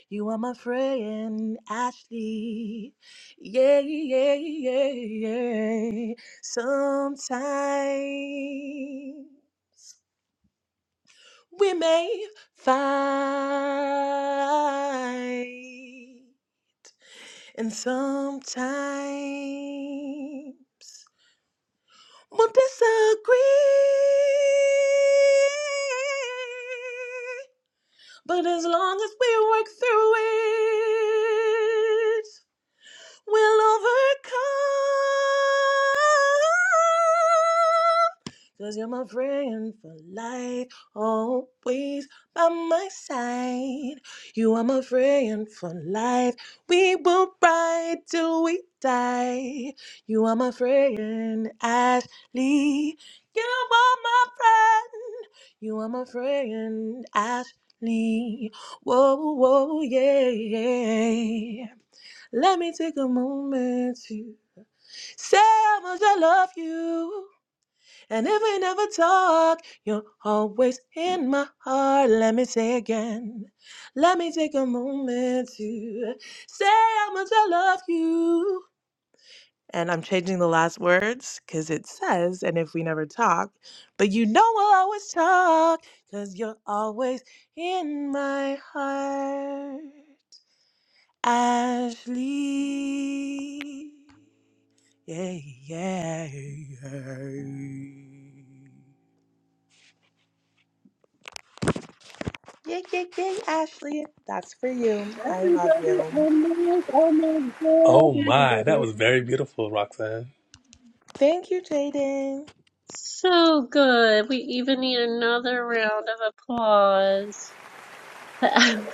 You are my friend, Ashley. Yeah, yeah, yeah, yeah. Sometimes we may fight and sometimes we'll disagree but as long as we work through it we'll overcome Cause you're my friend for life, always by my side. You are my friend for life. We will ride till we die. You are my friend, Ashley. You are my friend. You are my friend, Ashley. Whoa, whoa, yeah, yeah. Let me take a moment to say how much I love you. And if we never talk, you're always in my heart. Let me say again. Let me take a moment to say how much I love you. And I'm changing the last words because it says, and if we never talk, but you know we'll always talk because you're always in my heart. Ashley. Yeah, yeah, yeah. Yay, yay, yay, Ashley. That's for you. I love
Everybody
you.
on my, on my
Oh my, that
goodness.
was very beautiful, Roxanne.
Thank you, Jaden.
So good. We even need another round of applause.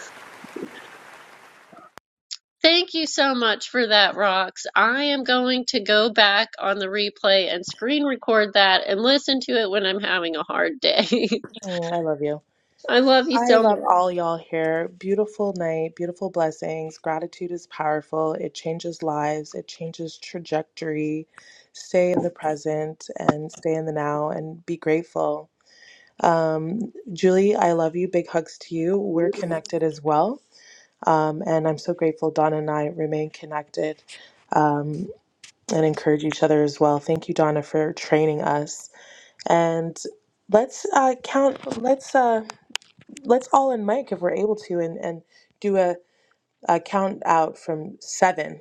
Thank you so much for that, Rox. I am going to go back on the replay and screen record that and listen to it when I'm having a hard day.
Oh, I love you.
I love you
I
so
love
much.
all y'all here. Beautiful night, beautiful blessings. Gratitude is powerful. It changes lives, it changes trajectory. Stay in the present and stay in the now and be grateful. Um, Julie, I love you. Big hugs to you. We're connected as well. Um, and I'm so grateful Donna and I remain connected. Um, and encourage each other as well. Thank you, Donna, for training us. And let's uh, count. Let's uh, let's all in mic if we're able to, and and do a, a count out from seven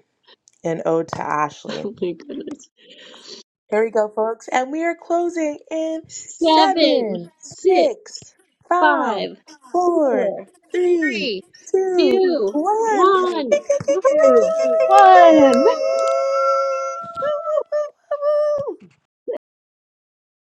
in ode to Ashley.
Oh my goodness.
Here we go, folks, and we are closing in
seven,
seven, six,
six,
five,
five,
four,
four,
three,
three,
two,
two,
one.
one.
Two,
Woo!
one.